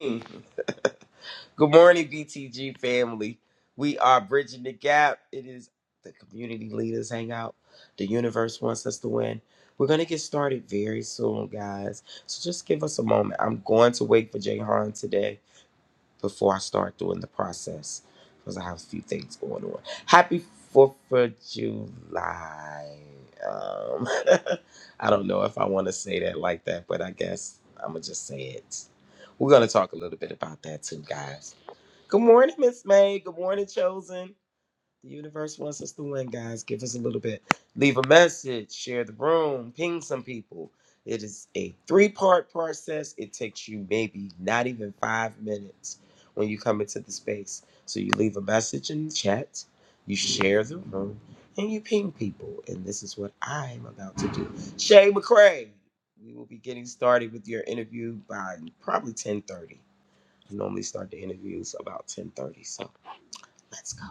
Mm-hmm. Good morning, BTG family. We are bridging the gap. It is the community leaders hangout. The universe wants us to win. We're gonna get started very soon, guys. So just give us a moment. I'm going to wait for Jay Han today before I start doing the process because I have a few things going on. Happy Fourth of July. Um, I don't know if I want to say that like that, but I guess I'm gonna just say it. We're gonna talk a little bit about that too, guys. Good morning, Miss May. Good morning, Chosen. The universe wants us to win, guys. Give us a little bit. Leave a message, share the room, ping some people. It is a three part process. It takes you maybe not even five minutes when you come into the space. So you leave a message in the chat, you share the room, and you ping people. And this is what I am about to do. Shay McCray, we will be getting started with your interview by probably 10:30. I normally start the interviews about 10:30. So let's go.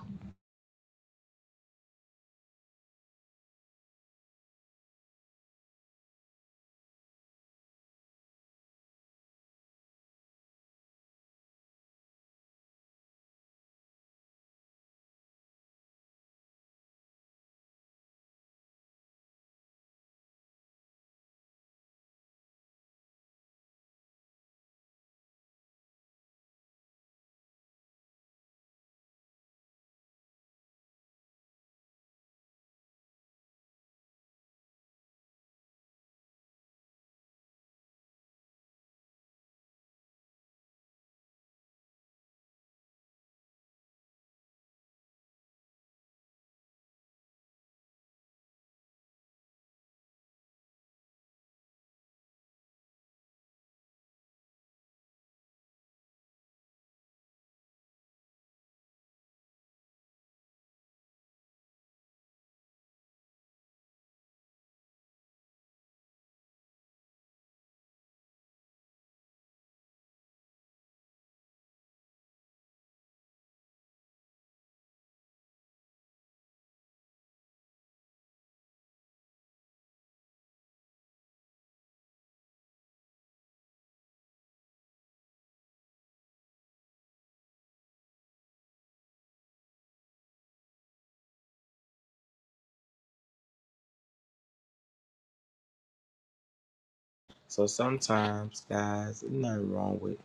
So sometimes, guys, there's nothing wrong with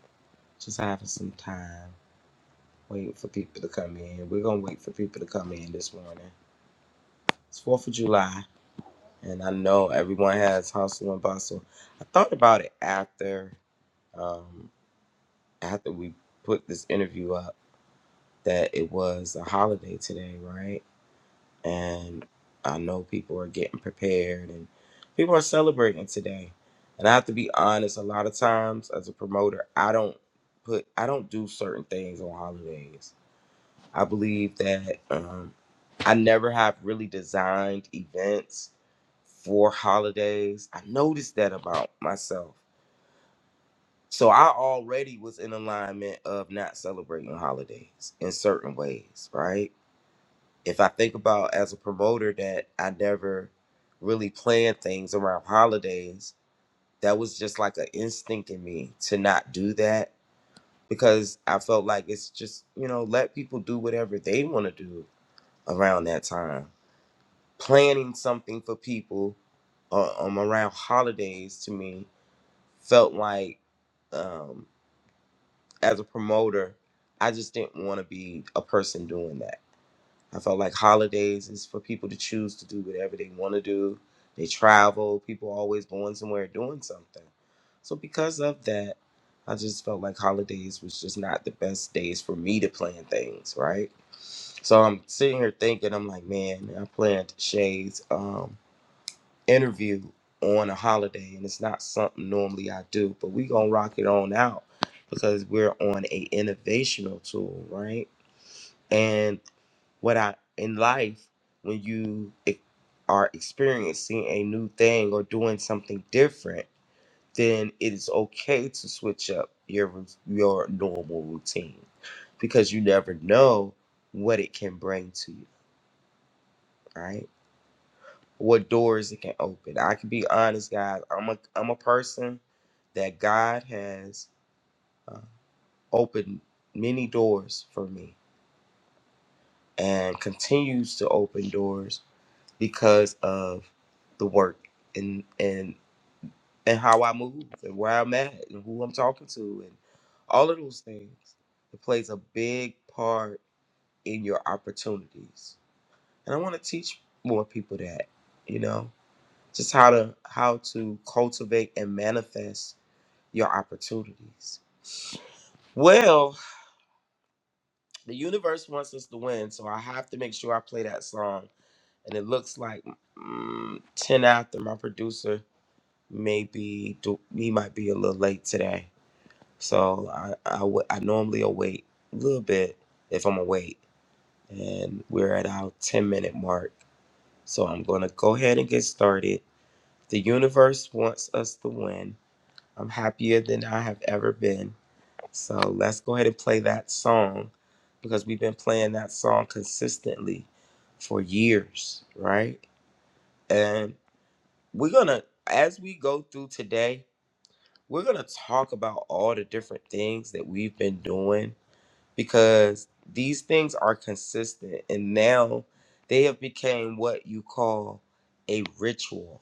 just having some time, waiting for people to come in. We're gonna wait for people to come in this morning. It's Fourth of July, and I know everyone has hustle and bustle. I thought about it after, um, after we put this interview up, that it was a holiday today, right? and I know people are getting prepared and people are celebrating today. And I have to be honest, a lot of times as a promoter, I don't put I don't do certain things on holidays. I believe that um, I never have really designed events for holidays. I noticed that about myself. So I already was in alignment of not celebrating holidays in certain ways, right? if I think about as a promoter that I never really planned things around holidays, that was just like an instinct in me to not do that because I felt like it's just, you know, let people do whatever they want to do around that time. Planning something for people uh, um, around holidays to me felt like, um, as a promoter, I just didn't want to be a person doing that. I felt like holidays is for people to choose to do whatever they want to do. They travel, people always going somewhere doing something. So because of that, I just felt like holidays was just not the best days for me to plan things, right? So I'm sitting here thinking, I'm like, man, I planned Shay's um, interview on a holiday, and it's not something normally I do, but we gonna rock it on out because we're on a innovational tool, right? And what I in life when you e- are experiencing a new thing or doing something different, then it is okay to switch up your rou- your normal routine because you never know what it can bring to you, right? What doors it can open. I can be honest, guys. I'm a I'm a person that God has uh, opened many doors for me and continues to open doors because of the work and and and how I move and where I'm at and who I'm talking to and all of those things. It plays a big part in your opportunities. And I want to teach more people that, you know, just how to how to cultivate and manifest your opportunities. Well, the universe wants us to win, so I have to make sure I play that song. And it looks like mm, 10 after my producer maybe do, he might be a little late today. So I I, w- I normally await a little bit if I'm awake, and we're at our 10 minute mark. So I'm gonna go ahead and get started. The universe wants us to win. I'm happier than I have ever been. So let's go ahead and play that song because we've been playing that song consistently for years, right? And we're gonna as we go through today we're going to talk about all the different things that we've been doing because these things are consistent and now they have become what you call a ritual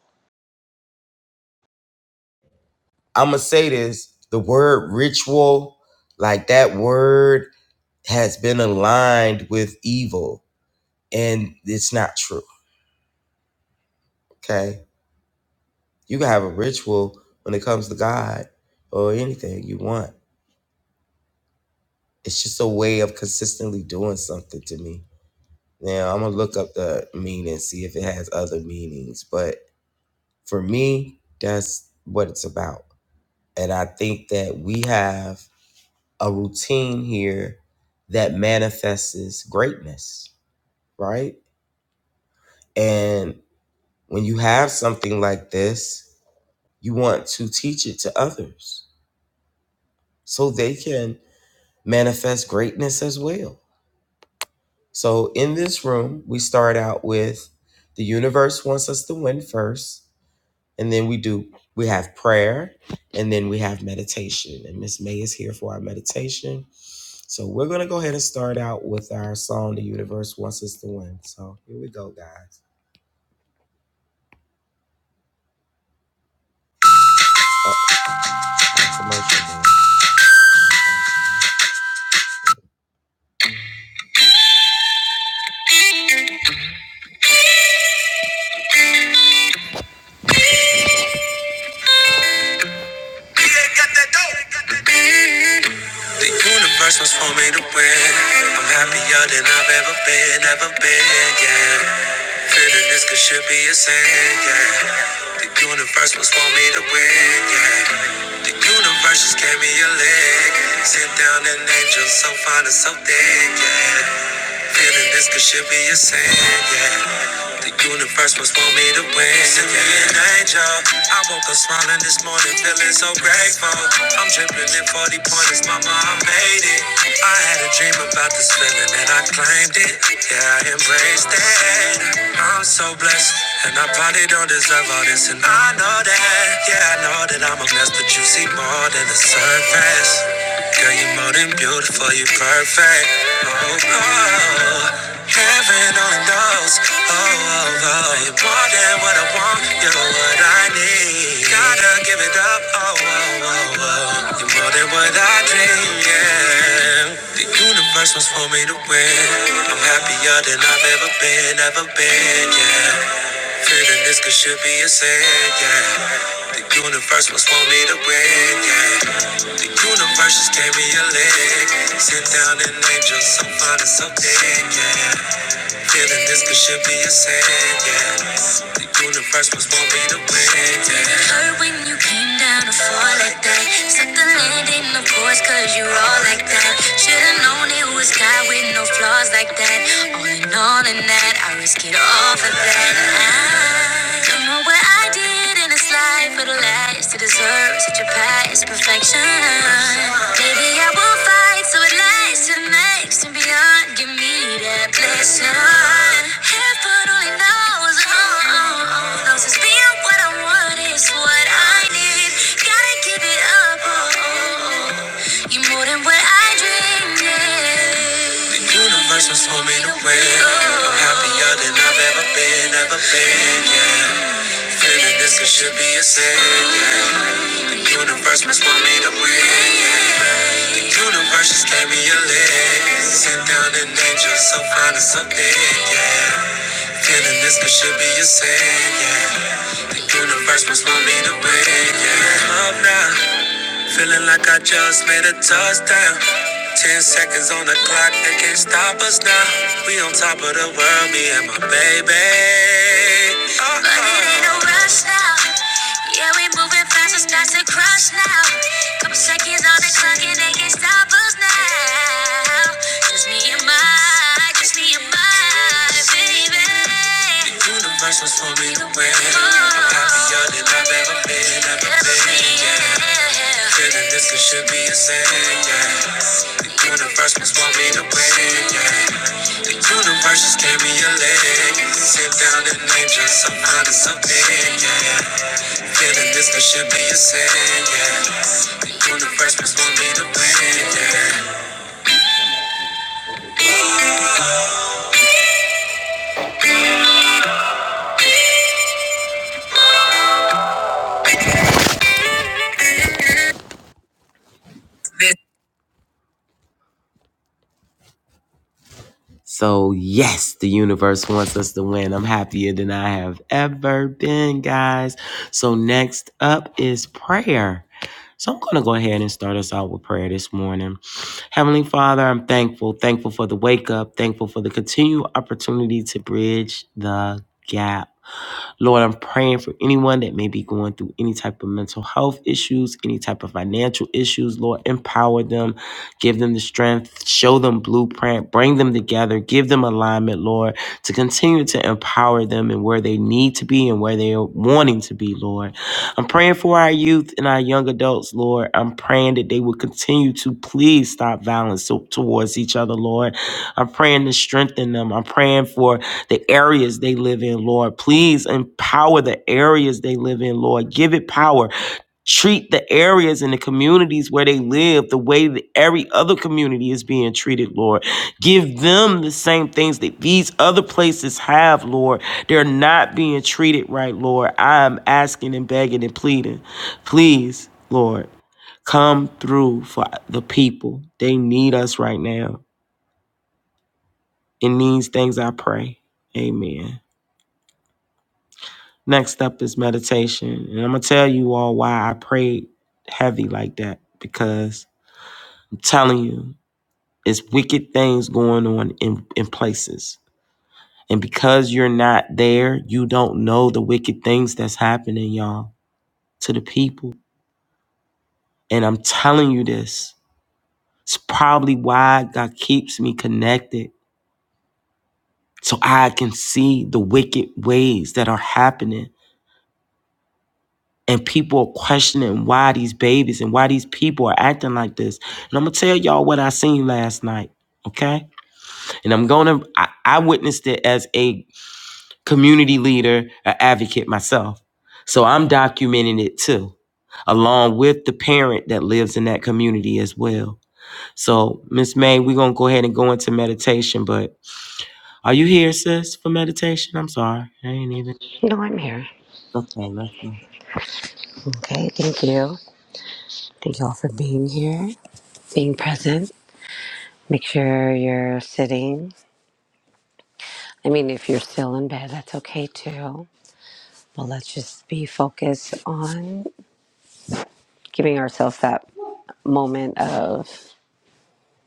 i'm going to say this the word ritual like that word has been aligned with evil and it's not true okay you can have a ritual when it comes to god or anything you want it's just a way of consistently doing something to me Now I'm gonna look up the meaning and see if it has other meanings. But for me, that's what it's about. And I think that we have a routine here that manifests greatness, right? And when you have something like this, you want to teach it to others so they can manifest greatness as well. So in this room, we start out with the universe wants us to win first and then we do we have prayer and then we have meditation and miss may is here for our meditation so we're going to go ahead and start out with our song the universe wants us to win so here we go guys That's emotional, man. The universe was for me to win. I'm happier than I've ever been, ever been, yeah. Feeling this could should be a sin, yeah. The universe was for me to win, yeah. The universe just gave me a leg. Sit down an angel so fine and so thick, yeah. Feeling this could should be a sin, yeah. The universe must want me to win. Send me an angel. I woke up smiling this morning, feeling so grateful. I'm dripping in 40 pointers, mama, I made it. I had a dream about this feeling and I claimed it. Yeah, I embraced it. I'm so blessed, and I probably don't deserve all this, and I know that. Yeah, I know that I'm a mess, but you see more than the surface. Girl, you're more than beautiful, you're perfect. Oh, oh. Heaven only knows. Oh, oh, oh. You're more than what I want. You're what I need. Gotta give it up. Oh, oh, oh, oh. You're more than what I dream. Yeah. The universe was for me to win. I'm happier than I've ever been, ever been. Yeah. Feeling this could should be a sin. Yeah. The universe was for me to win. Yeah. The universe just gave me a leg. Sit down and angel so fine and so big. Yeah. Feeling this could should be a sin, yeah. The universe was for me to win, yeah. Heard when you came down to fall like that. Set the landing, of course, cause you're all like that. Should've known it was God with no flaws like that. All in all, in that, I risk it all for that. I don't know what I I did in this life for the last to deserve such a past perfection. Maybe I will fight so it lasts and makes and beyond. Give me that blessing. Heaven only knows, oh, oh, oh, knows it's being what I want is what I need. Gotta give it up, oh, oh, oh. you more than what I dreamed. yeah. The universe was homing away. I'm happier than I've ever been, ever been. Yeah. Feeling this could should be a sin. yeah. The universe must want me to win. The universe just gave me a leg. Sit down and angel, so fine and so big, yeah. Feeling this could should be a sin, yeah. The universe must want me to win, yeah. Up now. Feeling like I just made a touchdown. Ten seconds on the clock, they can't stop us now. We on top of the world, me and my baby. Uh-oh. But it ain't no rush now. Yeah, we moving fast, it's starts to crush now. Couple seconds on the clock, and they can't stop us now. Just me and my, just me and my baby. The universe was for me to win. I'm happier than I've ever been, ever been. Yeah. Feeling this could should be a sin. Yeah. The universe must want me to win. Yeah. The universe just gave me a leg. Sit down and name just some honest something. Yeah. Feeling this could should be a sin. Yeah. The universe must want me to win. Yeah. So, yes, the universe wants us to win. I'm happier than I have ever been, guys. So, next up is prayer. So, I'm going to go ahead and start us out with prayer this morning. Heavenly Father, I'm thankful, thankful for the wake up, thankful for the continued opportunity to bridge the gap. Lord, I'm praying for anyone that may be going through any type of mental health issues, any type of financial issues. Lord, empower them, give them the strength, show them blueprint, bring them together, give them alignment, Lord, to continue to empower them and where they need to be and where they are wanting to be, Lord. I'm praying for our youth and our young adults, Lord. I'm praying that they will continue to please stop violence to- towards each other, Lord. I'm praying to strengthen them. I'm praying for the areas they live in, Lord. Please empower the areas they live in, Lord. Give it power. Treat the areas and the communities where they live the way that every other community is being treated, Lord. Give them the same things that these other places have, Lord. They're not being treated right, Lord. I'm asking and begging and pleading. Please, Lord, come through for the people. They need us right now. In these things I pray. Amen. Next up is meditation. And I'm going to tell you all why I prayed heavy like that because I'm telling you, it's wicked things going on in, in places. And because you're not there, you don't know the wicked things that's happening, y'all, to the people. And I'm telling you this. It's probably why God keeps me connected so I can see the wicked ways that are happening and people are questioning why these babies and why these people are acting like this. And I'm gonna tell y'all what I seen last night, okay? And I'm gonna I, I witnessed it as a community leader, an advocate myself. So I'm documenting it too, along with the parent that lives in that community as well. So Miss May, we're gonna go ahead and go into meditation, but are you here, sis, for meditation? I'm sorry. I ain't even No, I'm here. Okay, let's go. Okay, thank you. Thank you all for being here, being present. Make sure you're sitting. I mean, if you're still in bed, that's okay too. But let's just be focused on giving ourselves that moment of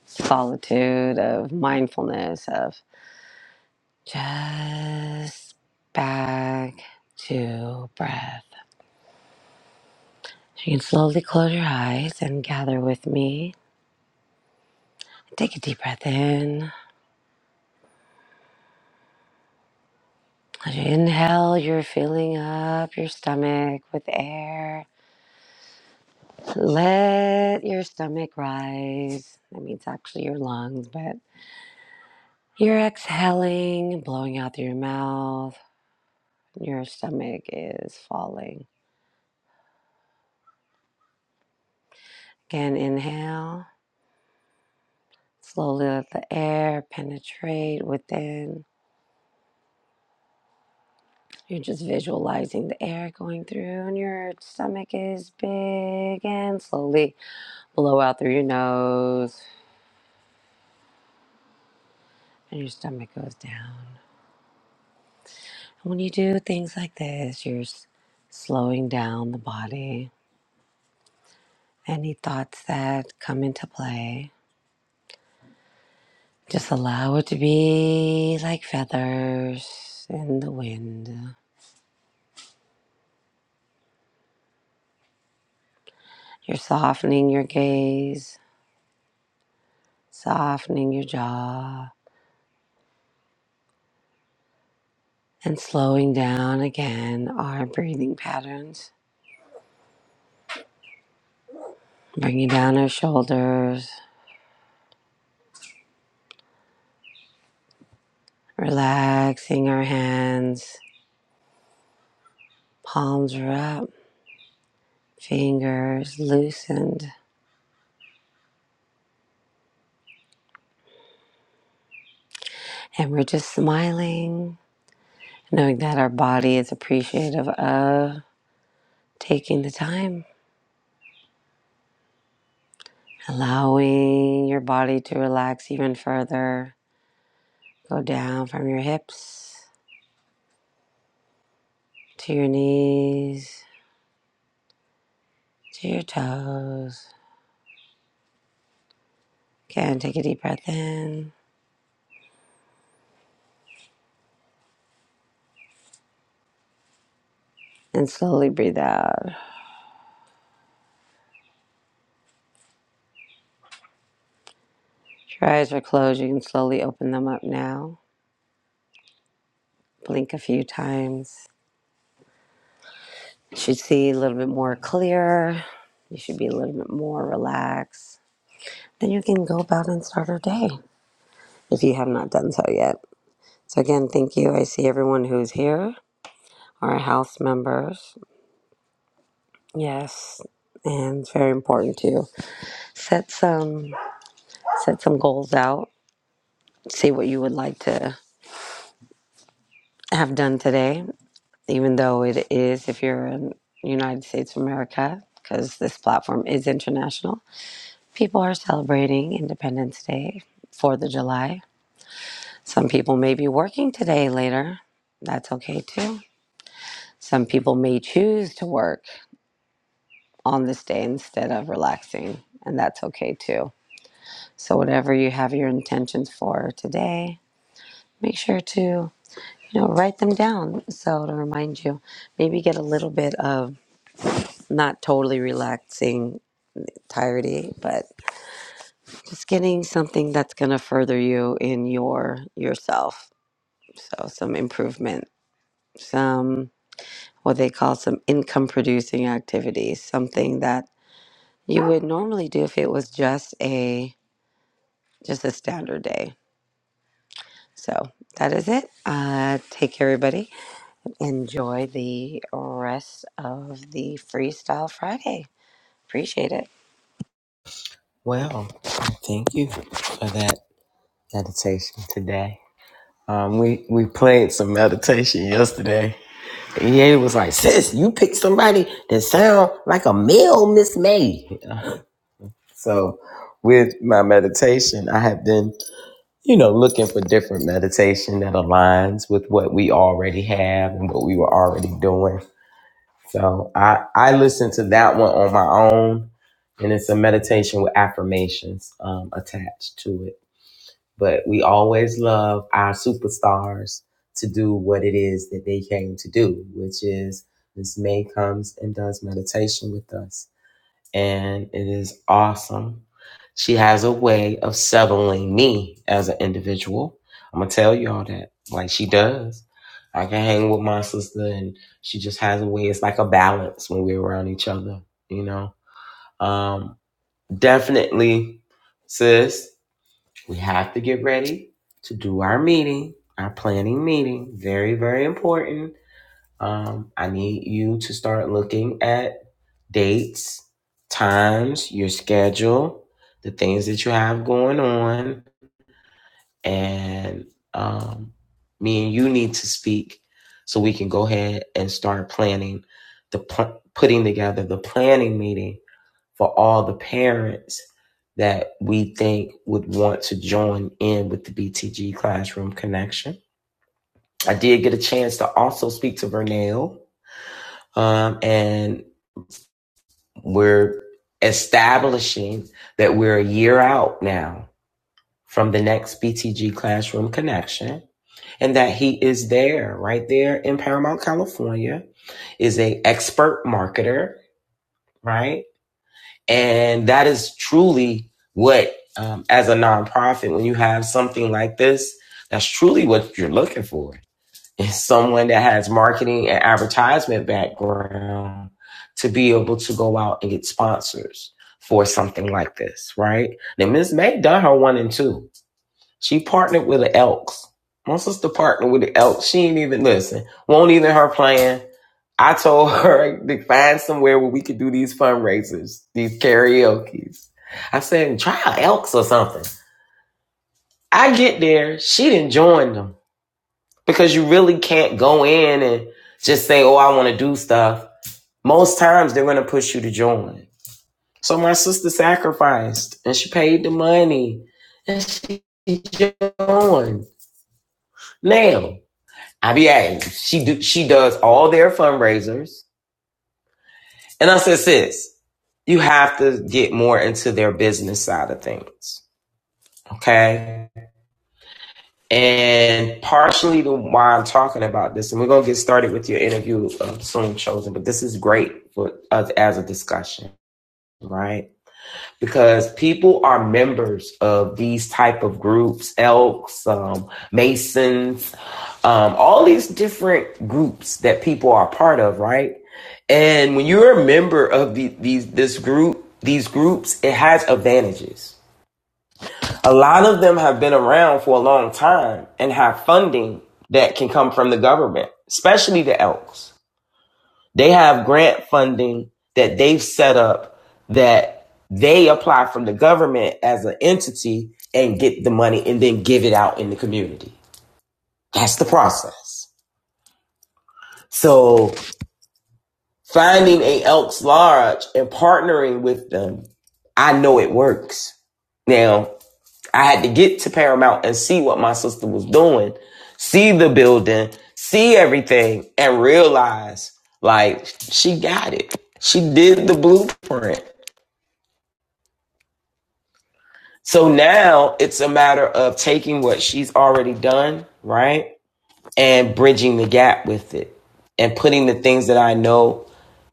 solitude, of mindfulness, of just back to breath. You can slowly close your eyes and gather with me. Take a deep breath in As you inhale, you're filling up your stomach with air. Let your stomach rise. That means actually your lungs, but you're exhaling, blowing out through your mouth. Your stomach is falling. Again, inhale. Slowly let the air penetrate within. You're just visualizing the air going through, and your stomach is big. And slowly blow out through your nose, and your stomach goes down. When you do things like this, you're s- slowing down the body. Any thoughts that come into play, just allow it to be like feathers in the wind. You're softening your gaze, softening your jaw, and slowing down again our breathing patterns. Bringing down our shoulders, relaxing our hands, palms are up, fingers loosened And we're just smiling, knowing that our body is appreciative of taking the time, allowing your body to relax even further. Go down from your hips to your knees, to your toes. Again, take a deep breath in and slowly breathe out. If your eyes are closed, you can slowly open them up now. Blink a few times. You should see a little bit more clear. You should be a little bit more relaxed Then you can go about and start your day if you have not done so yet. So, again, thank you. I see everyone who's here, our house members. Yes. And it's very important to set some set some goals out. See what you would like to have done today, even though it is if you're in United States of America, because this platform is international. People are celebrating Independence Day, Fourth of July. Some people may be working today later. That's okay too Some people may choose to work on this day instead of relaxing, and that's okay too. So whatever you have your intentions for today, make sure to you know write them down so to remind you. Maybe get a little bit of not totally relaxing tiredly, but just getting something that's going to further you in your yourself. So some improvement, some what they call some income producing activities, something that you would normally do if it was just a just a standard day. So that is it. Uh, take care, everybody. Enjoy the rest of the Freestyle Friday. Appreciate it. Well, thank you for that meditation today. Um, we we played some meditation yesterday. EA was like, "Sis, you picked somebody that sound like a male Miss May." So, with my meditation, I have been, you know, looking for different meditation that aligns with what we already have and what we were already doing. So, I I listened to that one on my own, and it's a meditation with affirmations um, attached to it. but we always love our superstars to do what it is that they came to do, which is Miss May comes and does meditation with us. And it is awesome. She has a way of settling me as an individual. I'm going to tell y'all that, like she does. I can hang with my sister, and she just has a way. It's like a balance when we're around each other, you know? Um, definitely, sis. We have to get ready to do our meeting, our planning meeting. Very, very important. Um, I need you to start looking at dates, times, your schedule, the things that you have going on, and um, me and you need to speak so we can go ahead and start planning the pl- putting together the planning meeting for all the parents that we think would want to join in with the BTG Classroom Connection. I did get a chance to also speak to Vernell, um, and we're establishing that we're a year out now from the next BTG Classroom Connection, and that he is there, right there in Paramount, California, is a expert marketer, right? And that is truly what, um, as a nonprofit, when you have something like this, that's truly what you're looking for is someone that has marketing and advertisement background to be able to go out and get sponsors for something like this, right? Now, Ms. May done her one and two she partnered with the Elks. My sister partnered with the Elks. She ain't even listen. Won't even her plan. I told her to find somewhere where we could do these fundraisers, these karaoke's. I said, try Elks or something. I get there. She didn't join them because you really can't go in and just say, oh, I want to do stuff. Most times they're going to push you to join. So my sister sacrificed and she paid the money and she joined. Now, IBA. She do, she does all their fundraisers. And I said, sis, you have to get more into their business side of things. Okay. And partially to why I'm talking about this, and we're gonna get started with your interview soon chosen, but this is great for us as a discussion, right? because people are members of these type of groups elks um, masons um, all these different groups that people are part of right and when you're a member of the, these this group these groups it has advantages a lot of them have been around for a long time and have funding that can come from the government especially the elks they have grant funding that they've set up that they apply from the government as an entity and get the money and then give it out in the community. That's the process. So finding a Elks Lodge and partnering with them, I know it works. Now, I had to get to Paramount and see what my sister was doing, see the building, see everything, and realize like she got it. She did the blueprint. So now it's a matter of taking what she's already done, right? And bridging the gap with it and putting the things that I know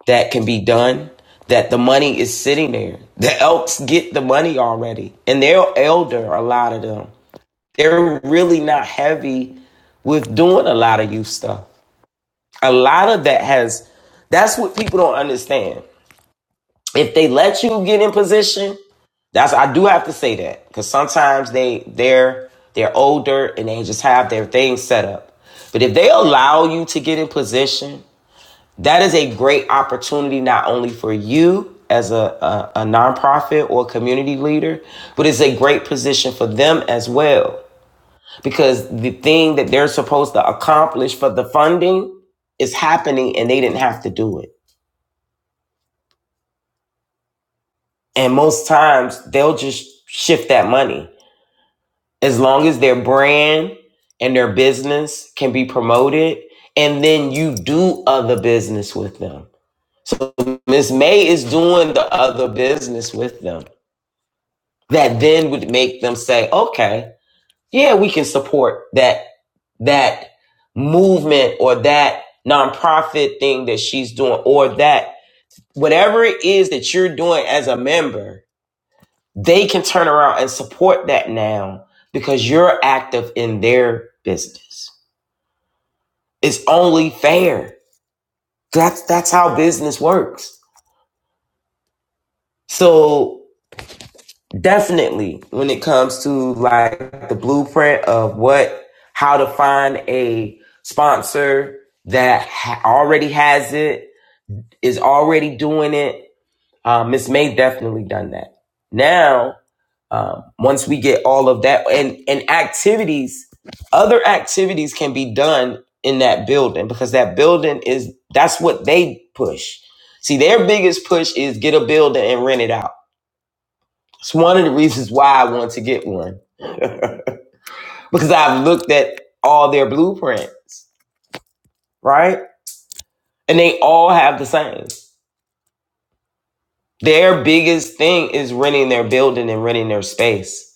that can be done, that the money is sitting there. The elks get the money already and they're elder, a lot of them. They're really not heavy with doing a lot of youth stuff. A lot of that has, that's what people don't understand if they let you get in position, that's I do have to say that because sometimes they they're they're older and they just have their things set up. But if they allow you to get in position, that is a great opportunity not only for you as a, a, a nonprofit or community leader, but it's a great position for them as well because the thing that they're supposed to accomplish for the funding is happening and they didn't have to do it. And most times they'll just shift that money. as long as their brand and their business can be promoted and then you do other business with them so miss may is doing the other business with them that then would make them say okay yeah we can support that that movement or that nonprofit thing that she's doing or that whatever it is that you're doing as a member they can turn around and support that now because you're active in their business. It's only fair. That's that's how business works. So definitely when it comes to like the blueprint of what how to find a sponsor that ha- already has it is already doing it uh, miss may definitely done that now um, once we get all of that and and activities other activities can be done in that building because that building is that's what they push see their biggest push is get a building and rent it out it's one of the reasons why i want to get one because i've looked at all their blueprints right and they all have the same their biggest thing is renting their building and renting their space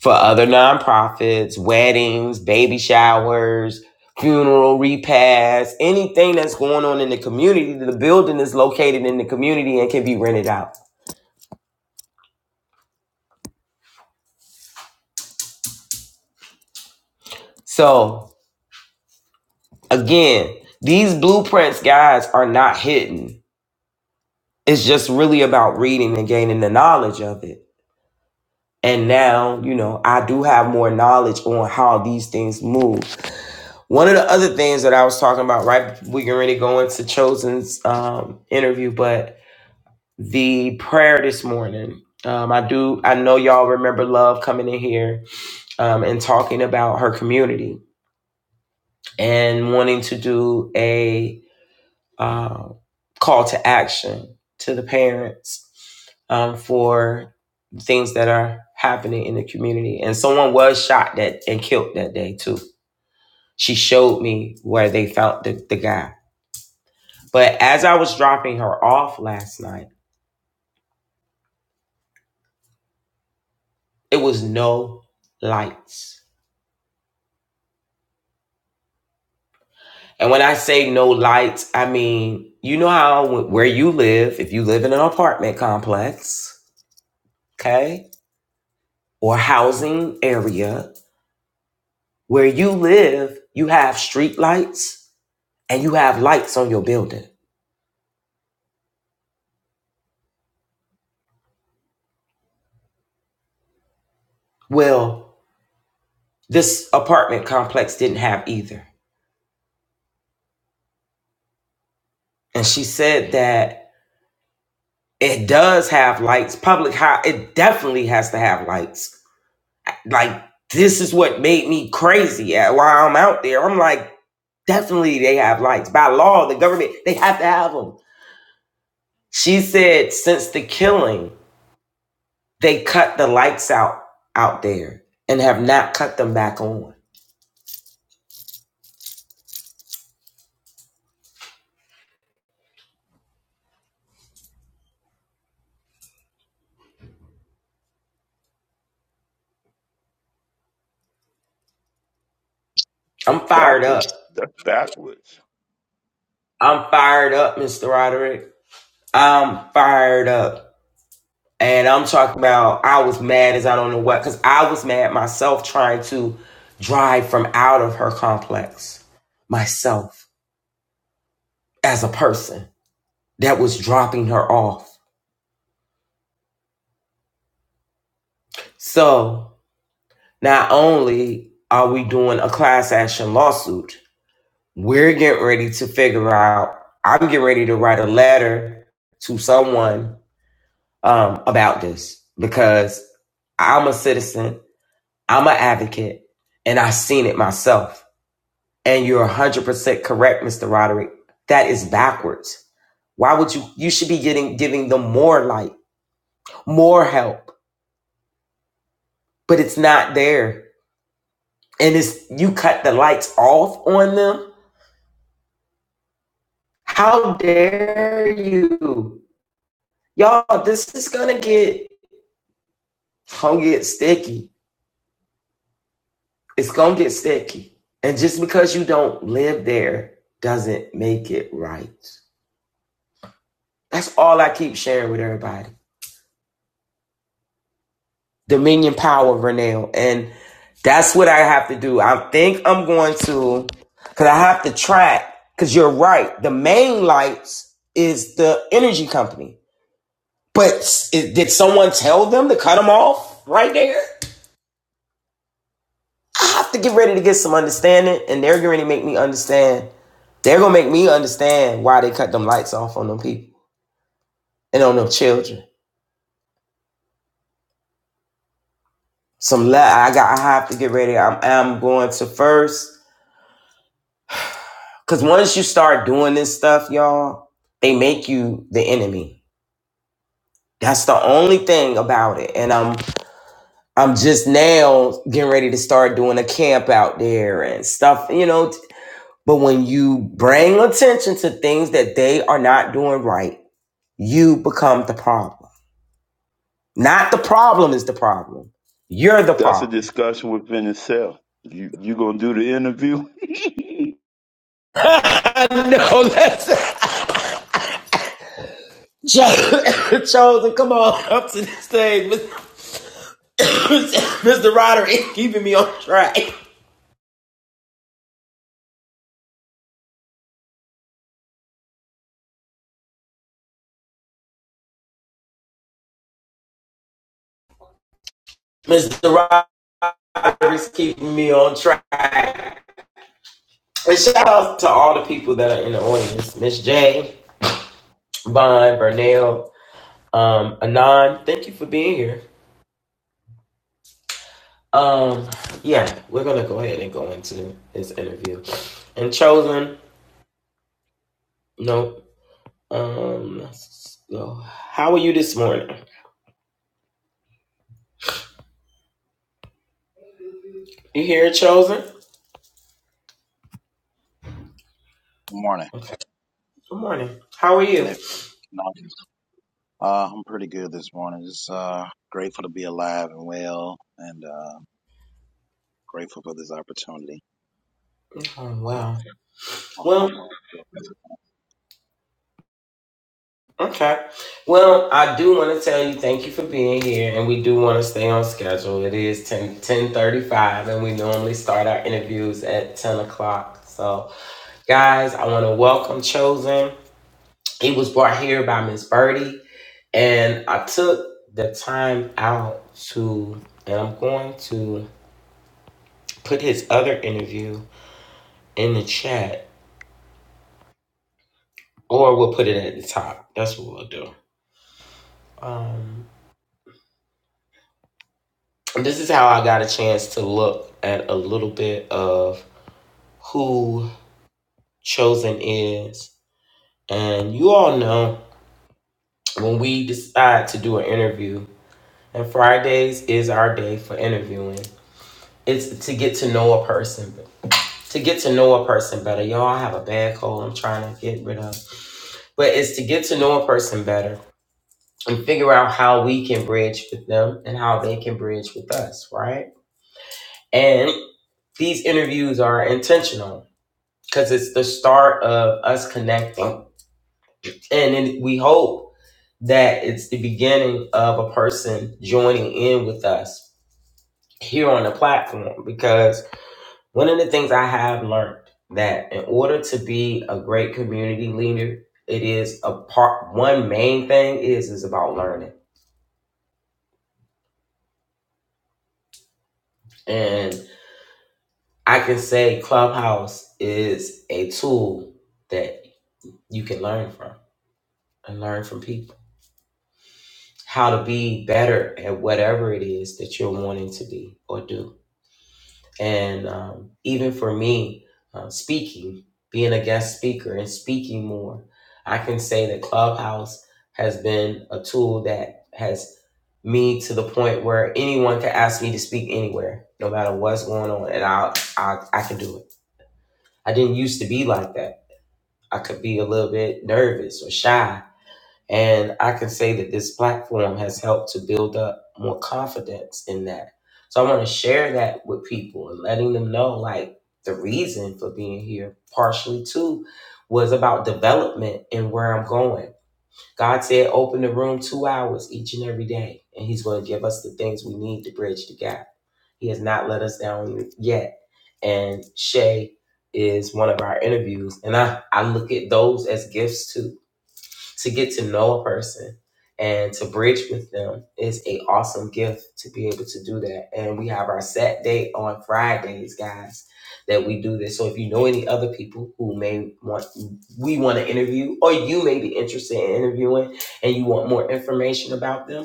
for other nonprofits, weddings, baby showers, funeral repasts, anything that's going on in the community. The building is located in the community and can be rented out. So, again, these blueprints, guys, are not hidden. It's just really about reading and gaining the knowledge of it. And now, you know, I do have more knowledge on how these things move. One of the other things that I was talking about, right? We can really go into Chosen's um, interview, but the prayer this morning. Um, I do. I know y'all remember Love coming in here um, and talking about her community and wanting to do a uh, call to action to the parents um, for things that are happening in the community. And someone was shot that and killed that day too. She showed me where they found the, the guy. But as I was dropping her off last night, it was no lights And when I say no lights, I mean, you know how where you live, if you live in an apartment complex, okay, or housing area, where you live, you have street lights and you have lights on your building. Well, this apartment complex didn't have either. And she said that it does have lights. Public house, it definitely has to have lights Like this is what made me crazy at while I'm out there. I'm like, definitely they have lights. By law, the government, they have to have them. She said since the killing, they cut the lights out out there and have not cut them back on. I'm That's fired up. backwards. That's backwards. I'm fired up, Mr. Roderick. I'm fired up. And I'm talking about I was mad as I don't know what, because I was mad myself trying to drive from out of her complex myself. as a person that was dropping her off. So not only are we doing a class action lawsuit, we're getting ready to figure out, I'm getting ready to write a letter to someone um, about this because I'm a citizen, I'm an advocate, and I've seen it myself. And you're 100% correct, Mr. Roderick. That is backwards. Why would you? You should be getting giving them more light, more help, but it's not there and it's you cut the lights off on them. How dare you, y'all? This is gonna get gonna get sticky. It's gonna get sticky, and just because you don't live there doesn't make it right. That's all I keep sharing with everybody. Dominion power, Renell, and that's what I have to do. I think I'm going to, because I have to track. Because you're right, the main lights is the energy company. But it- did someone tell them to cut them off right there? I have to get ready to get some understanding, and they're going to make me understand. They're going to make me understand why they cut them lights off on them people and on them children. Some le- I got. I have to get ready. I'm, I'm going to first because once you start doing this stuff, y'all, they make you the enemy. That's the only thing about it. And I'm I'm just now getting ready to start doing a camp out there and stuff. You know, But when you bring attention to things that they are not doing right, you become the problem. Not the problem is the problem. You're the That's a problem. discussion within itself. You you gonna do the interview? Oh, that's Cho- chosen. Come on up to the stage, Mr. Ryder is keeping me on track. Mr. Ryder is keeping me on track. And shout out to all the people that are in the audience: Miss J, Bond, Vernell, um, Anon. Thank you for being here. Um, yeah, we're gonna go ahead and go into his interview. And chosen, nope. Um, let's go. How are you this morning? You here, chosen? Good morning. Okay. Good morning. How are Can you? it? No. Uh, I'm pretty good this morning. Just uh, grateful to be alive and well, and uh, grateful for this opportunity. Oh I hope. wow. I Well, hope. I- okay. Well, I do want to tell you thank you for being here, and we do want to stay on schedule. It is 10, 10.35, and we normally start our interviews at ten o'clock. So, guys, I want to welcome Chosen. It was brought here by Miss Birdie, and I took the time out to, and I'm going to put his other interview in the chat, or we'll put it at the top. That's what we'll do. Um, this is how I got a chance to look at a little bit of who Chosen is, and you all know when we decide to do an interview, and Fridays is our day for interviewing. It's to get to know a person to get to know a person better. Y'all I have a bad cold I'm trying to get rid of. But it's to get to know a person better and figure out how we can bridge with them and how they can bridge with us, right? And these interviews are intentional because it's the start of us connecting. And then we hope that it's the beginning of a person joining in with us here on the platform because One of the things I have learned that in order to be a great community leader, it is a part one main thing is is about learning. And I can say Clubhouse is a tool that you can learn from and learn from people how to be better at whatever it is that you're wanting to be or do. And um, even for me, uh, speaking, being a guest speaker and speaking more, I can say that Clubhouse has been a tool that has me to the point where anyone can ask me to speak anywhere, no matter what's going on, and I I I can do it. I didn't used to be like that. I could be a little bit nervous or shy, and I can say that this platform has helped to build up more confidence in that. So I want to share that with people and letting them know like the reason for being here, partially too, was about development and where I'm going. God said, open the room two hours each and every day, and He's going to give us the things we need to bridge the gap. He has not let us down yet. And Shay is one of our interviews, and I, I look at those as gifts too to get to know a person and to bridge with them is a awesome gift to be able to do that. And we have our set date on Fridays, guys, that we do this. So if you know any other people who may want we want to interview or you may be interested in interviewing and you want more information about them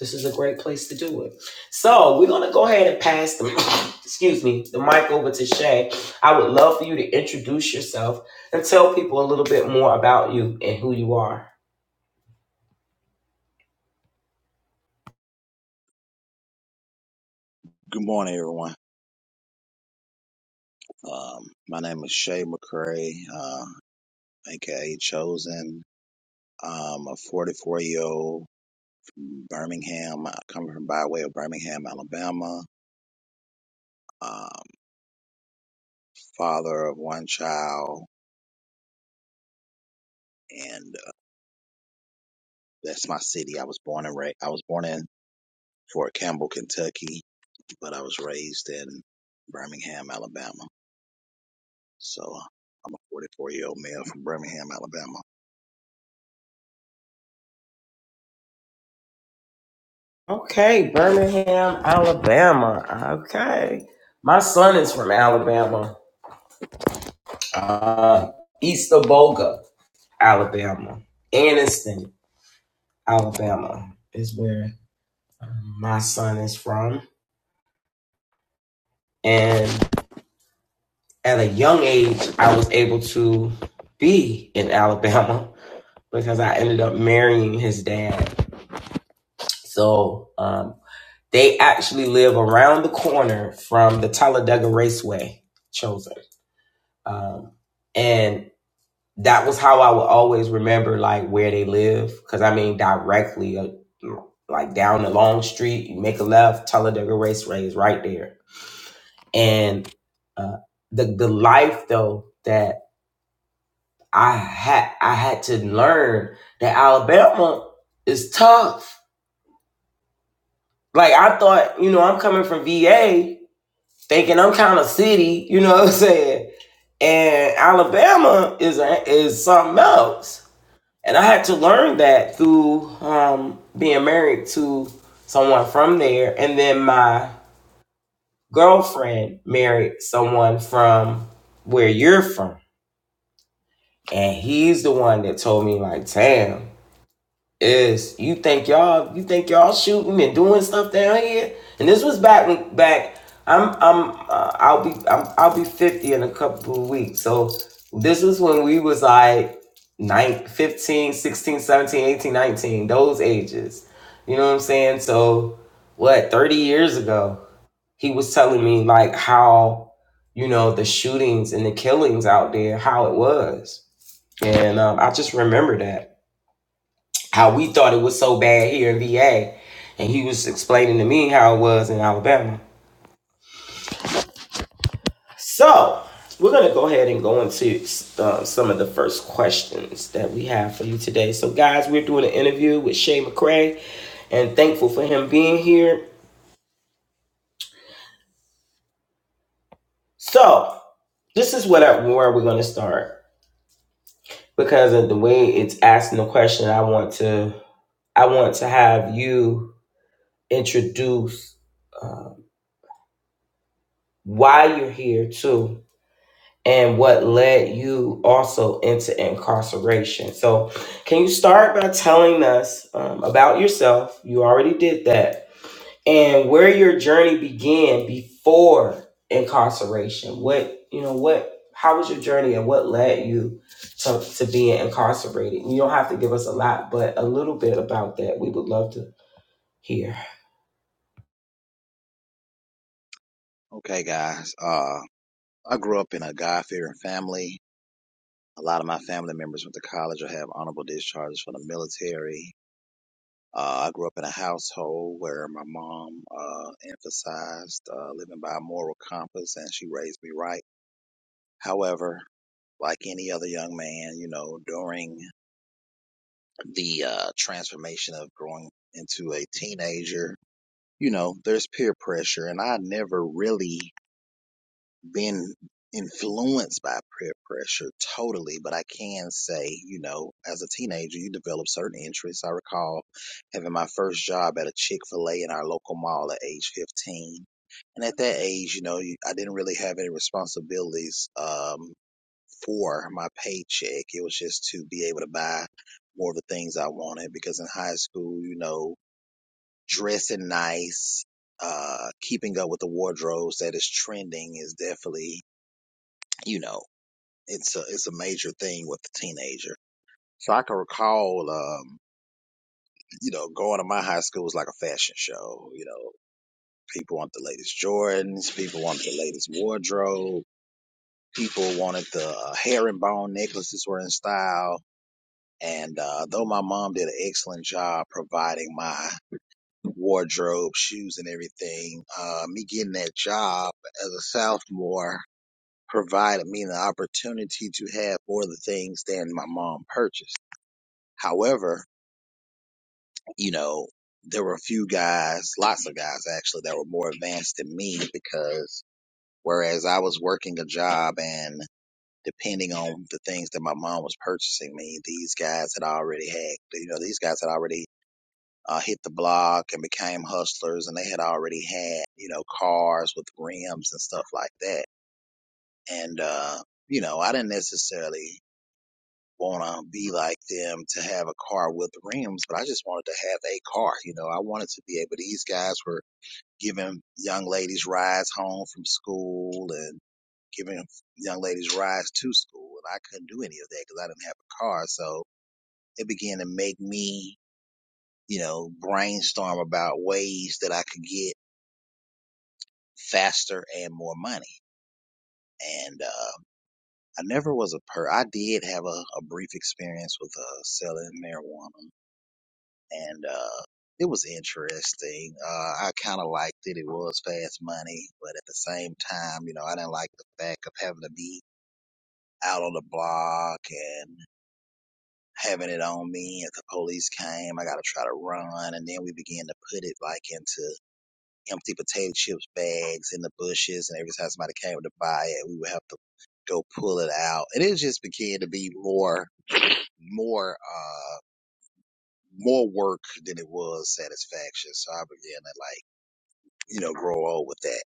this is a great place to do it. So we're gonna go ahead and pass the excuse me the mic over to Shay. I would love for you to introduce yourself and tell people a little bit more about you and who you are. Good morning, everyone. Um, my name is Shay McCray, uh, aka Chosen. I'm a 44 year old from Birmingham, I come from by way of Birmingham, Alabama. Um, father of one child, and uh, that's my city. I was born and ra- I was born in Fort Campbell, Kentucky but I was raised in Birmingham, Alabama. So uh, I'm a 44 year old male from Birmingham, Alabama. Okay, Birmingham, Alabama. Okay. My son is from Alabama. Uh, East Boga, Alabama. Anniston, Alabama is where um, my son is from. And at a young age, I was able to be in Alabama because I ended up marrying his dad. So um, they actually live around the corner from the Talladega Raceway, chosen. Um, and that was how I would always remember like where they live. Cause I mean, directly uh, like down the long street, you make a left, Talladega Raceway is right there. And uh, the, the life though that I had, I had to learn that Alabama is tough. Like I thought, you know, I'm coming from VA thinking I'm kind of city, you know what I'm saying? And Alabama is, a, is something else and I had to learn that through um, being married to someone from there, and then my girlfriend married someone from where you're from, and he's the one that told me like, "Damn, is you think y'all you think y'all shooting and doing stuff down here and this was back when back i'm i'm uh, i'll be I'm, i'll be 50 in a couple of weeks so this was when we was like nine, fifteen, sixteen, seventeen, eighteen, nineteen. those ages you know what i'm saying so what 30 years ago he was telling me like how you know the shootings and the killings out there how it was and um, i just remember that how we thought it was so bad here in VA. And he was explaining to me how it was in Alabama. So, we're going to go ahead and go into uh, some of the first questions that we have for you today. So, guys, we're doing an interview with Shay McCray and thankful for him being here. So, this is what I, where we're going to start because of the way it's asking the question. I want to I want to have you introduce uh, why you're here too and what led you also into incarceration. So, can you start by telling us um, about yourself? You already did that, and where your journey began before incarceration. What you know? What? How was your journey, and what led you to to being incarcerated? You don't have to give us a lot, but a little bit about that. We would love to hear. Okay, guys. Uh, I grew up in a God fearing family. A lot of my family members went to college or have honorable discharges from the military. Uh, I grew up in a household where my mom uh, emphasized uh, living by a moral compass and she raised me right. However, like any other young man, you know, during the uh, transformation of growing into a teenager, you know, there's peer pressure, and I never really been influenced by peer pressure totally, but I can say, you know, as a teenager, you develop certain interests. I recall having my first job at a Chick fil A in our local mall at age 15. And at that age, you know, you- I didn't really have any responsibilities um, for my paycheck. It was just to be able to buy more of the things I wanted because in high school, you know, dressing nice, uh, keeping up with the wardrobes that is trending is definitely, you know, it's a, it's a major thing with the teenager. So I can recall, um, you know, going to my high school was like a fashion show. You know, people want the latest Jordans, people want the latest wardrobe, people wanted the uh, herringbone necklaces were in style. And uh, though my mom did an excellent job providing my wardrobe, shoes, and everything. Uh, me getting that job as a sophomore provided me the opportunity to have more of the things than my mom purchased. However, you know, there were a few guys, lots of guys actually, that were more advanced than me because whereas I was working a job and depending on the things that my mom was purchasing me, these guys had already had, you know, these guys had already uh, hit the block and became hustlers and they had already had, you know, cars with rims and stuff like that. And, uh, you know, I didn't necessarily want to be like them to have a car with rims, but I just wanted to have a car. You know, I wanted to be able, these guys were giving young ladies rides home from school and giving young ladies rides to school. And I couldn't do any of that because I didn't have a car. So it began to make me, you know, brainstorm about ways that I could get faster and more money. And uh, I never was a per. I did have a, a brief experience with uh, selling marijuana, and uh, it was interesting. Uh, I kind of liked it. It was fast money, but at the same time, you know, I didn't like the fact of having to be out on the block and having it on me. If the police came, I got to try to run, and then we began to put it like into empty potato chips bags in the bushes, and every time somebody came to buy it, we would have to go pull it out, and it just began to be more, more, uh, more work than it was satisfaction. So I began to like, you know, grow old with that.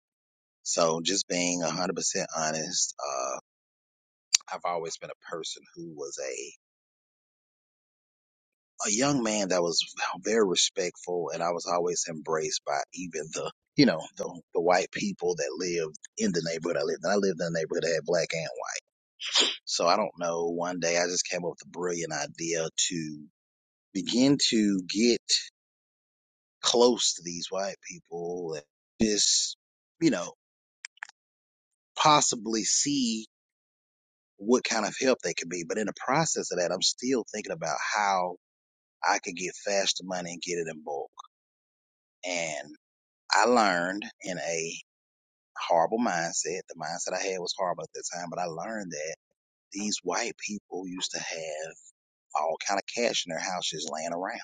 So just being one hundred percent honest, uh, I've always been a person who was a. a young man that was very respectful and I was always embraced by even the you know the the white people that lived in the neighborhood I lived in. I lived in a neighborhood that had black and white. So I don't know. One day I just came up with a brilliant idea to begin to get close to these white people and just you know possibly see what kind of help they could be. But in the process of that, I'm still thinking about how I could get faster money and get it in bulk. and I learned in a horrible mindset. The mindset I had was horrible at that time, but I learned that these white people used to have all kind of cash in their houses laying around.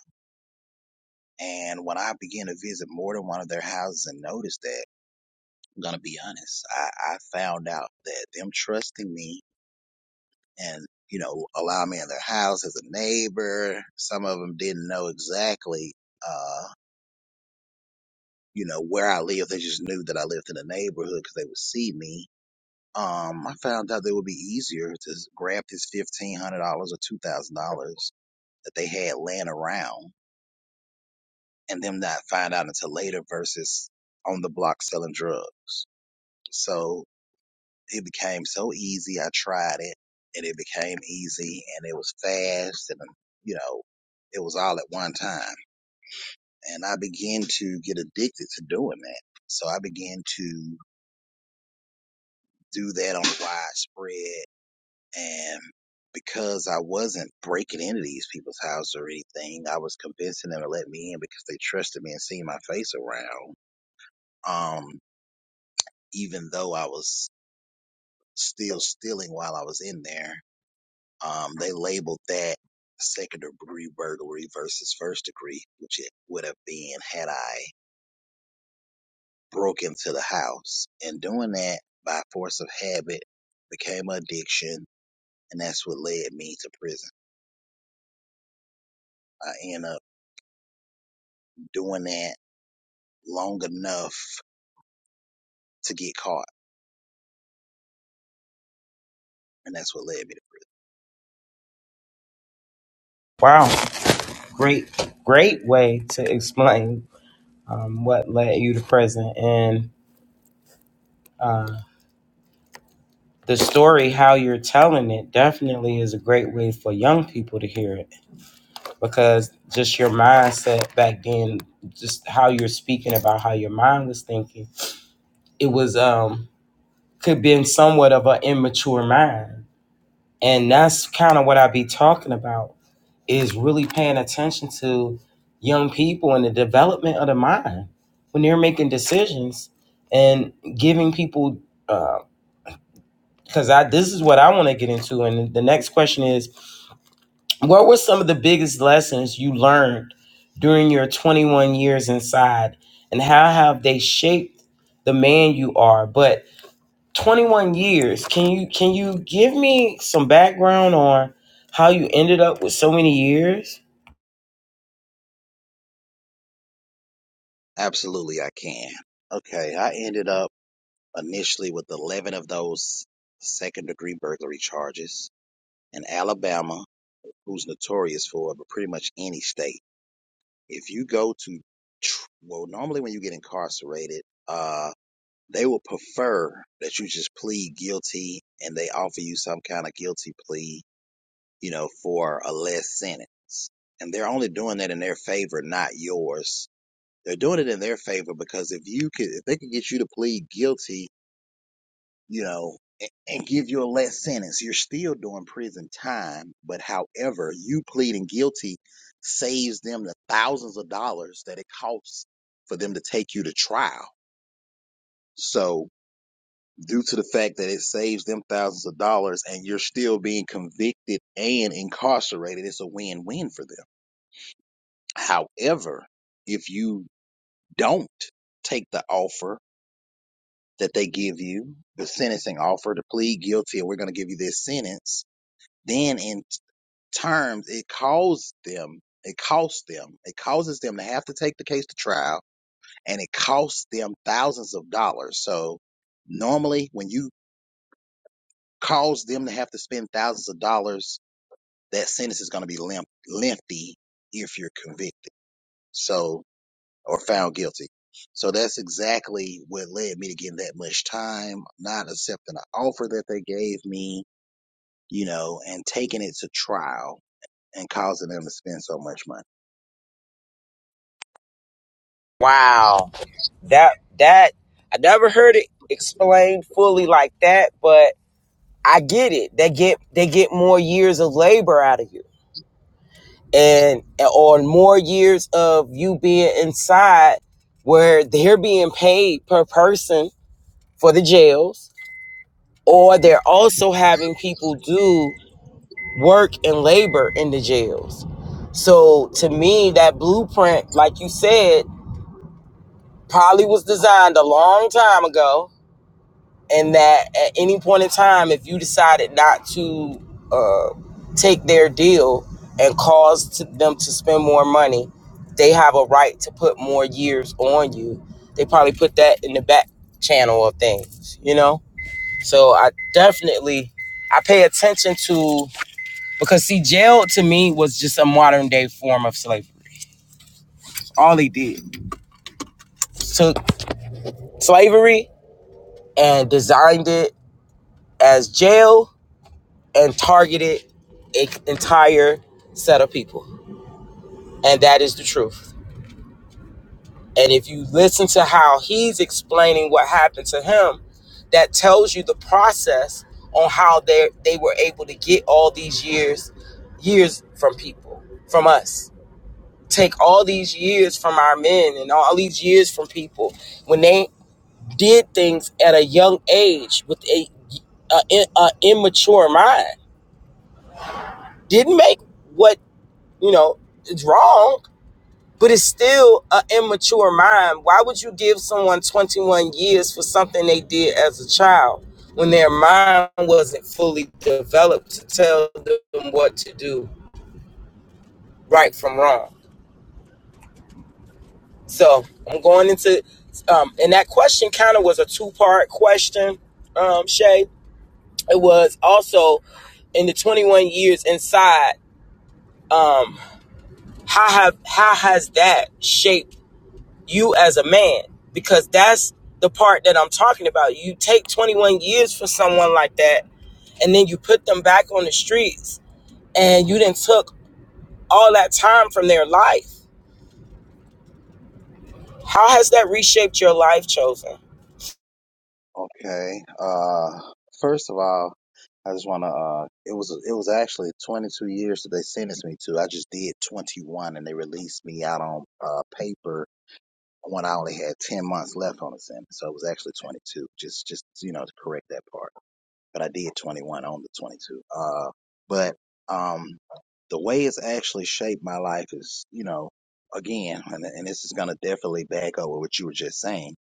And when I began to visit more than one of their houses and noticed that, I'm gonna be honest, I, I found out that them trusting me and you know allowing me in their house as a neighbor. Some of them didn't know exactly uh, you know, where I lived. They just knew that I lived in the neighborhood because they would see me Um, I found out that it would be easier to grab this fifteen hundred dollars or two thousand dollars that they had laying around and them not find out until later versus on the block selling drugs. So it became so easy. I tried it and it became easy and it was fast and you know, it was all at one time. And I began to get addicted to doing that. So I began to do that on a widespread And because I wasn't breaking into these people's house or anything, I was convincing them to let me in because they trusted me and seen my face around. Um, even though I was still stealing while I was in there, um, they labeled that second degree burglary versus first degree, which it would have been had I broke into the house. And doing that by force of habit became an addiction, and that's what led me to prison. I ended up doing that long enough to get caught. And that's what led me to Wow, great, great way to explain um, what led you to present and uh, the story how you're telling it definitely is a great way for young people to hear it because just your mindset back then just how you're speaking about how your mind was thinking it was um could be in somewhat of an immature mind and that's kind of what i be talking about is really paying attention to young people and the development of the mind when they're making decisions and giving people uh, because I this is what I want to get into. And the next question is, what were some of the biggest lessons you learned during your 21 years inside, and how have they shaped the man you are? But 21 years, can you can you give me some background on how you ended up with so many years? prison. absolutely I can. Okay, I ended up initially with 11 of those second degree burglary charges in Alabama, who's notorious for it, but pretty much any state. If you go to, well, normally when you get incarcerated, uh, they will prefer that you just plead guilty and they offer you some kind of guilty plea, you know, for a less sentence. And they're only doing that in their favor, not yours They're doing it in their favor because if you could, if they could get you to plead guilty, you know, a- and give you a less sentence, you're still doing prison time. But however, you pleading guilty saves them the thousands of dollars that it costs for them to take you to trial. So due to the fact that it saves them thousands of dollars and you're still being convicted and incarcerated, it's a win-win for them. However, if you don't take the offer, that they give you, the sentencing offer to plead guilty, and we're going to give you this sentence, then in terms, it calls them, it costs them, it causes them to have to take the case to trial, and it costs them thousands of dollars. So normally, when you cause them to have to spend thousands of dollars, that sentence is going to be lengthy if you're convicted. So or found guilty. So that's exactly what led me to getting that much time, not accepting the offer that they gave me, you know, and taking it to trial and causing them to spend so much money. Wow. That that I never heard it explained fully like that, but I get it. They get they get more years of labor out of you. and on more years of you being inside where they're being paid per person for the jails or they're also having people do work and labor in the jails so to me that blueprint like you said probably was designed a long time ago and that at any point in time, if you decided not to uh, take their deal and cause to them to spend more money, they have a right to put more years on you. They probably put that in the back channel of things, you know. So I definitely I pay attention to because see, jail to me was just a modern day form of slavery. All he did took slavery and designed it as jail and targeted an entire set of people. And that is the truth. And if you listen to how he's explaining what happened to him, that tells you the process on how they they were able to get all these years years from people, from us. Take all these years from our men and all these years from people when they did things at a young age with a, a, a immature mind. Didn't make what You know, it's wrong, but it's still an immature mind. Why would you give someone 21 years for something they did as a child when their mind wasn't fully developed to tell them what to do right from wrong? So I'm going into, um, and that question kind of was a two part question, um, Shay. It was also in the 21 years inside, um, how have how has that shaped? you as a man because that's the part that I'm talking about. You take 21 years for someone like that and then you put them back on the streets and you then took all that time from their life. How has that reshaped your life, Chosen? Okay. Uh, first of all, I just want to. Uh, it was it was actually 22 years that they sentenced me to. I just did 21, and they released me out on uh, paper when I only had 10 months left on the sentence. So it was actually 22. Just just you know to correct that part. but I did 21 on the 22. Uh, but um, the way it's actually shaped my life is, you know, again, and, and this is going to definitely back over what you were just saying.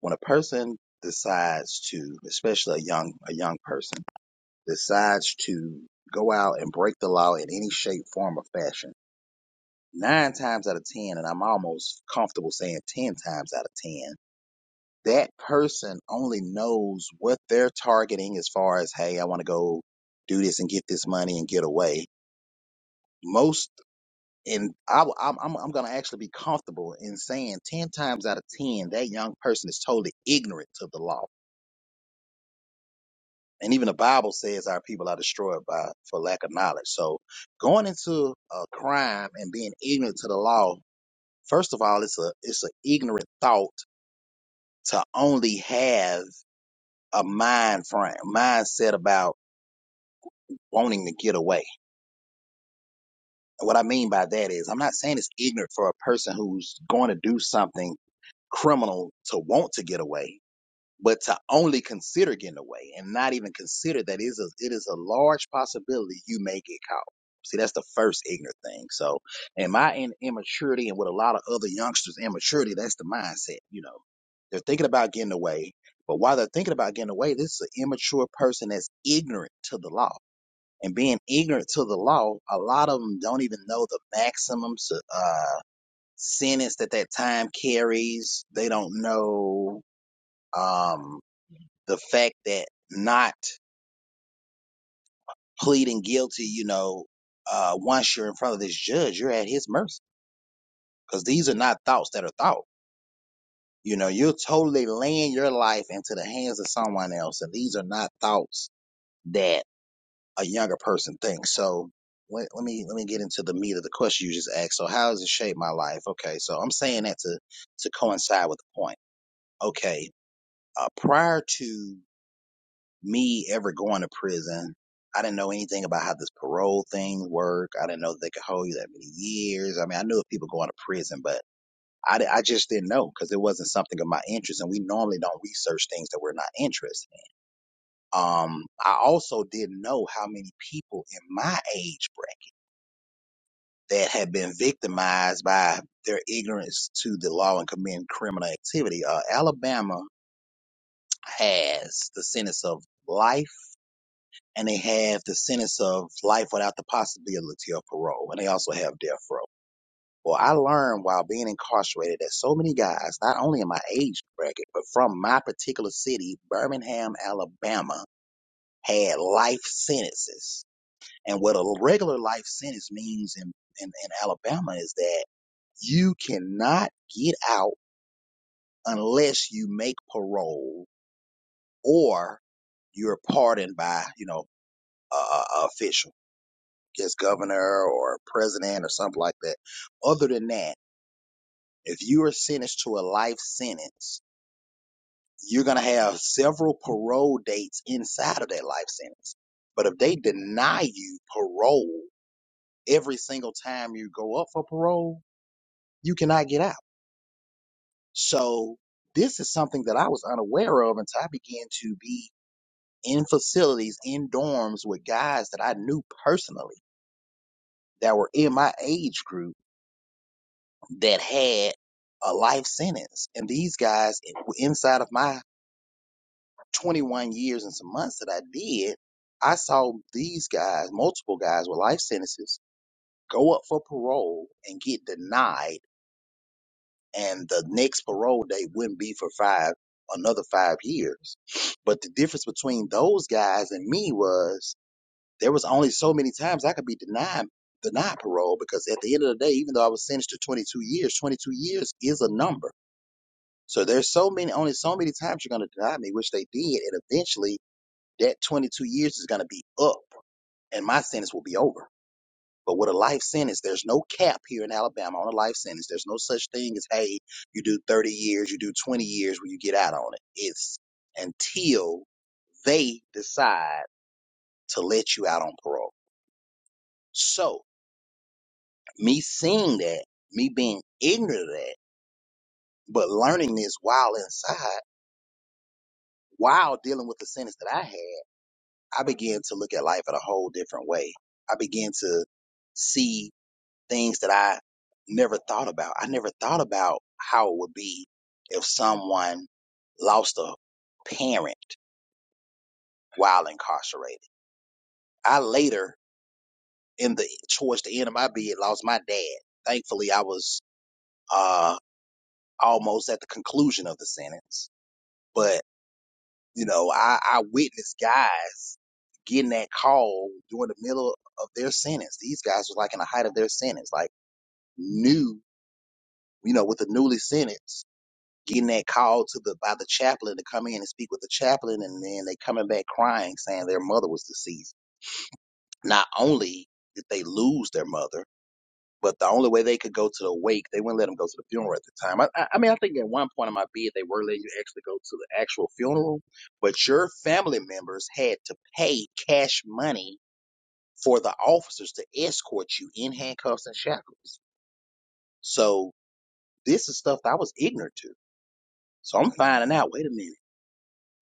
When a person decides to, especially a young a young person, decides to go out and break the law in any shape, form, or fashion, nine times out of ten, and I'm almost comfortable saying ten times out of ten that person only knows what they're targeting as far as, hey, I want to go do this and get this money and get away. Most, and I, am I'm, I'm going to actually be comfortable in saying 10 times out of 10, that young person is totally ignorant to the law. And even the Bible says our people are destroyed by for lack of knowledge. So going into a crime and being ignorant to the law, first of all, it's a it's an ignorant thought to only have a mind frame mindset about wanting to get away. And what I mean by that is, I'm not saying it's ignorant for a person who's going to do something criminal to want to get away, but to only consider getting away and not even consider that is a, it is a large possibility you may get caught. See, that's the first ignorant thing. So, in my in- immaturity and with a lot of other youngsters' immaturity, that's the mindset. You know, they're thinking about getting away, but while they're thinking about getting away, this is an immature person that's ignorant to the law and being ignorant to the law, a lot of them don't even know the maximum uh, sentence that that time carries. They don't know um, the fact that not pleading guilty, you know, uh, once you're in front of this judge, you're at his mercy because these are not thoughts that are thought. You know, you're totally laying your life into the hands of someone else, and these are not thoughts that a younger person thinks. So let, let me let me get into the meat of the question you just asked. So how has it shaped my life? Okay, so I'm saying that to to coincide with the point. Okay, uh, prior to me ever going to prison, I didn't know anything about how this parole thing worked. I didn't know that they could hold you that many years. I mean, I knew of people going to prison, but I, di- I just didn't know because it wasn't something of my interest, and we normally don't research things that we're not interested in. Um, I also didn't know how many people in my age bracket that have been victimized by their ignorance to the law and committing criminal activity. Uh, Alabama has the sentence of life, and they have the sentence of life without the possibility of parole, and they also have death row. Well, I learned while being incarcerated that so many guys, not only in my age bracket, but from my particular city, Birmingham, Alabama, had life sentences. And what a regular life sentence means in, in, in Alabama is that You cannot get out unless you make parole or you're pardoned by, you know, a, a a official, I guess governor or president or something like that. Other than that, if you are sentenced to a life sentence, you're going to have several parole dates inside of that life sentence. But if they deny you parole every single time you go up for parole, you cannot get out. So this is something that I was unaware of until I began to be in facilities, in dorms with guys that I knew personally that were in my age group that had a life sentence. And these guys, inside of my 21 years and some months that I did, I saw these guys, multiple guys with life sentences, go up for parole and get denied and the next parole date wouldn't be for five another five years. But the difference between those guys and me was there was only so many times I could be denied denied parole because at the end of the day, even though I was sentenced to 22 years, 22 years is a number. So there's so many only so many times you're going to deny me, which they did, and eventually that 22 years is going to be up, and my sentence will be over. But with a life sentence, there's no cap here in Alabama on a life sentence. There's no such thing as, hey, you do 30 years, you do 20 years when you get out on it. It's until they decide to let you out on parole. So, me seeing that, me being ignorant of that, but learning this while inside, while dealing with the sentence that I had, I began to look at life in a whole different way. I began to see things that I never thought about. I never thought about how it would be if someone lost a parent while incarcerated. I later, in the towards the end of my bid, lost my dad. Thankfully, I was uh, almost at the conclusion of the sentence, but you know, I, I witnessed guys getting that call during the middle of their sentence. These guys was like in the height of their sentence, like new, you know, with the newly sentenced getting that call to the by the chaplain to come in and speak with the chaplain, and then they coming back crying, saying their mother was deceased. Not only did they lose their mother, but the only way they could go to the wake, they wouldn't let them go to the funeral at the time. I, I, I mean, I think at one point in my bid, they were letting you actually go to the actual funeral, but your family members had to pay cash money for the officers to escort you in handcuffs and shackles. So this is stuff that I was ignorant to. So I'm finding out. Wait a minute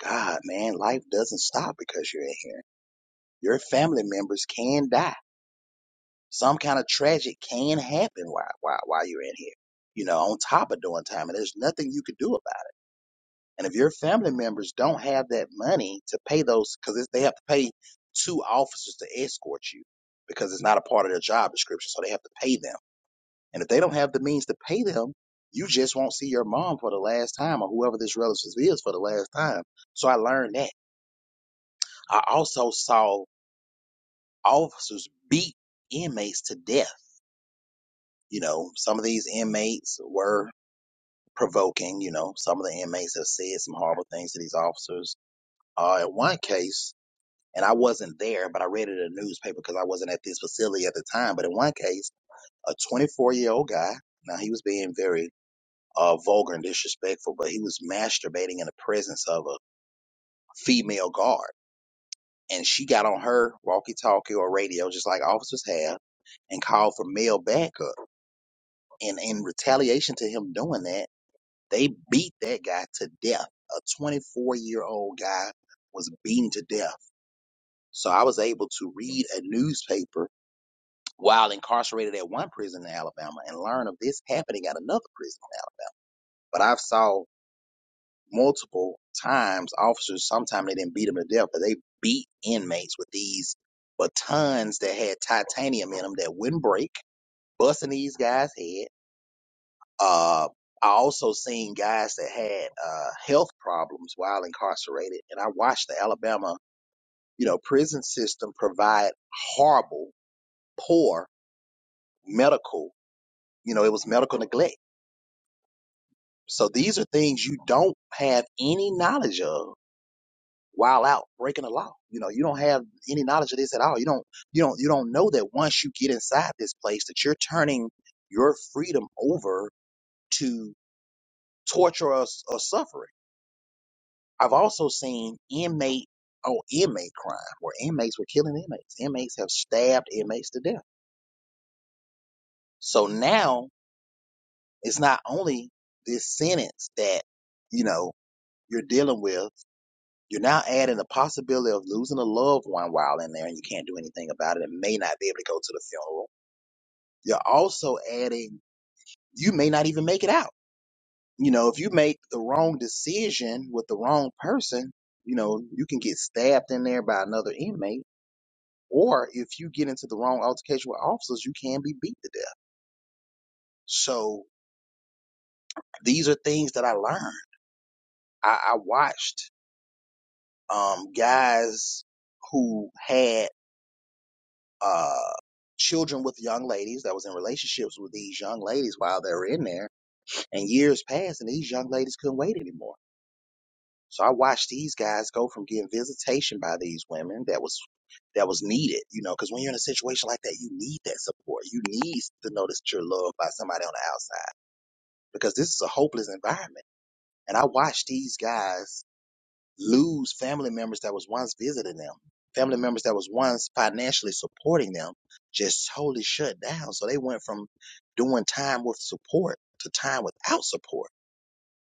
God, man, life doesn't stop because you're in here. Your family members can die. Some kind of tragic can happen while, while, while you're in here, you know, on top of doing time. And there's nothing you could do about it. And if your family members don't have that money to pay those, because they have to pay two officers to escort you because it's not a part of their job description. So they have to pay them. And if they don't have the means to pay them, you just won't see your mom for the last time or whoever this relative is for the last time. So I learned that. I also saw officers beat inmates to death. You know, some of these inmates were provoking. You know, some of the inmates have said some horrible things to these officers. Uh, in one case, and I wasn't there, but I read it in the newspaper because I wasn't at this facility at the time. But in one case, a 24 year old guy, now he was being very uh, vulgar and disrespectful, but he was masturbating in the presence of a female guard. And she got on her walkie talkie or radio, just like officers have, and called for male backup And in retaliation to him doing that, they beat that guy to death. A 24 year old guy was beaten to death. So I was able to read a newspaper while incarcerated at one prison in Alabama and learn of this happening at another prison in Alabama. But I've saw multiple times officers, sometimes they didn't beat them to death, but they beat inmates with these batons that had titanium in them that wouldn't break, busting these guys' head. Uh, I also seen guys that had uh, health problems while incarcerated, and I watched the Alabama, you know, prison system provide horrible, poor medical. You know, it was medical neglect. So these are things you don't have any knowledge of while out breaking the law. You know, you don't have any knowledge of this at all. You don't, you don't, you don't know that once you get inside this place that you're turning your freedom over to torture or, or suffering. I've also seen inmate on inmate crime where inmates were killing inmates. Inmates have stabbed inmates to death. So now it's not only this sentence that, you know, you're dealing with, you're now adding the possibility of losing a loved one while in there and you can't do anything about it and may not be able to go to the funeral. You're also adding, you may not even make it out. You know, if you make the wrong decision with the wrong person, you know, you can get stabbed in there by another inmate Or if you get into the wrong altercation with officers, you can be beat to death. So these are things that I learned. I, I watched um, guys who had uh, children with young ladies that was in relationships with these young ladies while they were in there, and years passed, and these young ladies couldn't wait anymore. So I watched these guys go from getting visitation by these women that was that was needed, you know, because when you're in a situation like that, you need that support. You need to know that you're loved by somebody on the outside because this is a hopeless environment. And I watched these guys lose family members that was once visiting them, family members that was once financially supporting them, just totally shut down. So they went from doing time with support to time without support.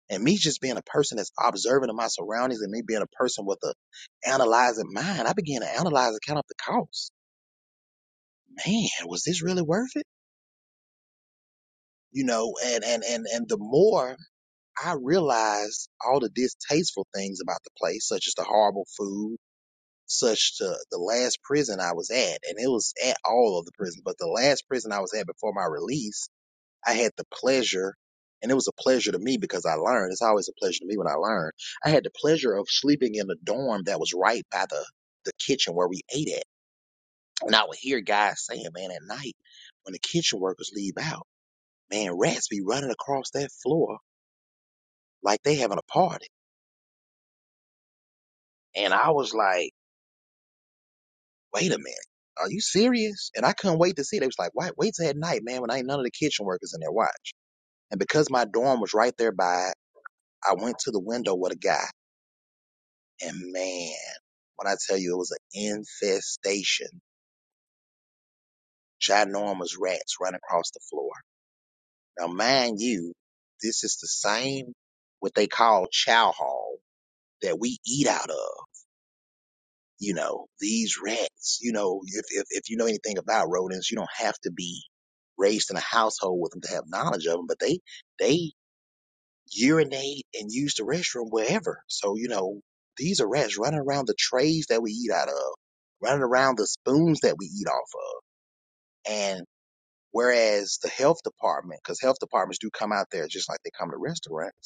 And me just being a person that's observant of my surroundings and me being a person with a analyzing mind, I began to analyze and count up the cost. Man, was this really worth it? You know, and and and and the more I realized all the distasteful things about the place, such as the horrible food, such to the last prison I was at, and it was at all of the prisons, but the last prison I was at before my release, I had the pleasure, and it was a pleasure to me because I learned. It's always a pleasure to me when I learn. I had the pleasure of sleeping in a dorm that was right by the the kitchen where we ate at, and I would hear guys saying, "Man, at night when the kitchen workers leave out, man, rats be running across that floor like they having a party." And I was like, wait a minute, are you serious? And I couldn't wait to see it. They was like, wait, wait till at night, man, when ain't none of the kitchen workers in there watch. And because my dorm was right there by, I went to the window with a guy. And man, when I tell you it was an infestation, ginormous rats running across the floor. Now, mind you, this is the same what they call chow hall that we eat out of. you know, these rats, you know, if, if, if you know anything about rodents, you don't have to be raised in a household with them to have knowledge of them, but they, they urinate and use the restroom wherever. So, you know, these are rats running around the trays that we eat out of, running around the spoons that we eat off of. And whereas the health department, because health departments do come out there just like they come to restaurants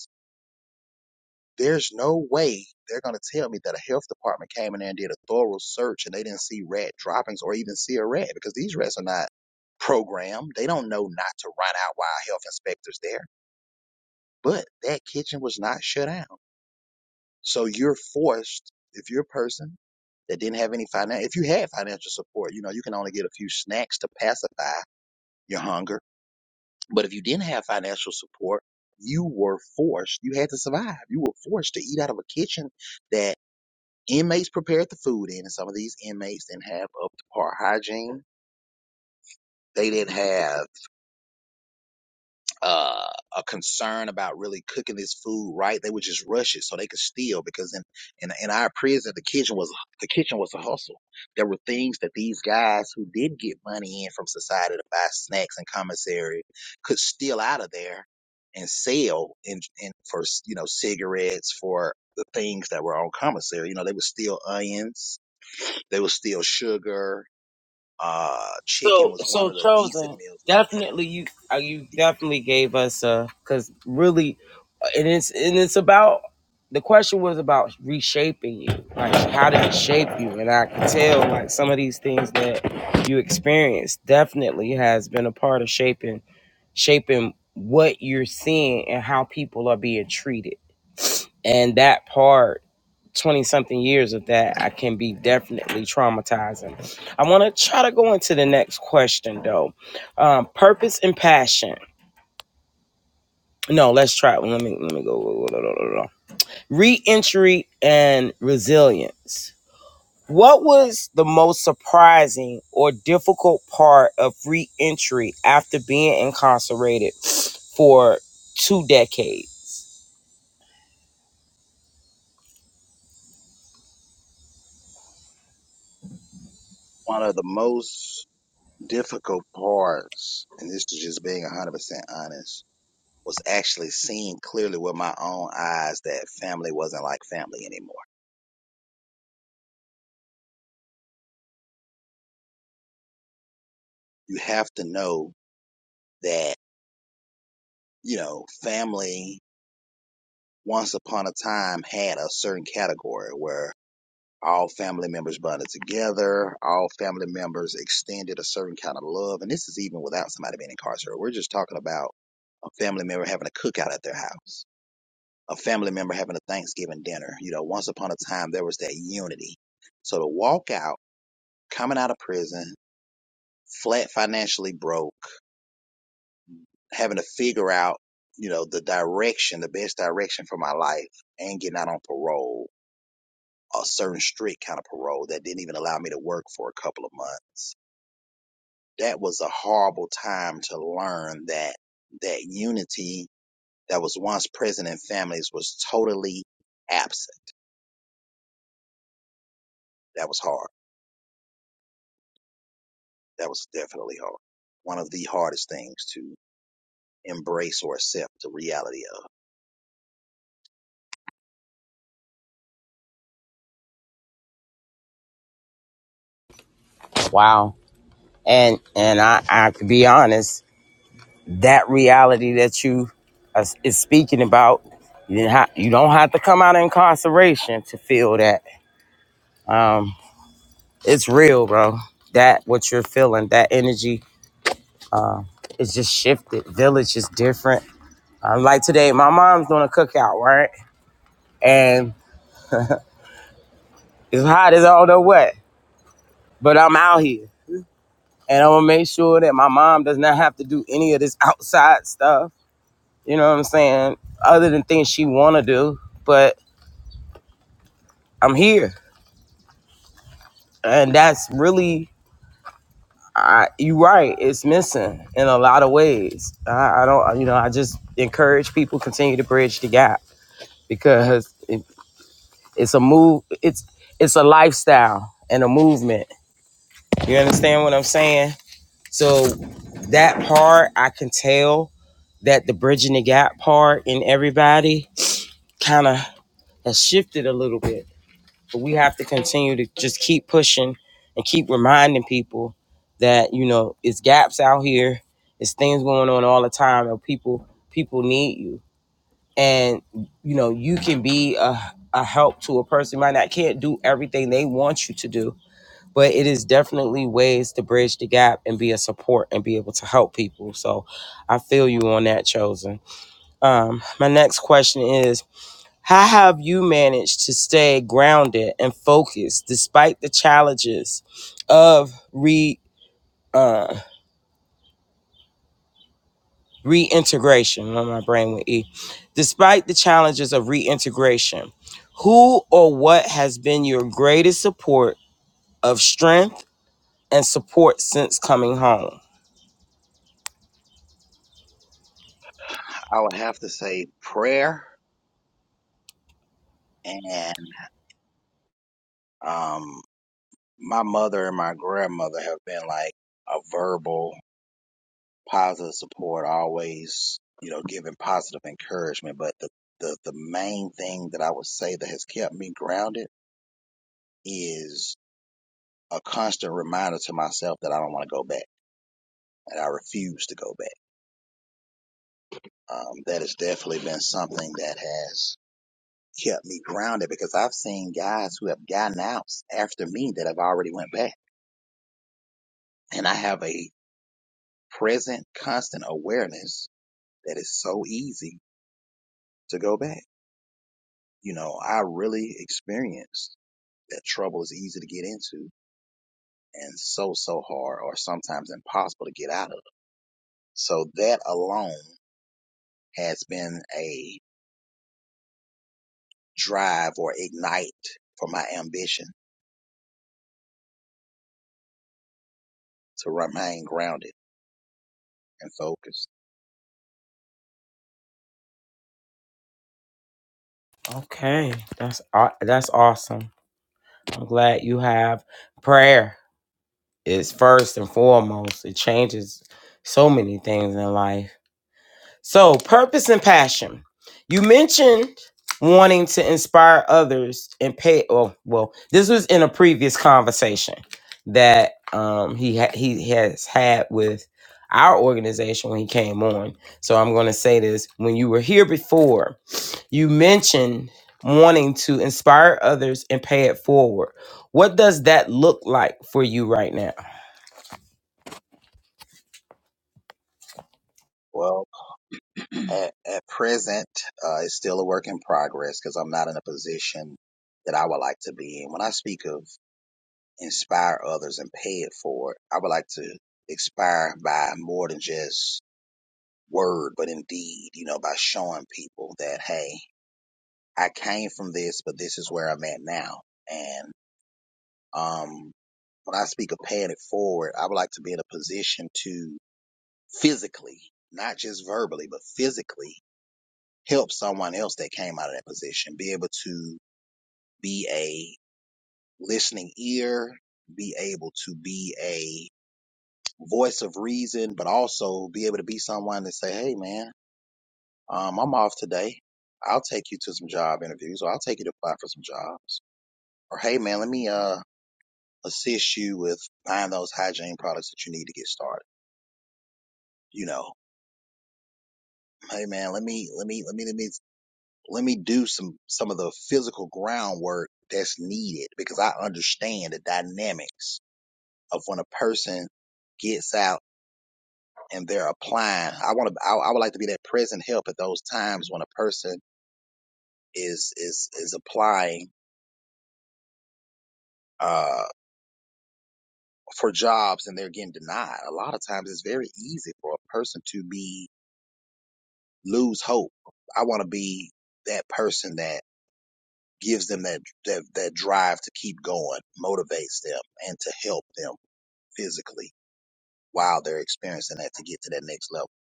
There's no way they're going to tell me that a health department came in there and did a thorough search and they didn't see rat droppings or even see a rat because these rats are not programmed. They don't know not to run out while a health inspector's there. But that kitchen was not shut down. So you're forced, if you're a person that didn't have any financial, if you had financial support, you know, you can only get a few snacks to pacify your hunger. But if you didn't have financial support, you were forced, you had to survive. You were forced to eat out of a kitchen that. Inmates prepared the food in, and some of these inmates didn't have up to par hygiene. They didn't have uh, a concern about really cooking this food right. They would just rush it so they could steal because in, in in our prison the kitchen was the kitchen was a hustle. There were things that these guys who did get money in from society to buy snacks and commissary could steal out of there and sell in, in for you know cigarettes for the things that were on commissary. You know they would steal onions, they would steal sugar, Uh, chicken So was one so of the decent chosen meals. definitely you uh, you definitely gave us uh because really uh, and it's and it's about the question was about reshaping you like how did it shape you and I can tell like some of these things that you experienced definitely has been a part of shaping shaping what you're seeing and how people are being treated and that part 20 something years of that i can be definitely traumatizing i want to try to go into the next question though um, purpose and passion no let's try it. let me let me go re-entry and resilience what was the most surprising or difficult part of re-entry after being incarcerated for two decades One of the most difficult parts, and this is just being 100% honest, was actually seeing clearly with my own eyes that family wasn't like family anymore. You have to know that, you know, family once upon a time had a certain category where all family members bonded together, all family members extended a certain kind of love. And this is even without somebody being incarcerated. We're just talking about a family member having a cookout at their house, a family member having a Thanksgiving dinner. You know, once upon a time, there was that unity. So to walk out, coming out of prison, flat financially broke, having to figure out, you know, the direction, the best direction for my life, and getting out on parole, a certain strict kind of parole that didn't even allow me to work for a couple of months that was a horrible time to learn that that unity that was once present in families was totally absent. That was hard. That was definitely hard. One of the hardest things to embrace or accept the reality of. wow and and i i have to be honest that reality that you are, is speaking about. You, didn't ha- you don't have to come out of incarceration to feel that. It's real, bro. That what you're feeling, that energy is just shifted. Village is different. Um, like today, my mom's doing a cookout, right? And it's hot as all the what, but I'm out here. And I'm gonna make sure that my mom does not have to do any of this outside stuff. You know what I'm saying? Other than things she wanna do, but I'm here. And that's really I, you're right. It's missing in a lot of ways. I, I don't, you know, I just encourage people continue to bridge the gap because it, it's a move. It's it's a lifestyle and a movement. You understand what I'm saying? So that part, I can tell that the bridging the gap part in everybody kind of has shifted a little bit but we have to continue to just keep pushing and keep reminding people that you know it's gaps out here it's things going on all the time and people people need you and you know you can be a, a help to a person You might not can't do everything they want you to do but it is definitely ways to bridge the gap and be a support and be able to help people so i feel you on that chosen um my next question is how have you managed to stay grounded and focused despite the challenges of re uh, reintegration? On my brain with E, despite the challenges of reintegration, who or what has been your greatest support of strength and support since coming home? I would have to say prayer and um my mother and my grandmother have been like a verbal positive support, always, you know, giving positive encouragement. But the, the, the main thing that I would say that has kept me grounded is a constant reminder to myself that I don't want to go back and I refuse to go back. Um, that has definitely been something that has kept me grounded because I've seen guys who have gotten out after me that have already went back and I have a present constant awareness that it's so easy to go back. You know, I really experienced that trouble is easy to get into and so, so hard or sometimes impossible to get out of. So that alone has been a drive or ignite for my ambition to remain grounded and focused. Okay, that's aw- that's awesome. I'm glad you have prayer It's first and foremost. It changes so many things in life So, purpose and passion. You mentioned wanting to inspire others and pay. Oh, well, this was in a previous conversation that um, he ha- he has had with our organization when he came on. So I'm going to say this: when you were here before, you mentioned wanting to inspire others and pay it forward. What does that look like for you right now? Well, at, at present, uh, it's still a work in progress because I'm not in a position that I would like to be in. When I speak of inspire others and pay it forward, I would like to inspire by more than just word, but in deed, you know, by showing people that, hey, I came from this, but this is where I'm at now. And, um, when I speak of paying it forward, I would like to be in a position to physically, not just verbally, but physically help someone else that came out of that position, be able to be a listening ear, be able to be a voice of reason, but also be able to be someone to say, Hey man, Um, I'm off today. I'll take you to some job interviews or I'll take you to apply for some jobs. Or hey man, let me uh assist you with buying those hygiene products that you need to get started. You know, hey man, let me let me let me let me let me do some some of the physical groundwork that's needed because I understand the dynamics of when a person gets out and they're applying. I want to I, I would like to be that present help at those times when a person is is is applying Uh. for jobs and they're getting denied. A lot of times it's very easy for a person to be lose hope. I want to be that person that gives them that, that that drive to keep going, motivates them and to help them physically while they're experiencing that to get to that next level.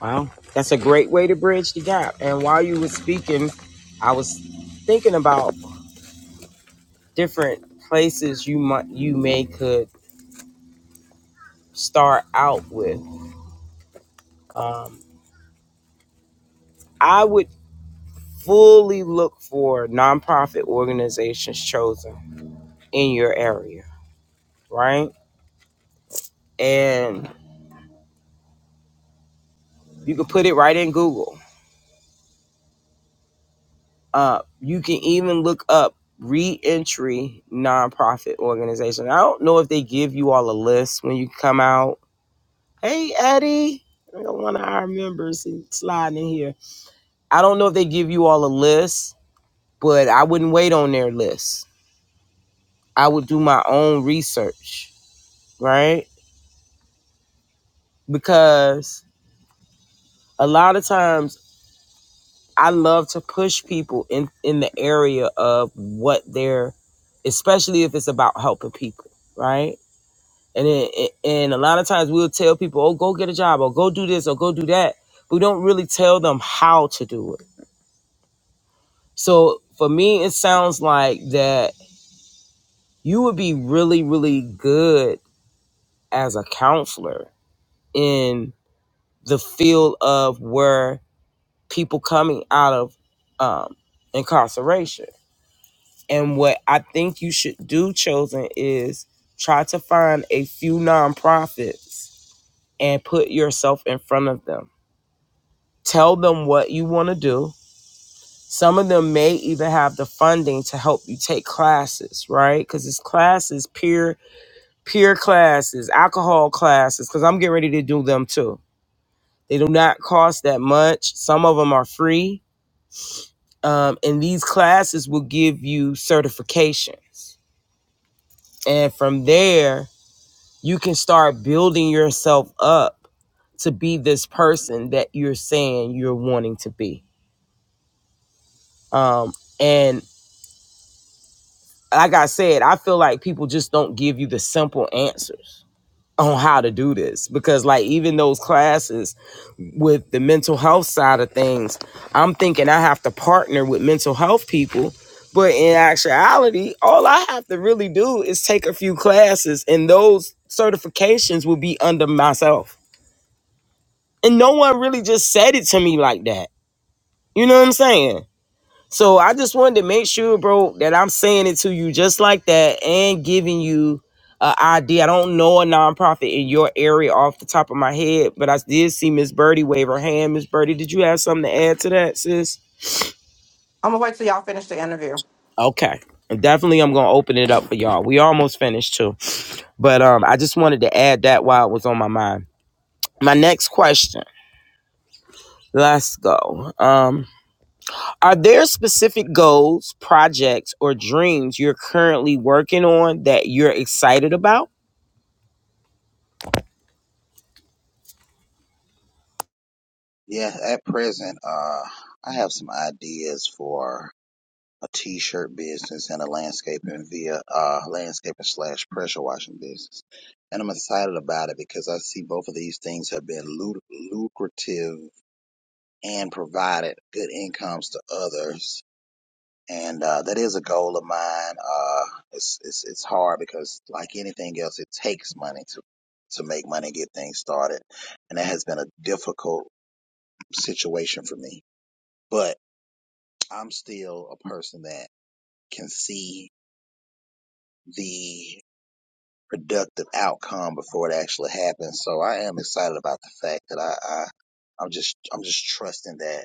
Wow, that's a great way to bridge the gap. And while you were speaking, I was thinking about different places you might you may could start out with. Um, I would fully look for nonprofit organizations chosen in your area, right? And you can put it right in Google. Uh, you can even look up reentry nonprofit organizations. I don't know if they give you all a list when you come out Hey, Eddie. We got one of our members sliding in here. I don't know if they give you all a list, but I wouldn't wait on their list. I would do my own research, right? Because a lot of times I love to push people in, in the area of what they're, especially if it's about helping people, right? And, it, and a lot of times we'll tell people, oh, go get a job or go do this or go do that. We don't really tell them how to do it So for me, it sounds like that you would be really, really good as a counselor in the field of where people coming out of um, incarceration. And what I think you should do, chosen, is try to find a few nonprofits and put yourself in front of them. Tell them what you want to do. Some of them may even have the funding to help you take classes, right? Because it's classes, peer peer classes, alcohol classes, because I'm getting ready to do them too. They do not cost that much. Some of them are free. Um, and these classes will give you certifications. And from there, you can start building yourself up to be this person that you're saying you're wanting to be. Um, and like I said, I feel like people just don't give you the simple answers on how to do this because, like, even those classes, with the mental health side of things. I'm thinking I have to partner with mental health people, but in actuality, all I have to really do is take a few classes, and those certifications will be under myself. And no one really just said it to me like that. You know what I'm saying? So I just wanted to make sure, bro, that I'm saying it to you just like that and giving you an idea. I don't know a nonprofit in your area off the top of my head, but I did see Miss Birdie wave her hand. Miss Birdie, did you have something to add to that, sis? I'm gonna wait till y'all finish the interview. Okay. And Definitely, I'm gonna open it up for y'all. We almost finished too, but um, I just wanted to add that while it was on my mind. My next question. Let's go. Um, Are there specific goals, projects, or dreams you're currently working on that you're excited about? Yeah, at present, uh I have some ideas for a t-shirt business and a landscaping via uh landscaping slash pressure washing business. And I'm excited about it because I see both of these things have been lu- lucrative and provided good incomes to others. And uh, that is a goal of mine. Uh, it's, it's it's hard because like anything else, it takes money to to make money and get things started, and that has been a difficult situation for me. But I'm still a person that can see the productive outcome before it actually happens. So I am excited about the fact that I, I I'm just I'm just trusting that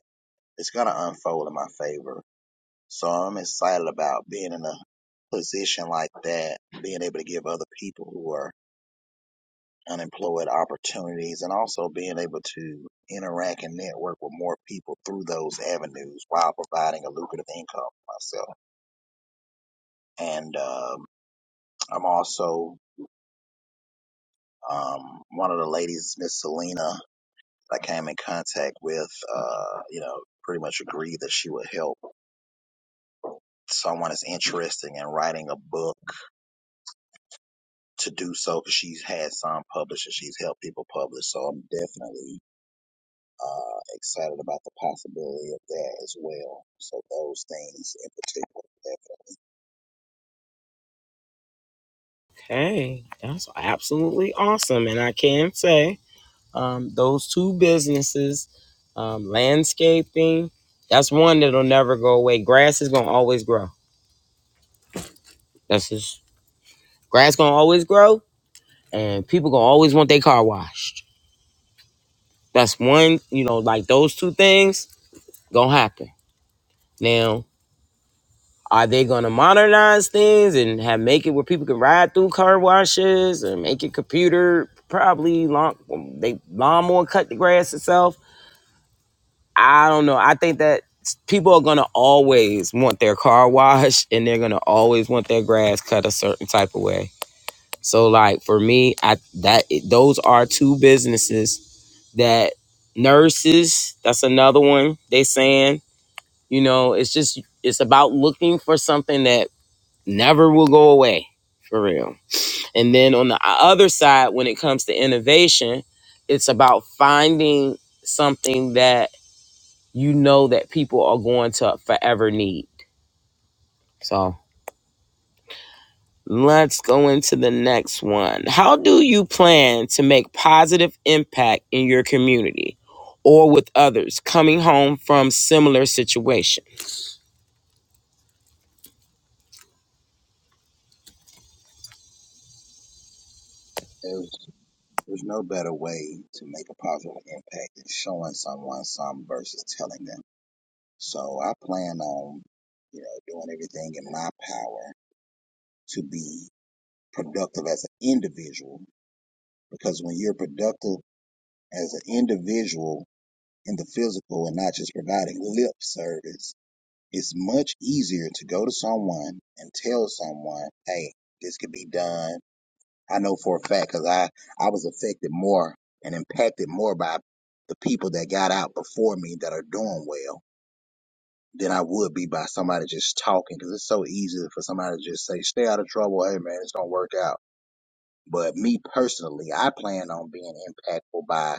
it's gonna unfold in my favor. So I'm excited about being in a position like that, being able to give other people who are unemployed opportunities and also being able to interact and network with more people through those avenues while providing a lucrative income for myself. And um, I'm also um, one of the ladies, Miss Selena. I came in contact with, uh, you know, pretty much agreed that she would help someone that's interested in writing a book to do so because she's had some published and she's helped people publish. So I'm definitely uh, excited about the possibility of that as well. So those things in particular. Hey, that's absolutely awesome. And I can say um, those two businesses, um, landscaping, that's one that'll never go away. Grass is going to always grow. That's just grass going to always grow, and people going to always want their car washed. That's one, you know, like those two things going to happen. Now, Are they gonna modernize things and have make it where people can ride through car washes and make it computer probably long they lawnmower cut the grass itself? I don't know. I think that people are gonna always want their car washed and they're gonna always want their grass cut a certain type of way. So like for me, I that those are two businesses that nurses, that's another one they saying, you know, it's just it's about looking for something that never will go away for real. And then on the other side, when it comes to innovation, it's about finding something that you know that people are going to forever need. So let's go into the next one. How do you plan to make positive impact in your community or with others coming home from similar situation? There's, there's no better way to make a positive impact than showing someone some versus telling them. So I plan on, you know, doing everything in my power to be productive as an individual because when you're productive as an individual in the physical and not just providing lip service, it's much easier to go to someone and tell someone, hey, this could be done. I know for a fact because I, I was affected more and impacted more by the people that got out before me that are doing well than I would be by somebody just talking because it's so easy for somebody to just say, stay out of trouble. Hey, man, it's going to work out But me personally, I plan on being impactful by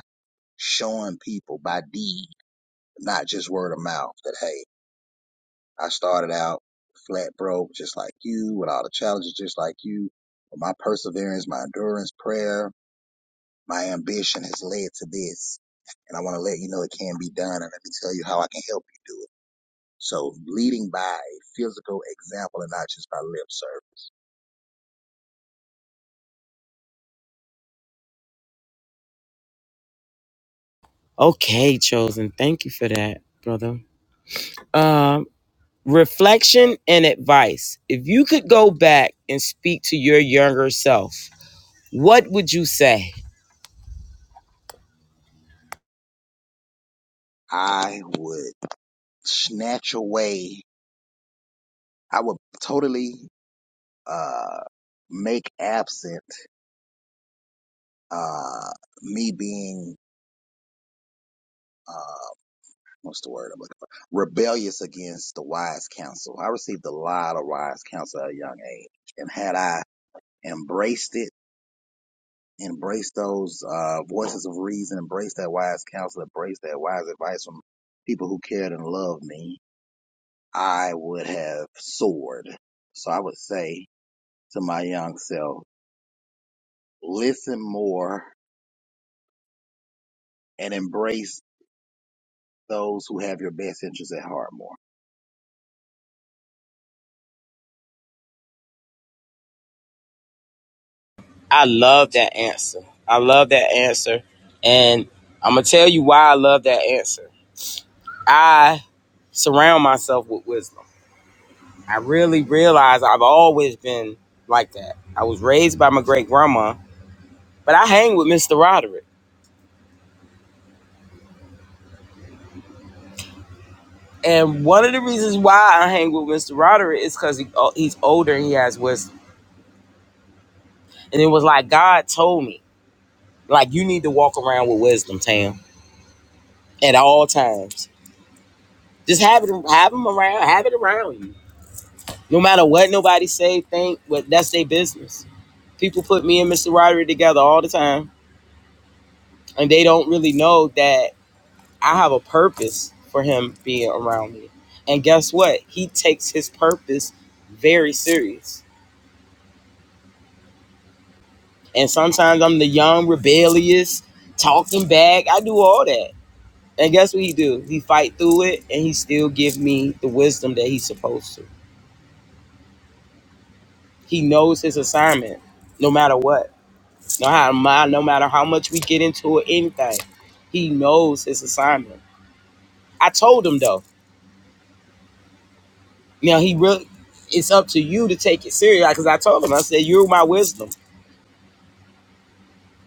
showing people by deed, not just word of mouth, that hey, I started out flat broke just like you, with all the challenges just like you. But my perseverance, my endurance, prayer, my ambition has led to this. And I want to let you know it can be done and let me tell you how I can help you do it. So leading by a physical example and not just by lip service. Okay, chosen. Thank you for that, brother. Um. reflection and advice. If you could go back and speak to your younger self, what would you say? I would snatch away I would totally uh, make absent uh, me being uh, what's the word I'm looking for? Rebellious against the wise counsel. I received a lot of wise counsel at a young age, and had I embraced it, embraced those uh, voices of reason, embraced that wise counsel, embraced that wise advice from people who cared and loved me, I would have soared. So I would say to my young self, listen more and embrace those who have your best interests at heart more. I love that answer. I love that answer. And I'm going to tell you why I love that answer. I surround myself with wisdom. I really realize I've always been like that. I was raised by my great grandma, but I hang with Mr. Roderick. And one of the reasons why I hang with Mr. Roderick is because he, he's older and he has wisdom. And it was like God told me Like you need to walk around with wisdom, Tam, at all times. Just have it, have them around, have it around you. No matter what nobody say, think, but that's their business. People put me and Mr. Roderick together all the time, and they don't really know that I have a purpose for him being around me. And guess what? He takes his purpose very serious. And sometimes I'm the young, rebellious, talking back. I do all that. And guess what he do? He fight through it and he still give me the wisdom that he's supposed to. He knows his assignment no matter what. No how mi- no matter how much we get into it, anything. He knows his assignment. I told him though. Now he really it's up to you to take it serious. like, Cause I told him, I said, You're my wisdom.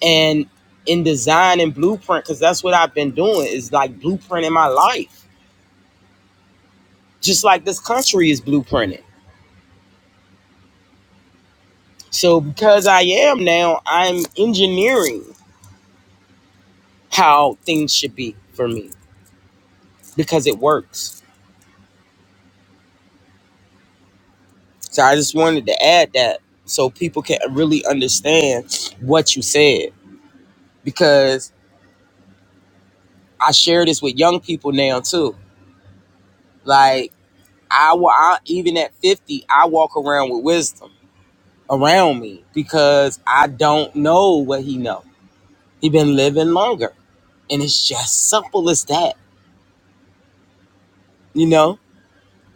And in design and blueprint, because that's what I've been doing, is like blueprinting my life. Just like this country is blueprinted. So because I am now, I'm engineering. how things should be for me because it works. So I just wanted to add that so people can really understand what you said because I share this with young people now too. Like I, wa- I even at 50, I walk around with wisdom around me because I don't know what he know. He been living longer and it's just simple as that, you know?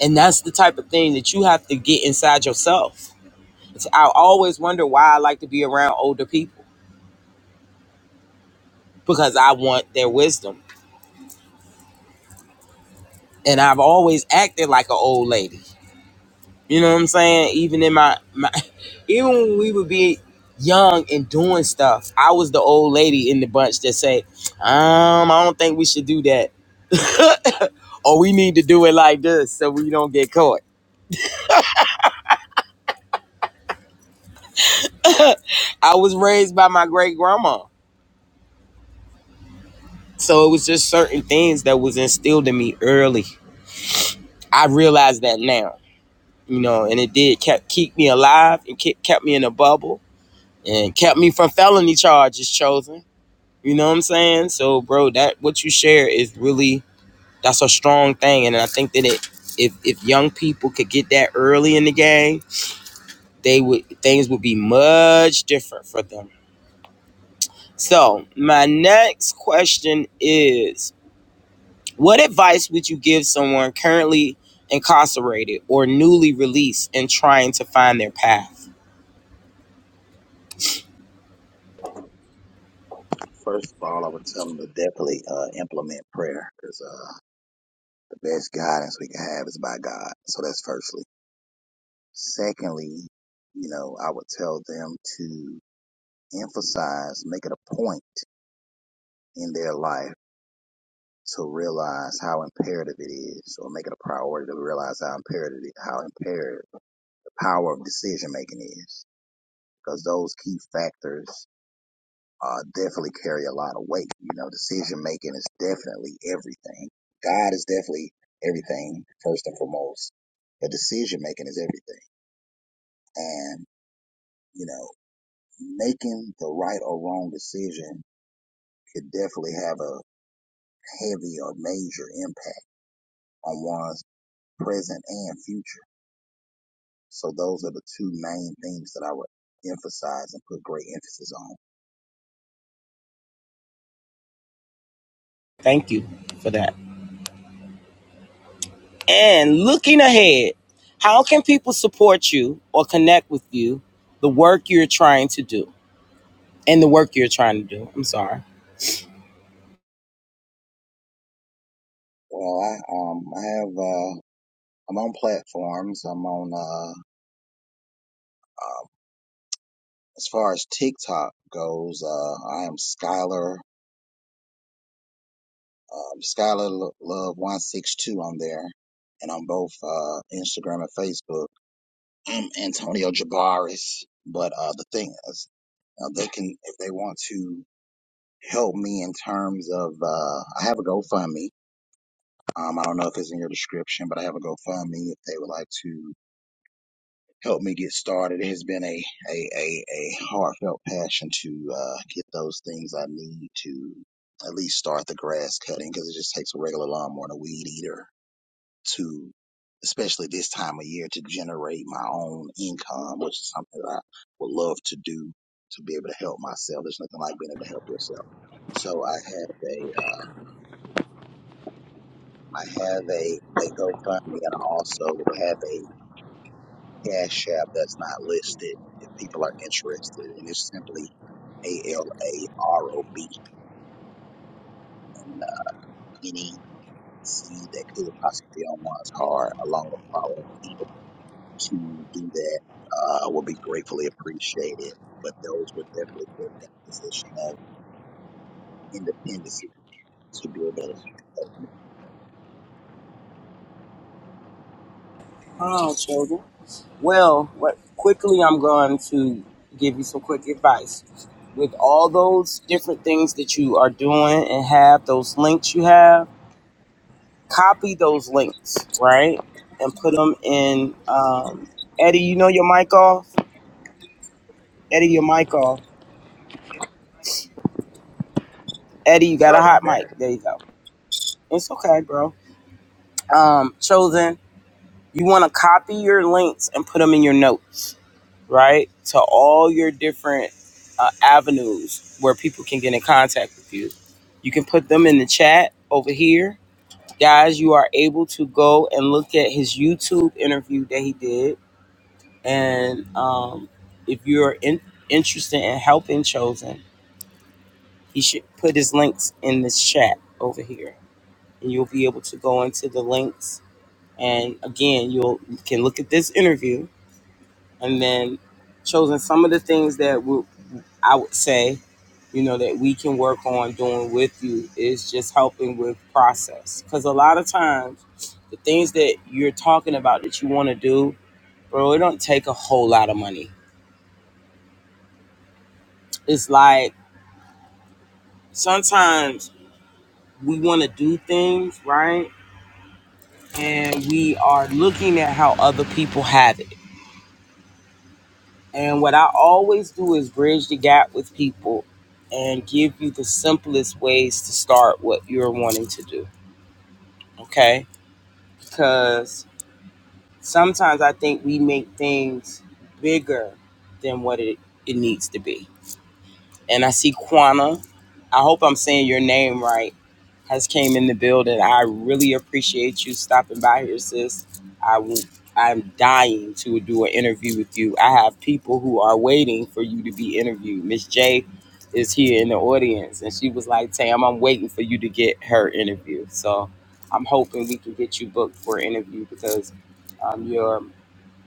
And that's the type of thing that you have to get inside yourself I always wonder why I like to be around older people because I want their wisdom. And I've always acted like an old lady. You know what I'm saying? Even in my, my even when we would be young and doing stuff, I was the old lady in the bunch that say, um, I don't think we should do that. or we need to do it like this so we don't get caught. I was raised by my great grandma. So it was just certain things that was instilled in me early. I realize that now. you know, and it did kept keep me alive and kept kept me in a bubble and kept me from felony charges chosen. You know what I'm saying? So, bro, that what you share is really that's a strong thing, and I think that it if if young people could get that early in the game, they would things would be much different for them. So, my next question is, what advice would you give someone currently incarcerated or newly released and trying to find their path? First of all, I would tell them to definitely uh, implement prayer because uh, the best guidance we can have is by God. So that's firstly. Secondly, you know, I would tell them to emphasize, make it a point in their life to realize how imperative it is, or make it a priority to realize how imperative, how imperative the power of decision making is. Because those key factors uh, definitely carry a lot of weight. You know, decision making is definitely everything. God is definitely everything, first and foremost, but decision making is everything. And, you know, making the right or wrong decision could definitely have a heavy or major impact on one's present and future. So those are the two main things that I would emphasize and put great emphasis on. Thank you for that. And looking ahead, how can people support you or connect with you, the work you're trying to do, and the work you're trying to do? I'm sorry. Well, I, um, I have, uh, I'm on platforms. I'm on, uh. uh As far as TikTok goes, uh, I am Skylar, um, Skylar Lo- Love One Six Two on there, and on both uh, Instagram and Facebook. I'm Antonio Jabaris, but uh, the thing is, uh, they can if they want to help me in terms of uh, I have a GoFundMe. Um, I don't know if it's in your description, but I have a GoFundMe if they would like to helped me get started. It has been a a a, a heartfelt passion to uh, get those things I need to at least start the grass cutting because it just takes a regular lawnmower and a weed eater to, especially this time of year, to generate my own income, which is something that I would love to do to be able to help myself. There's nothing like being able to help yourself. So I have a, um, I have a, a GoFundMe and I also have a Cash App that's not listed if people are interested, and it's simply A L A R O B and uh, any seed that could possibly be on one's card, along with following people to do that, uh, will be gratefully appreciated. But those would definitely put in a position of independence to be able to. Oh, children. Well, what, quickly, I'm going to give you some quick advice. With all those different things that you are doing and have those links you have, copy those links, right? And put them in. Um, Eddie, you know your mic off? Eddie, your mic off. Eddie, you got a Sorry about hot mic. that. There you go. It's okay, bro um, chosen, you want to copy your links and put them in your notes, right? To all your different uh, avenues where people can get in contact with you. You can put them in the chat over here. Guys, you are able to go and look at his YouTube interview that he did. And um, if you're in, interested in helping Chosen, he should put his links in this chat over here. And you'll be able to go into the links And again, you can look at this interview and then chosen some of the things that we, I would say, you know, that we can work on doing with you is just helping with process. Because a lot of times, the things that you're talking about that you want to do, bro, it don't take a whole lot of money. It's like sometimes we want to do things right, and we are looking at how other people have it And what I always do is bridge the gap with people and give you the simplest ways to start what you're wanting to do. Okay? Because sometimes I think we make things bigger than what it, it needs to be. and I see Quana. I hope I'm saying your name right. Has came in the building. I really appreciate you stopping by here, sis. I'm i w- I'm dying to do an interview with you. I have people who are waiting for you to be interviewed. Miss J is here in the audience, and she was like, "Tam, I'm waiting for you to get her interview." So I'm hoping we can get you booked for an interview because um, your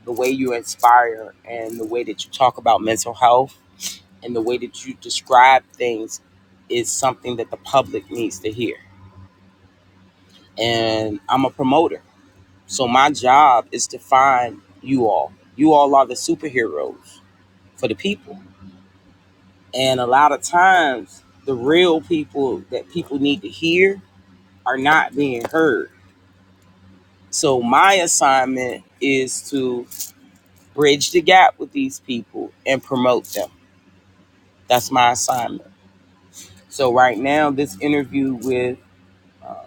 the way you inspire and the way that you talk about mental health and the way that you describe things is something that the public needs to hear. And I'm a promoter. So my job is to find you all. You all are the superheroes for the people. And a lot of times, the real people that people need to hear are not being heard. So my assignment is to bridge the gap with these people and promote them. That's my assignment. So right now, this interview with uh,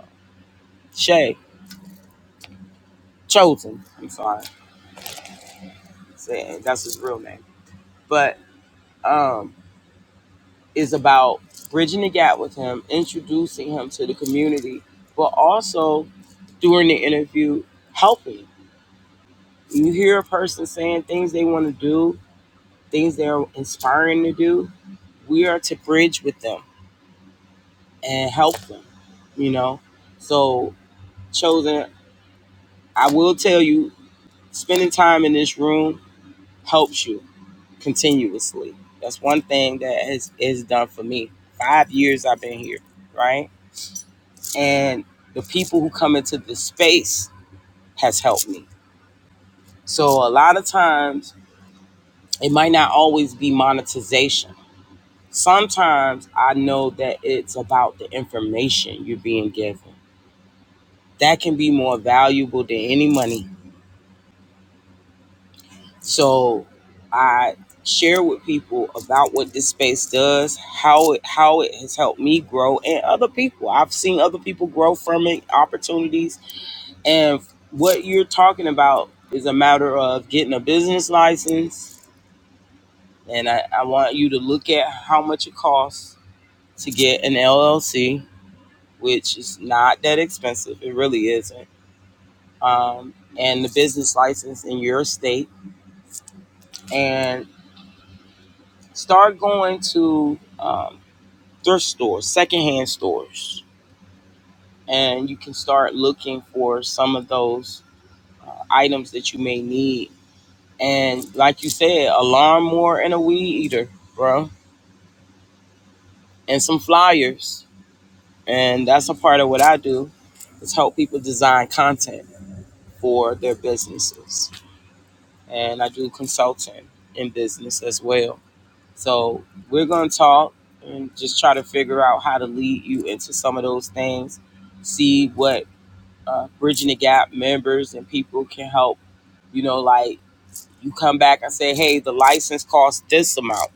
Shay chosen. I'm sorry, saying that's his real name, but um, is about bridging the gap with him, introducing him to the community, but also during the interview helping. You hear a person saying things they want to do, things they're inspiring to do. We are to bridge with them and help them. You know, so chosen. I will tell you, spending time in this room helps you continuously. That's one thing that has is done for me. Five years I've been here, right? And the people who come into this space has helped me. So a lot of times it might not always be monetization. Sometimes I know that it's about the information you're being given. That can be more valuable than any money So I share with people about what this space does, how it how it has helped me grow and other people. I've seen other people grow from it, opportunities. And what you're talking about is a matter of getting a business license. And I, I want you to look at how much it costs to get an LLC, which is not that expensive. It really isn't. Um, and the business license in your state. And start going to um. thrift stores, secondhand stores, and you can start looking for some of those uh, items that you may need. And like you said, a lawnmower and a weed eater, bro, and some flyers. And that's a part of what I do is help people design content for their businesses. And I do consulting in business as well. So we're going to talk and just try to figure out how to lead you into some of those things, see what uh, bridging the gap members and people can help you know like you come back and say hey the license costs this amount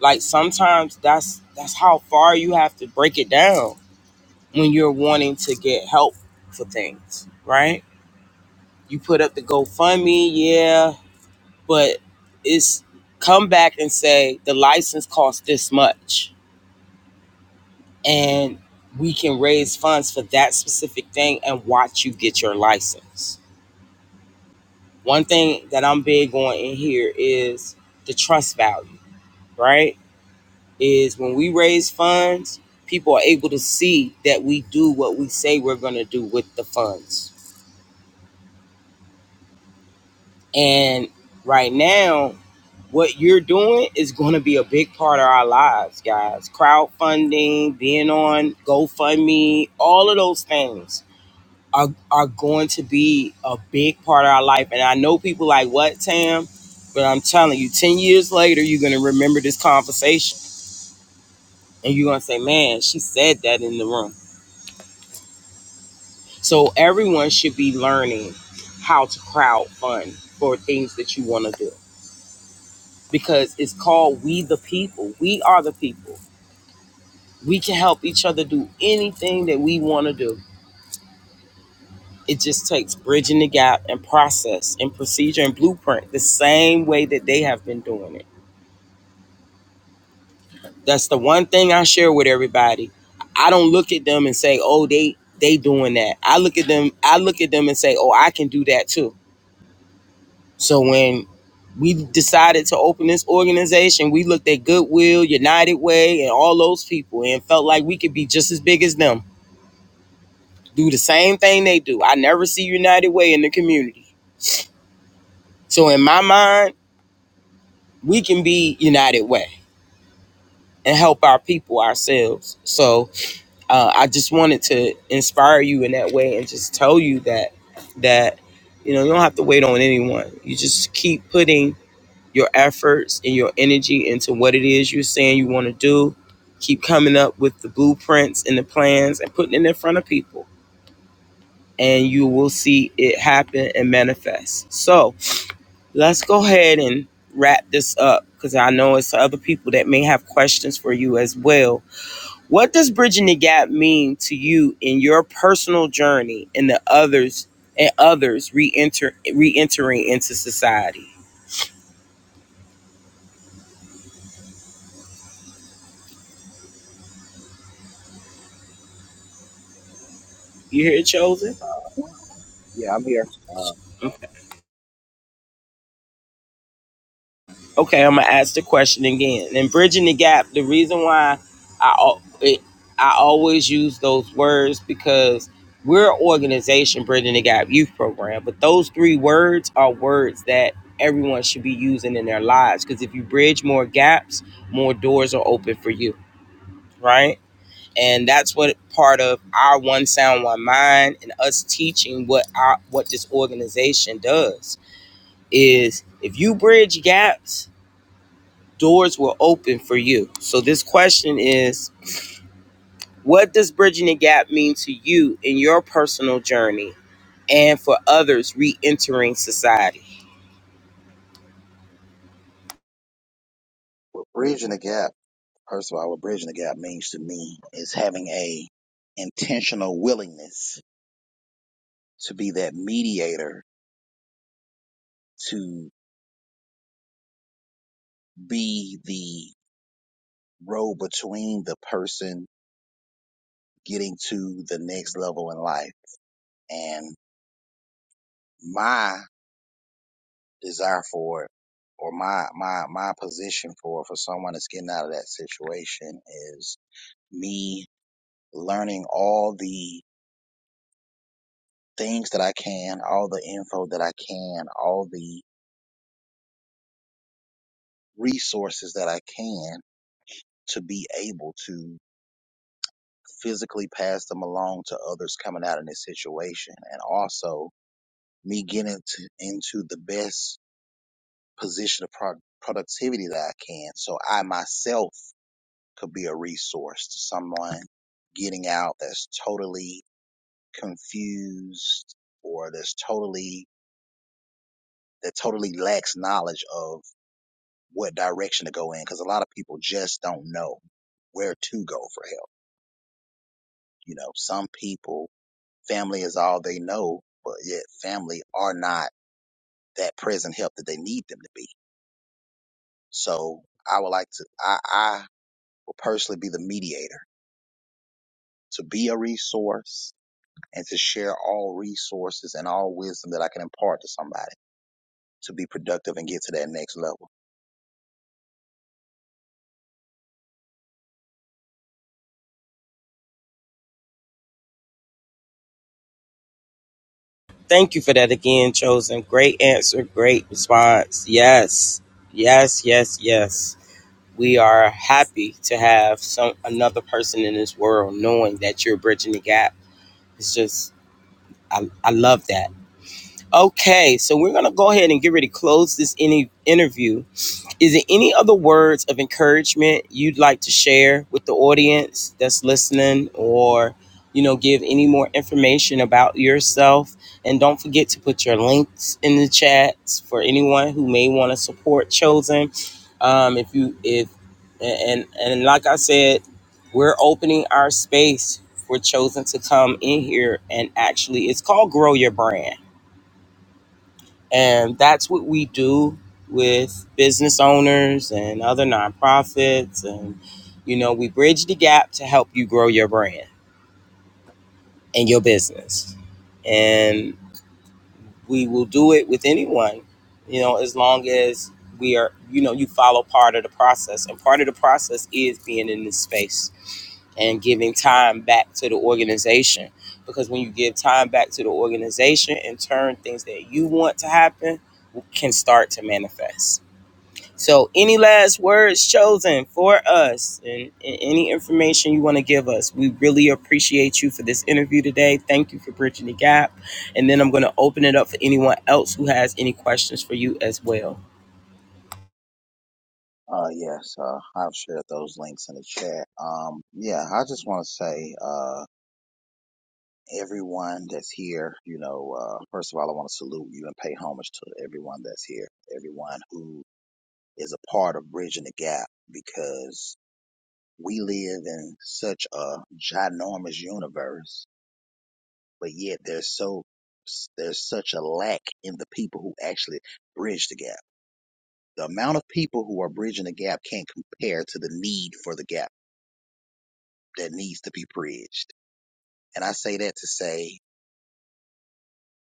like sometimes that's that's how far you have to break it down when you're wanting to get help for things right you put up the gofundme yeah but it's come back and say the license costs this much and we can raise funds for that specific thing and watch you get your license one thing that I'm big on in here is the trust value, right? Is when we raise funds, people are able to see that we do what we say we're going to do with the funds. And right now, what you're doing is going to be a big part of our lives, guys. Crowdfunding, being on GoFundMe, all of those things are are going to be a big part of our life. And I know people like what Tam, but I'm telling you, ten years later, you're gonna remember this conversation, and you're gonna say, "Man, she said that in the room." So everyone should be learning how to crowdfund for things that you want to do because it's called "We the People." We are the people. We can help each other do anything that we want to do. It just takes bridging the gap and process and procedure and blueprint the same way that they have been doing it That's the one thing I share with everybody. I don't look at them and say, "Oh, they they doing that." I look at them. I look at them and say, "Oh, I can do that too." So when we decided to open this organization, we looked at Goodwill, United Way, and all those people, and felt like we could be just as big as them. Do the same thing they do. I never see United Way in the community. So in my mind, we can be United Way and help our people ourselves. So uh, I just wanted to inspire you in that way and just tell you that that you know you don't have to wait on anyone. You just keep putting your efforts and your energy into what it is you're saying you want to do. Keep coming up with the blueprints and the plans and putting it in front of people, and you will see it happen and manifest. So let's go ahead and wrap this up because I know it's other people that may have questions for you as well what does bridging the gap mean to you in your personal journey and the others and others re-enter re-entering into society? You hear it, chosen? Yeah, I'm here. Uh, Okay, I'm gonna ask the question again. And bridging the gap, the reason why I it, I always use those words because we're an organization bridging the gap youth program, but those three words are words that everyone should be using in their lives because if you bridge more gaps, more doors are open for you, right? and that's what part of our one sound one mind and us teaching what our what this organization does is if you bridge gaps doors will open for you so this question is what does bridging the gap mean to you in your personal journey and for others re-entering society we're bridging the gap. First of all, what bridging the gap means to me is having a intentional willingness to be that mediator, to be the road between the person getting to the next level in life. And my desire for it or my, my, my position for, for someone that's getting out of that situation is me learning all the things that I can, all the info that I can, all the resources that I can to be able to physically pass them along to others coming out in this situation and also me getting to, into the best position of pro- productivity that I can so I myself could be a resource to someone getting out that's totally confused or that's totally that totally lacks knowledge of what direction to go in because a lot of people just don't know where to go for help you know some people Family is all they know, but yet family are not that present help that they need them to be. So I would like to, I, I will personally be the mediator to be a resource and to share all resources and all wisdom that I can impart to somebody to be productive and get to that next level. thank you for that again chosen great answer great response yes yes yes yes we are happy to have some another person in this world knowing that you're bridging the gap. It's just I, I love that. Okay, so we're gonna go ahead and get ready to close this any interview. Is there any other words of encouragement you'd like to share with the audience that's listening or, you know, give any more information about yourself? And don't forget to put your links in the chats for anyone who may want to support Chosen. Um, if you, if, and, and like I said, we're opening our space for Chosen to come in here and actually, it's called Grow Your Brand and that's what we do with business owners and other nonprofits. And, you know, we bridge the gap to help you grow your brand and your business. And we will do it with anyone, you know, as long as we are, you know, you follow part of the process. And part of the process is being in this space and giving time back to the organization. Because when you give time back to the organization, in turn, things that you want to happen can start to manifest So, any last words chosen for us and, and any information you want to give us? We really appreciate you for this interview today. Thank you for bridging the gap. And then I'm going to open it up for anyone else who has any questions for you as well. Uh, yes, uh, I've shared those links in the chat. Um, yeah, I just want to say, uh, everyone that's here, you know, uh, first of all, I want to salute you and pay homage to everyone that's here, everyone who is a part of bridging the gap because we live in such a ginormous universe, but yet there's so there's such a lack in the people who actually bridge the gap. The amount of people who are bridging the gap can't compare to the need for the gap that needs to be bridged. And I say that to say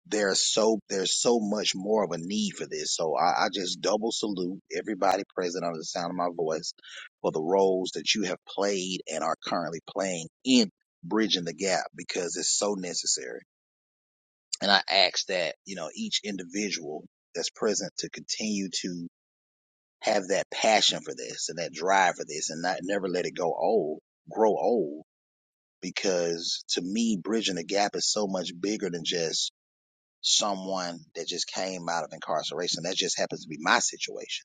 there's so there's so much more of a need for this. So I, I just double salute everybody present under the sound of my voice for the roles that you have played and are currently playing in bridging the gap because it's so necessary. And I ask that you know each individual that's present to continue to have that passion for this and that drive for this, and not never let it go old, grow old. Because to me, bridging the gap is so much bigger than just someone that just came out of incarceration. That just happens to be my situation.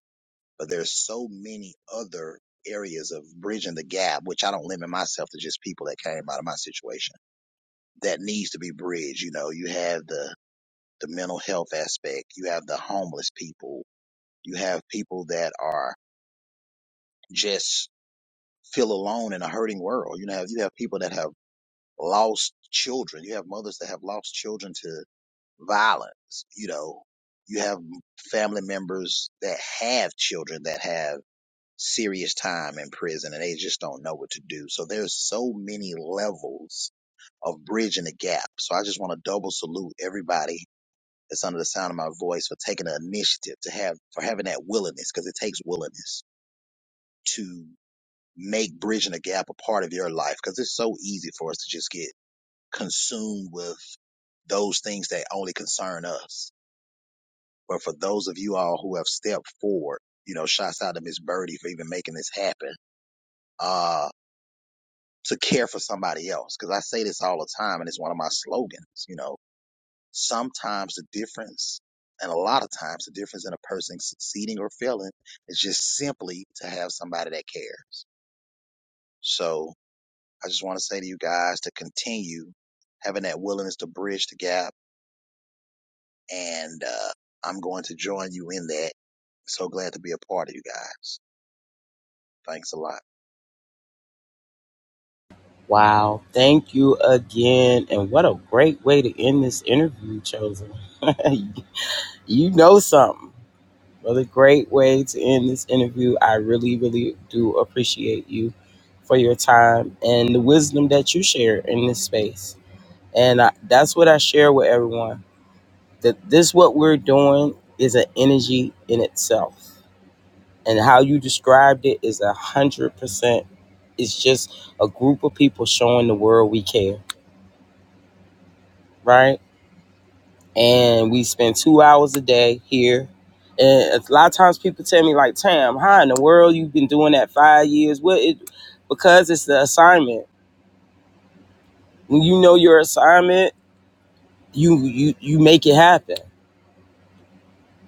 But there's so many other areas of bridging the gap, which I don't limit myself to just people that came out of my situation that needs to be bridged. You know, you have the, the mental health aspect. You have the homeless people. You have people that are just feel alone in a hurting world. You know, you have people that have lost children. You have mothers that have lost children to. violence. You know, you have family members that have children that have serious time in prison and they just don't know what to do. So there's so many levels of bridging the gap. So I just want to double salute everybody that's under the sound of my voice for taking the initiative to have, for having that willingness, because it takes willingness to make bridging the gap a part of your life. Cause it's so easy for us to just get consumed with those things that only concern us But for those of you all who have stepped forward, you know, shouts out to Miss Birdie for even making this happen. Uh, to care for somebody else. Cause I say this all the time and it's one of my slogans, you know, sometimes the difference and a lot of times the difference in a person succeeding or failing is just simply to have somebody that cares. So I just want to say to you guys to continue having that willingness to bridge the gap. And, uh, I'm going to join you in that. So glad to be a part of you guys. Thanks a lot. Wow. Thank you again. And what a great way to end this interview, Chosen. you know something. Well, a great way to end this interview. I really, really do appreciate you for your time and the wisdom that you share in this space. And I, that's what I share with everyone that this, what we're doing, is an energy in itself. And how you described it is a hundred percent. It's just a group of people showing the world we care, right? and we spend two hours a day here. And a lot of times people tell me like, "Tam, how in the world you've been doing that five years?" What it because it's the assignment. When you know your assignment, you you you make it happen.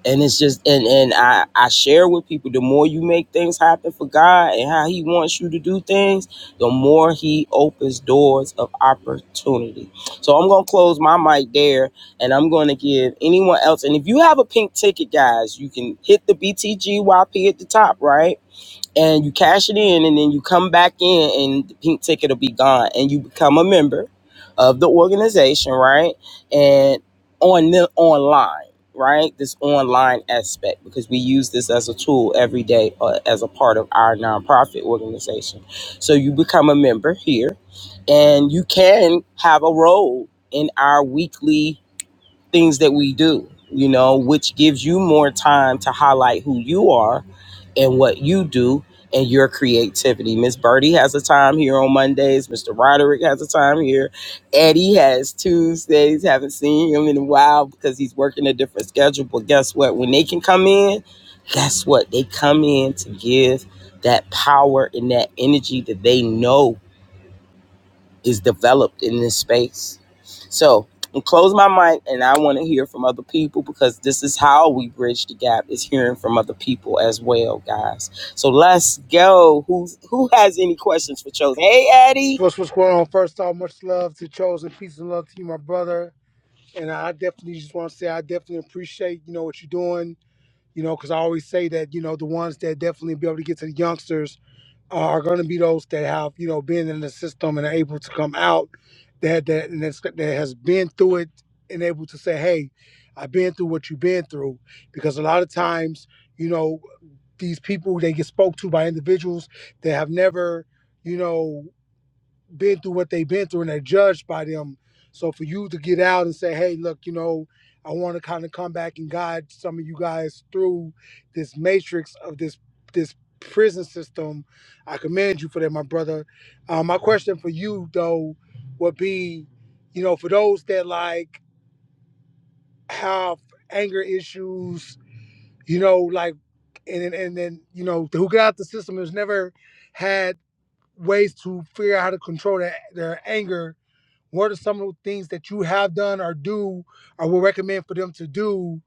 and it's just and and I I share with people the more you make things happen for God and how He wants you to do things, the more He opens doors of opportunity. So I'm gonna close my mic there, and I'm gonna give anyone else. And if you have a pink ticket, guys, you can hit the BTGYP at the top, right? and you cash it in and then you come back in and the pink ticket will be gone and you become a member of the organization right and on the online right this online aspect because we use this as a tool every day uh, as a part of our nonprofit organization so you become a member here and you can have a role in our weekly things that we do you know which gives you more time to highlight who you are in what you do and your creativity. Miss Birdie has a time here on Mondays. Mr. Roderick has a time here. Eddie has Tuesdays. Haven't seen him in a while because he's working a different schedule. But guess what? When they can come in, guess what? They come in to give that power and that energy that they know is developed in this space. So I'm close my mic and I want to hear from other people because this is how we bridge the gap is hearing from other people as well, guys. So let's go. Who's who has any questions for Chosen? Hey Eddie. What's what's going on? First off, much love to Chosen, peace and love to you, my brother. And I definitely just want to say I definitely appreciate you know what you're doing. You know, because I always say that you know the ones that definitely be able to get to the youngsters are going to be those that have you know been in the system and are able to come out that that and that's, that has been through it and able to say, hey, I've been through what you've been through. Because a lot of times, you know, these people they get spoke to by individuals that have never you know been through what they've been through and they're judged by them. So for you to get out and say, hey, look, you know, I want to kind of come back and guide some of you guys through this matrix of this this prison system. I commend you for that, my brother. Uh, my question for you though would be, you know, for those that like have anger issues, you know, like and and, and then you know who got out the system has never had ways to figure out how to control their, their anger what are some of the things that you have done or do or would recommend for them to do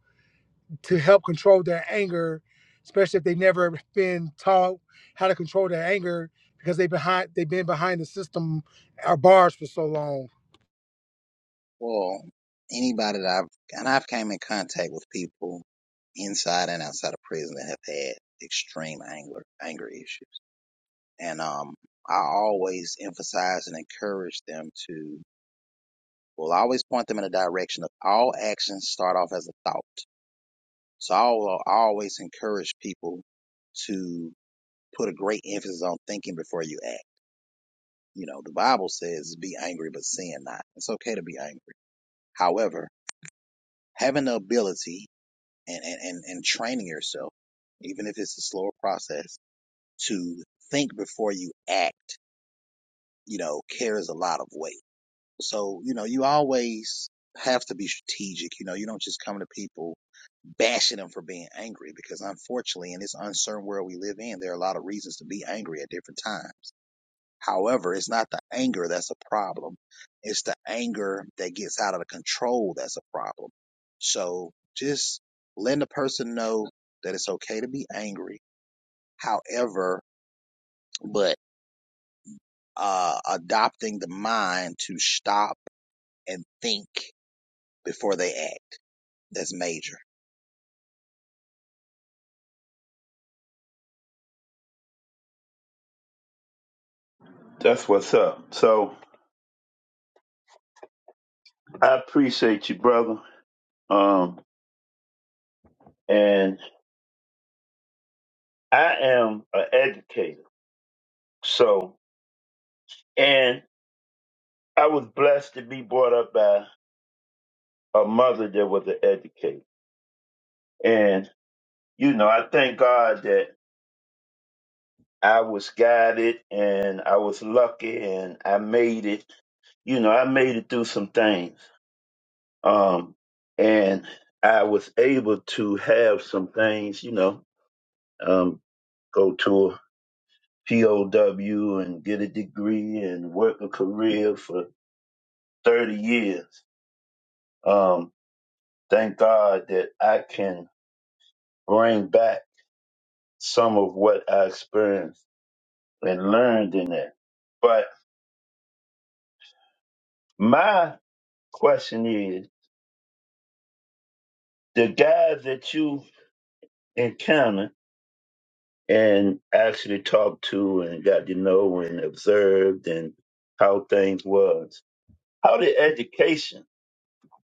to help control their anger, especially if they've never been taught how to control their anger because they have behind they've been behind the system or bars for so long? Well, anybody that I've and I've came in contact with people inside and outside of prison that have had extreme anger anger issues, and um, I always emphasize and encourage them to. Well, I always point them in a direction of all actions start off as a thought. So I will always encourage people to put a great emphasis on thinking before you act. You know, the Bible says, "Be angry, but sin not." It's okay to be angry. However, having the ability and, and, and, and training yourself, even if it's a slower process, to think before you act, you know, carries a lot of weight. So, you know, you always have to be strategic. You know, you don't just come to people bashing them for being angry because unfortunately in this uncertain world we live in, there are a lot of reasons to be angry at different times. However, it's not the anger that's a problem. It's the anger that gets out of the control that's a problem. So just letting the person know that it's okay to be angry. However, but uh, adopting the mind to stop and think before they act. That's major. That's what's up. So I appreciate you, brother. Um, and I am an educator. So and I was blessed to be brought up by a mother that was an educator. And you know, I thank God that I was guided and I was lucky and I made it. You know, I made it through some things. Um, and I was able to have some things, you know, um, go to a POW and get a degree and work a career for 30 years. Um, thank God that I can bring back some of what I experienced and learned in that. But my question is the guys that you encounter and actually talked to and got to know and observed and how things was. How did education,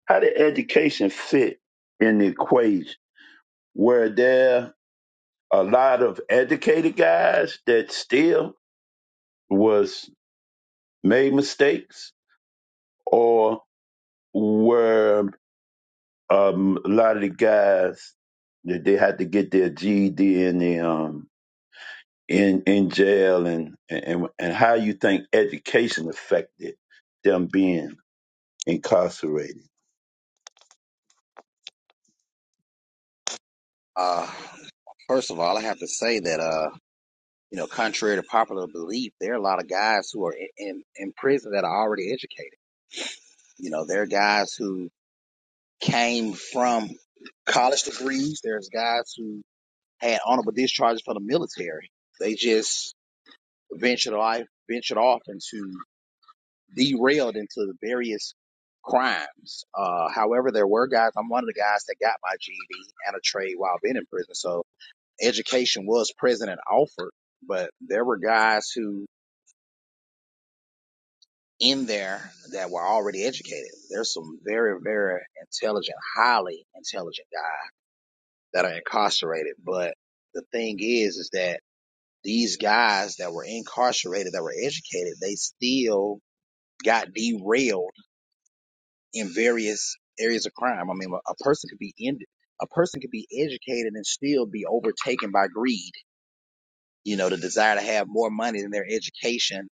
how did education fit in the equation? Were there a lot of educated guys that still was made mistakes or were um, a lot of the guys that they had to get their GED and the in in jail and and and how you think education affected them being incarcerated. Uh, first of all, I have to say that, uh, you know, contrary to popular belief, there are a lot of guys who are in, in, in prison that are already educated. You know, there are guys who came from college degrees. There's guys who had honorable discharges from the military. They just ventured life, ventured off into derailed into various crimes. Uh, however, there were guys. I'm one of the guys that got my GED and a trade while being in prison. So education was present and offered, but there were guys who in there that were already educated. There's some very, very intelligent, highly intelligent guys that are incarcerated. But the thing is, is that these guys that were incarcerated, that were educated, they still got derailed in various areas of crime. I mean, a person could be in, a person could be educated and still be overtaken by greed. You know, the desire to have more money than their education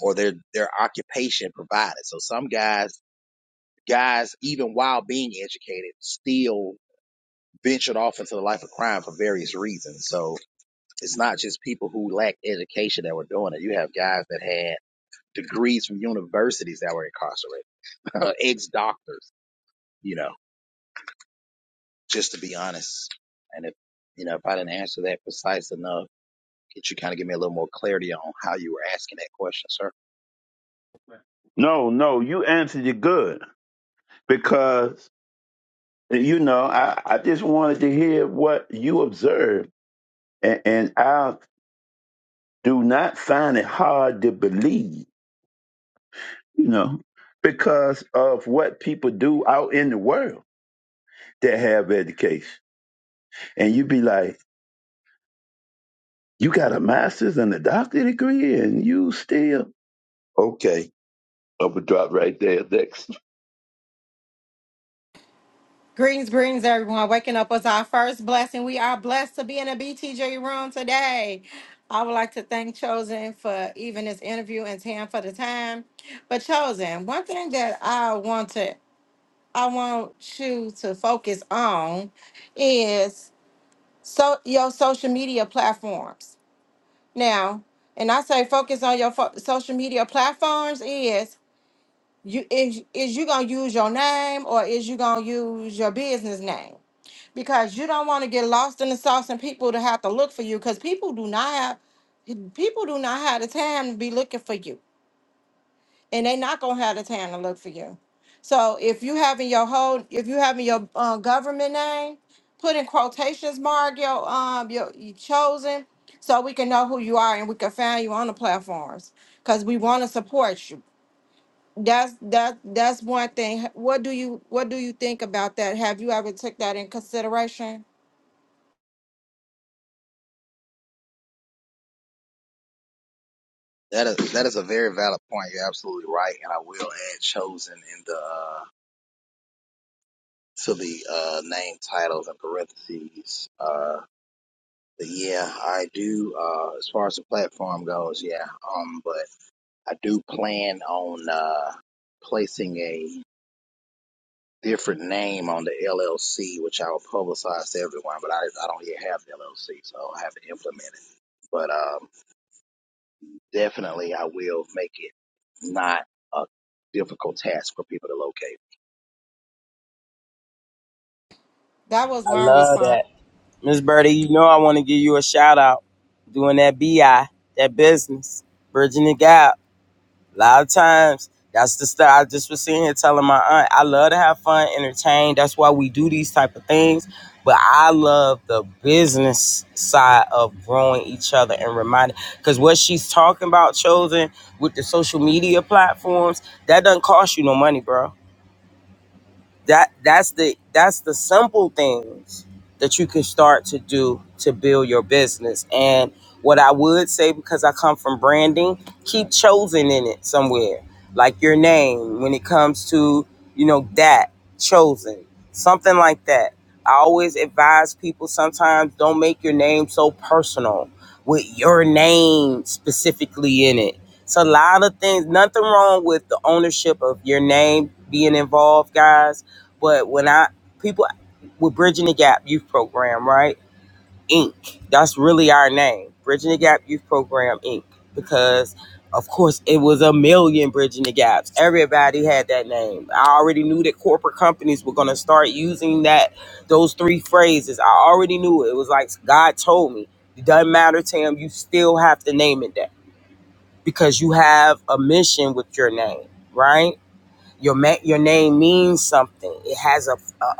or their their occupation provided. So some guys, guys, even while being educated, still ventured off into the life of crime for various reasons. So It's not just people who lacked education that were doing it. You have guys that had degrees from universities that were incarcerated, ex doctors, you know, just to be honest. And if, you know, if I didn't answer that precise enough, could you kind of give me a little more clarity on how you were asking that question, sir? No, no, you answered it good because you know I I just wanted to hear what you observed and, and I do not find it hard to believe you know because of what people do out in the world that have education and you be like you got a master's and a doctorate degree and you still okay I'm gonna drop right there next. Greetings, greetings, everyone. Waking up was our first blessing. We are blessed to be in a BTJ room today. I would like to thank Chosen for even this interview and Tam for the time. But Chosen, one thing that I want to I want you to focus on is so your social media platforms. Now, and I say focus on your fo- social media platforms is you is is you gonna use your name or is you gonna use your business name because you don't want to get lost in the sauce and people to have to look for you because people do not have people do not have the time to be looking for you and they not gonna have the time to look for you so if you having your whole if you having your uh, government name put in quotations mark your um your, your chosen so we can know who you are and we can find you on the platforms because we want to support you that's that that's one thing. What do you what do you think about that? Have you ever took that in consideration? That is, that is a very valid point. You're absolutely right. And I will add chosen in the, uh, to the, uh, name titles and parentheses, uh, but yeah, I do. Uh, as far as the platform goes, yeah. Um, but I do plan on uh, placing a different name on the LLC, which I will publicize to everyone. But I, I don't yet have the LLC, so I will have to implement it. But um, definitely, I will make it not a difficult task for people to locate. That was I one love response. that. Miss Birdie, you know I want to give you a shout out. Doing that BI, that business, bridging the gap. A lot of times, that's the stuff I just was sitting here telling my aunt. I love to have fun, entertain. That's why we do these type of things. But I love the business side of growing each other and reminding. Because what she's talking about, chosen with the social media platforms, that doesn't cost you no money, bro that that's the that's the simple things that you can start to do to build your business and what i would say because i come from branding keep chosen in it somewhere like your name when it comes to you know that chosen something like that i always advise people sometimes don't make your name so personal with your name specifically in it it's a lot of things nothing wrong with the ownership of your name being involved guys but when I people with Bridging the Gap Youth Program, right? Inc. That's really our name, Bridging the Gap Youth Program Inc. Because of course it was a million Bridging the Gaps. Everybody had that name. I already knew that corporate companies were gonna start using that those three phrases. I already knew it. It was like God told me. It doesn't matter, Tam. You still have to name it that because you have a mission with your name, right? Your ma- your name means something. It has a, a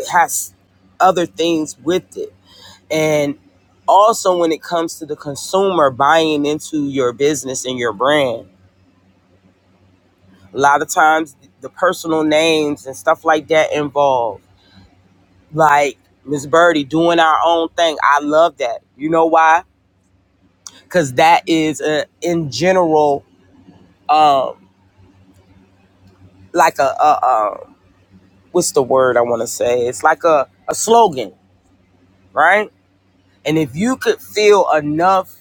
it has other things with it. And also, when it comes to the consumer buying into your business and your brand, a lot of times the personal names and stuff like that involved, like Miss Birdie doing our own thing. I love that. You know why? Because that is a, in general, um, like a, a, a what's the word I want to say? It's like a, a slogan, right? And if you could feel enough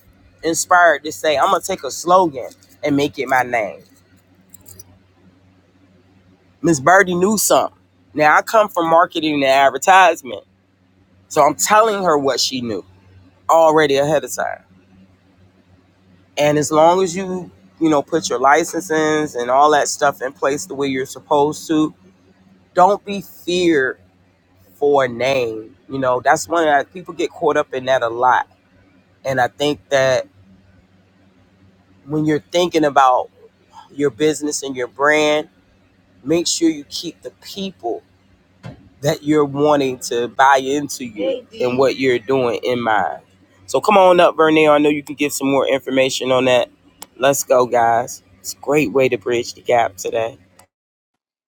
inspired to say, I'm gonna take a slogan and make it my name. Miss Birdie knew something. Now I come from marketing and advertisement. So I'm telling her what she knew already ahead of time. And as long as you, you know, put your licenses and all that stuff in place the way you're supposed to, don't be feared for a name. You know, that's one that people get caught up in that a lot. And I think that when you're thinking about your business and your brand, Make sure you keep the people that you're wanting to buy into you and what you're doing in mind. So come on up, Vernell. I know you can give some more information on that. Let's go, guys. It's a great way to bridge the gap today.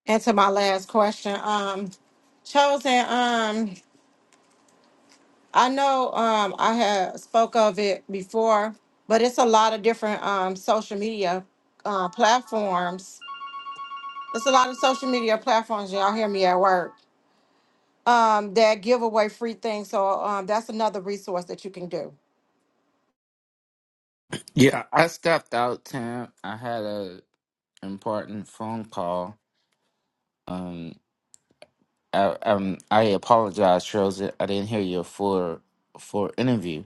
And to my last question, um, chosen, um, I know um I had spoke of it before, but it's a lot of different um social media uh platforms. It's a lot of social media platforms, y'all hear me at work, um, that give away free things. So um that's another resource that you can do. Yeah, I stepped out, Tam. I had a important phone call. Um, I, um, I apologize, Charles. I didn't hear your full full interview.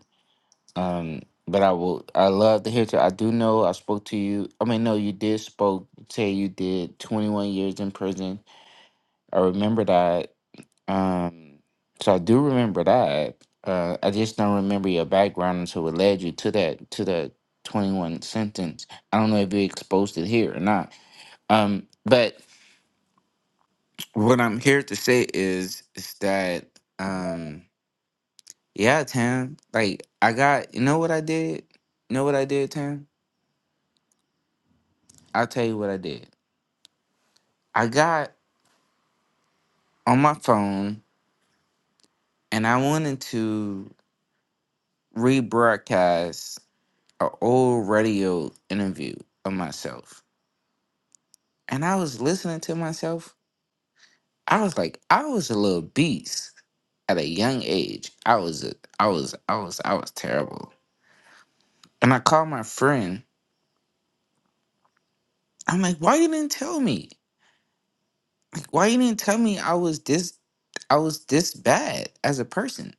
Um, but I will. I love to hear. To, I do know. I spoke to you. I mean, no, you did spoke. Say you did twenty one years in prison. I remember that. Um, so I do remember that. Uh, I just don't remember your background until it led you to that to the twenty one sentence. I don't know if you exposed it here or not. Um, but what I'm here to say is is that um, yeah, Tam. Like I got you know what I did. You know what I did, Tam. I'll tell you what I did. I got on my phone and I wanted to rebroadcast A old radio interview of myself, and I was listening to myself. I was like, I was a little beast at a young age. I was, a, I was, I was, I was terrible. And I called my friend. I'm like, why you didn't tell me? Like, why you didn't tell me I was this, I was this bad as a person?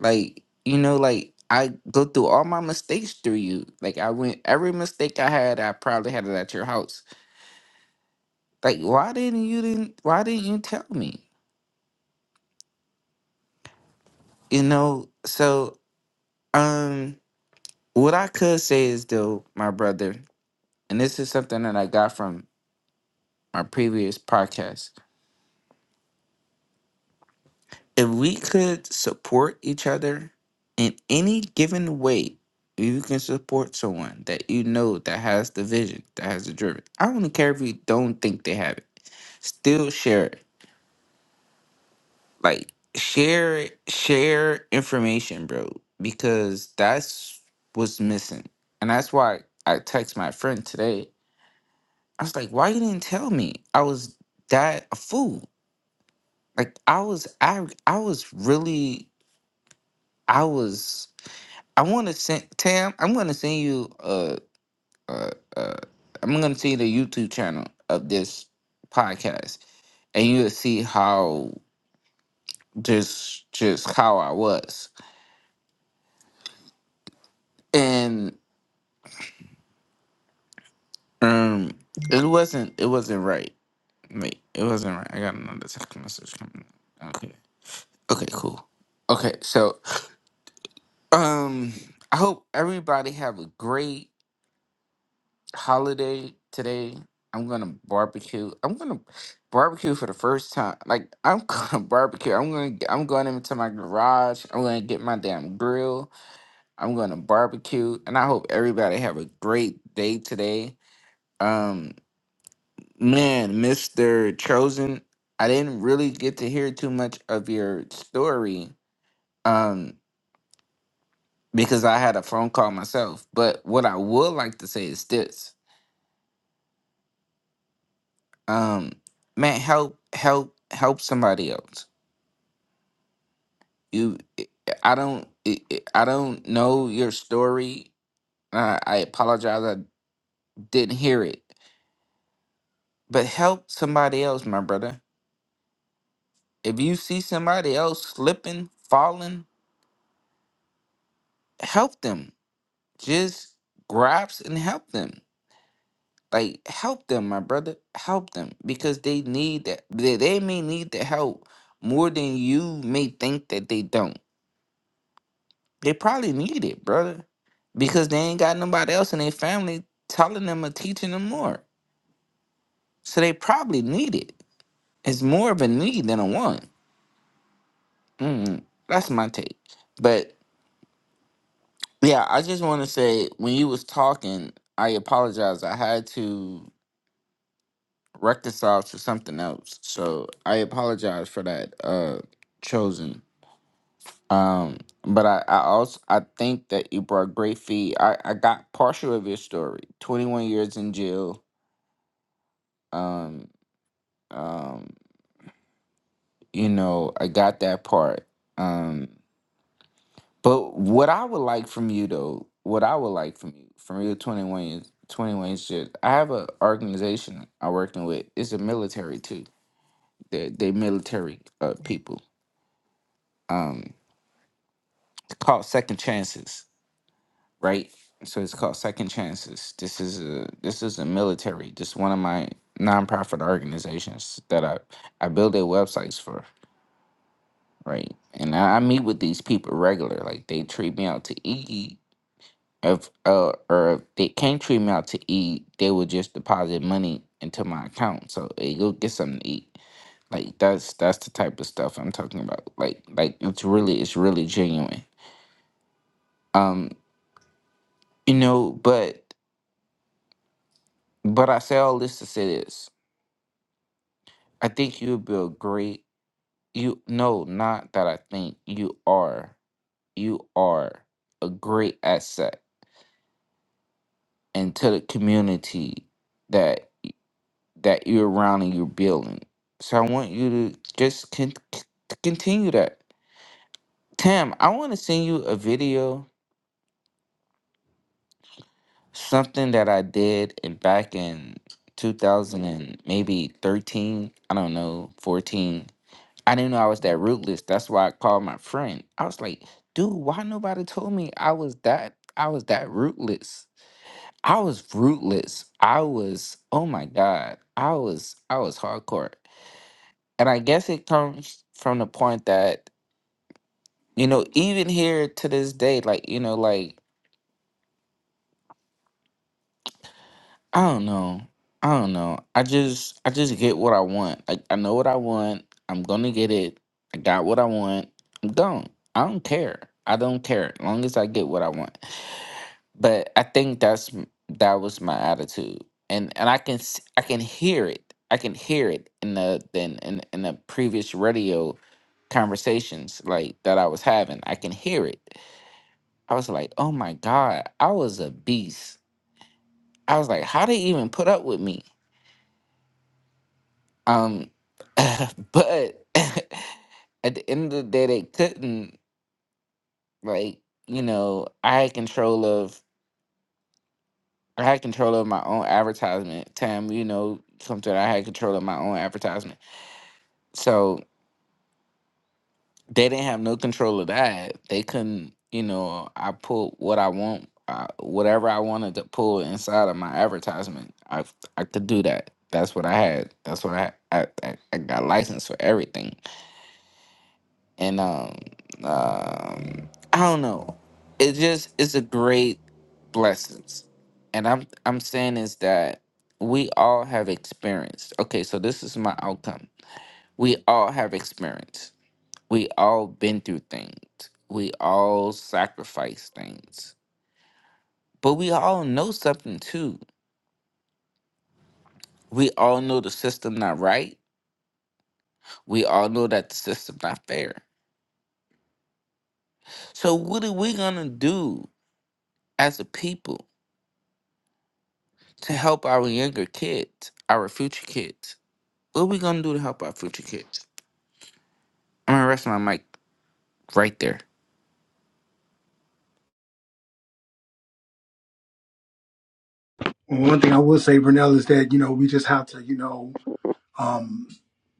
Like, you know, like I go through all my mistakes through you. Like, I went every mistake I had, I probably had it at your house. Like, why didn't you didn't? Why didn't you tell me? You know, so um what I could say is though, my brother, and this is something that I got from my previous podcast. If we could support each other in any given way, you can support someone that you know that has the vision, that has the driven. I don't care if you don't think they have it. Still share it. Like share it, share information, bro. Because that's what's missing. And that's why I text my friend today I was like, why you didn't tell me? I was that a fool. Like I was I I was really I was I want to send Tam. I'm going to send you uh uh uh I'm going to see the YouTube channel of this podcast, and you'll see how just just how I was, and um it wasn't it wasn't right. Wait, it wasn't right. I got another text message coming. Okay. Okay. Cool. Okay. So Um, I hope everybody have a great holiday today. I'm gonna barbecue. I'm gonna barbecue for the first time. Like I'm gonna barbecue. I'm gonna to i I'm going into my garage. I'm gonna get my damn grill. I'm gonna barbecue, and I hope everybody have a great day today. Um, man, Mister Chosen, I didn't really get to hear too much of your story. Um, because I had a phone call myself. But what I would like to say is this: um, man, help, help, help somebody else. You, I I don't, I I don't know your story. Uh, I apologize, I didn't hear it. But help somebody else, my brother. If you see somebody else slipping, falling, help them. Just grasp and help them. Like help them, my brother. Help them because they need that. They, they may need the help more than you may think that they don't. They probably need it, brother, because they ain't got nobody else in their family telling them or teaching them more. So they probably need it. It's more of a need than a want. Mm, that's my take. But yeah, I just want to say when you was talking, I apologize. I had to. reconciled to something else. So I apologize for that, uh, chosen. Um, but I, I also I think that you brought great feed. I, I got partial of your story. Twenty one years in jail. Um, um, you know, I got that part. Um, but what I would like from you though, what I would like from you, from your twenty one years twenty one years, jail, I have a organization I'm working with. It's a military too. They they military uh people. Um, It's called second chances, right? So it's called second chances. This is a this is a military. This is one of my nonprofit organizations that I I build their websites for, right? And I, I meet with these people regular. Like they treat me out to eat. If uh or if they can't treat me out to eat, they would just deposit money into my account. So hey, go get something to eat. Like that's that's the type of stuff I'm talking about. Like like it's really it's really genuine. Um, you know, but But I say all this to say this. I think you will be a great you no, not that I think you are. You are a great asset into the community that that you're around and you're building. So I want you to just con- c- continue that. Tam, I want to send you a video, something that I did in back in 2000 and maybe 13, I don't know, 14 I didn't know I was that ruthless. That's why I called my friend. I was like, dude, why nobody told me I was that I was that rootless. I was rootless. I was, oh my God. I was I was hardcore. And I guess it comes from the point that, you know, even here to this day, like, you know, like, I don't know. I don't know. I just I just get what I want. Like I know what I want. I'm gonna get it. I got what I want. I'm gone. I don't care. I don't care. As long as I get what I want. but I think that's m- that was my attitude, and and I can s- I can hear it. I can hear it in the in in, in the previous radio conversations like that I was having. I can hear it. I was like, oh my god, I was a beast. I was like, how they even put up with me? Um, but at the end of the day, they couldn't. Like you know, I had control of I had control of my own advertisement. Tam, you know something. I had control of my own advertisement. So they didn't have no control of that. They couldn't. You know, I pull what I want, uh, whatever I wanted to pull inside of my advertisement. I I could do that. That's what I had. That's what I I, I I got license for everything. and um, um, I don't know. It just it's a great blessings, and I'm I'm saying is that we all have experienced. Okay, so this is my outcome. We all have experience. We all been through things. We all sacrifice things, but we all know something too. We all know the system not right. We all know that the system not fair. So what are we gonna do as a people? to help our younger kids, our future kids. What are we gonna do to help our future kids? I'm gonna rest my mic right there. One thing I will say, Vernell, is that you know we just have to, you know, um,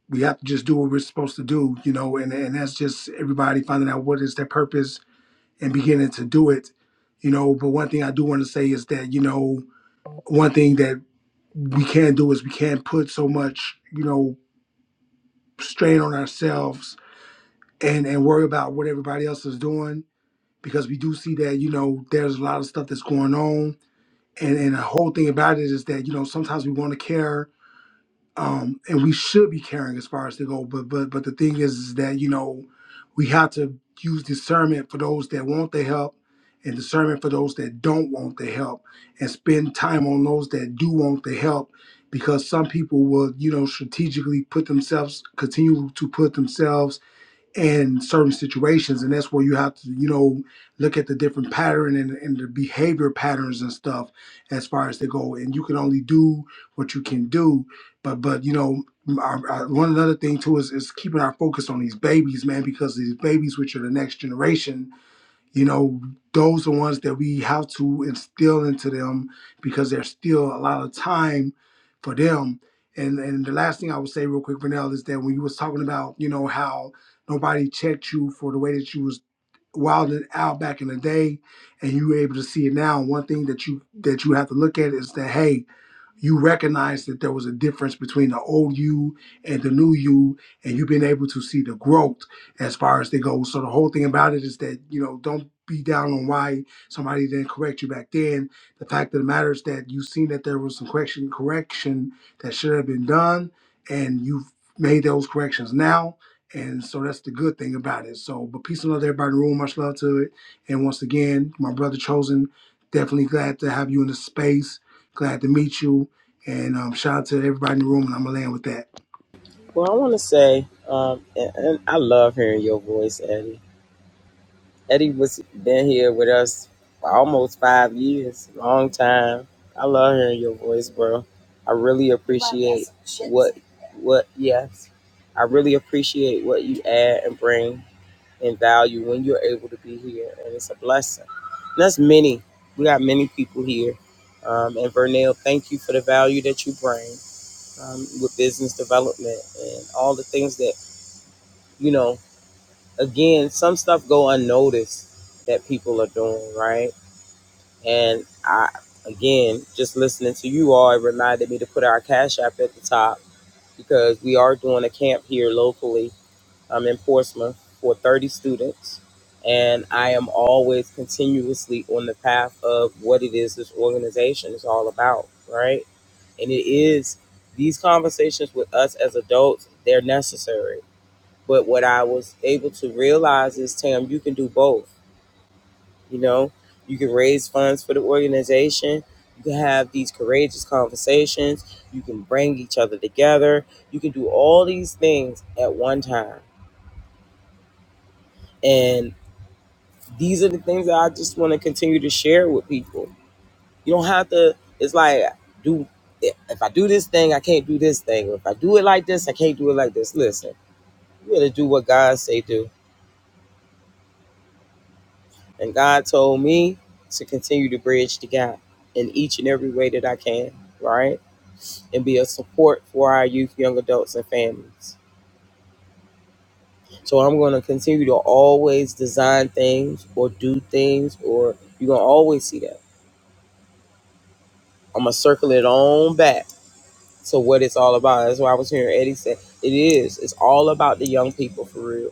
we have to just do what we're supposed to do, you know, and and that's just everybody finding out what is their purpose and beginning to do it, you know. But one thing I do want to say is that you know one thing that we can't do is we can't put so much, you know, strain on ourselves and and worry about what everybody else is doing because we do see that you know there's a lot of stuff that's going on and and the whole thing about it is that you know sometimes we want to care um, and we should be caring as far as to go. But but but the thing is, is that you know we have to use discernment for those that want the help, and discernment for those that don't want the help, and spend time on those that do want the help, because some people will you know strategically put themselves continue to put themselves in certain situations and that's where you have to you know look at the different pattern and, and the behavior patterns and stuff as far as they go and you can only do what you can do but but you know I, I, one another thing too is, is keeping our focus on these babies man because these babies which are the next generation you know those are ones that we have to instill into them because there's still a lot of time for them and and the last thing i would say real quick Vanell, is that when you was talking about you know how nobody checked you for the way that you was wilding out back in the day and you were able to see it now one thing that you that you have to look at is that hey you recognize that there was a difference between the old you and the new you and you've been able to see the growth as far as they go so the whole thing about it is that you know don't be down on why somebody didn't correct you back then the fact of the matter is that you've seen that there was some correction correction that should have been done and you've made those corrections now and so that's the good thing about it so but peace and love to everybody in the room much love to it and once again my brother chosen definitely glad to have you in the space glad to meet you and um, shout out to everybody in the room, and I'm gonna land with that. Well, I want to say, um, and, and I love hearing your voice, Eddie. Eddie was been here with us for almost five years, long time. I love hearing your voice, bro. I really appreciate what what yes. I really appreciate what you add and bring and value when you're able to be here, and it's a blessing. And that's many. We got many people here, um, and Vernell, thank you for the value that you bring um, with business development and all the things that you know again, some stuff go unnoticed that people are doing, right? And I, again, just listening to you all, it reminded me to put our cash app at the top because we are doing a camp here locally um, in Portsmouth for 30 students. And I am always continuously on the path of what it is this organization is all about, right? And it is these conversations with us as adults, they're necessary but what I was able to realize is, Tam, you can do both. You know, you can raise funds for the organization. You can have these courageous conversations. You can bring each other together. You can do all these things at one time. And these are the things that I just want to continue to share with people. You don't have to, it's like, do if I do this thing, I can't do this thing. If I do it like this, I can't do it like this. Listen, you got to do what God say do And God told me to continue to bridge the gap in each and every way that I can, right? And be a support for our youth, young adults, and families. So I'm going to continue to always design things or do things, or you're going to always see that. I'm going to circle it on back to what it's all about. That's why I was hearing Eddie say it is. It's all about the young people for real.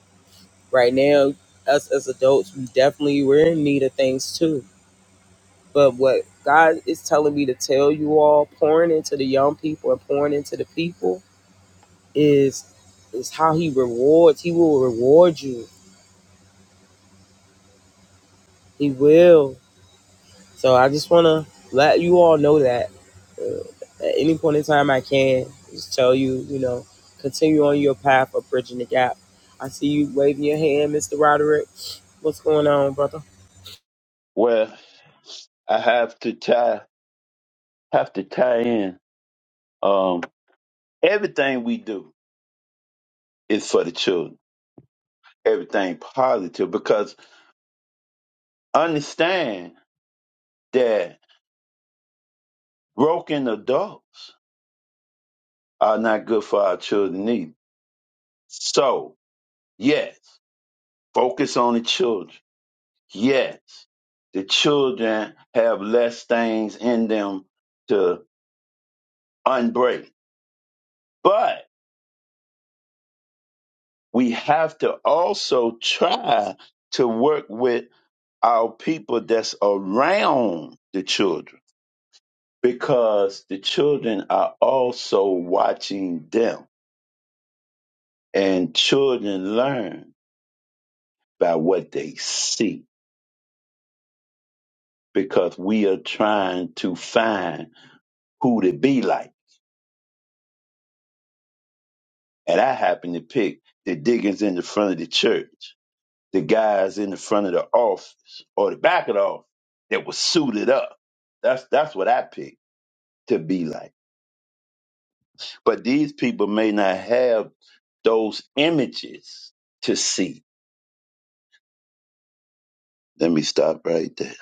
Right now, us as adults, we definitely, we're in need of things too But what God is telling me to tell you all, pouring into the young people and pouring into the people, is is how He rewards. He will reward you. He will. So I just want to let you all know that uh, at any point in time I can just tell you, you know, continue on your path of bridging the gap. I see you waving your hand, Mr. Roderick. What's going on, brother? Well, I have to tie have to tie in. Um, everything we do is for the children. Everything positive because understand that broken adults are not good for our children either. So yes, focus on the children. Yes, the children have less things in them to unbreak, but we have to also try to work with our people that's around the children because the children are also watching them and children learn by what they see because we are trying to find who to be like and i happen to pick the diggers in the front of the church the guys in the front of the office or the back of the office that was suited up that's that's what i pick to be like. But these people may not have those images to see. Let me stop right there.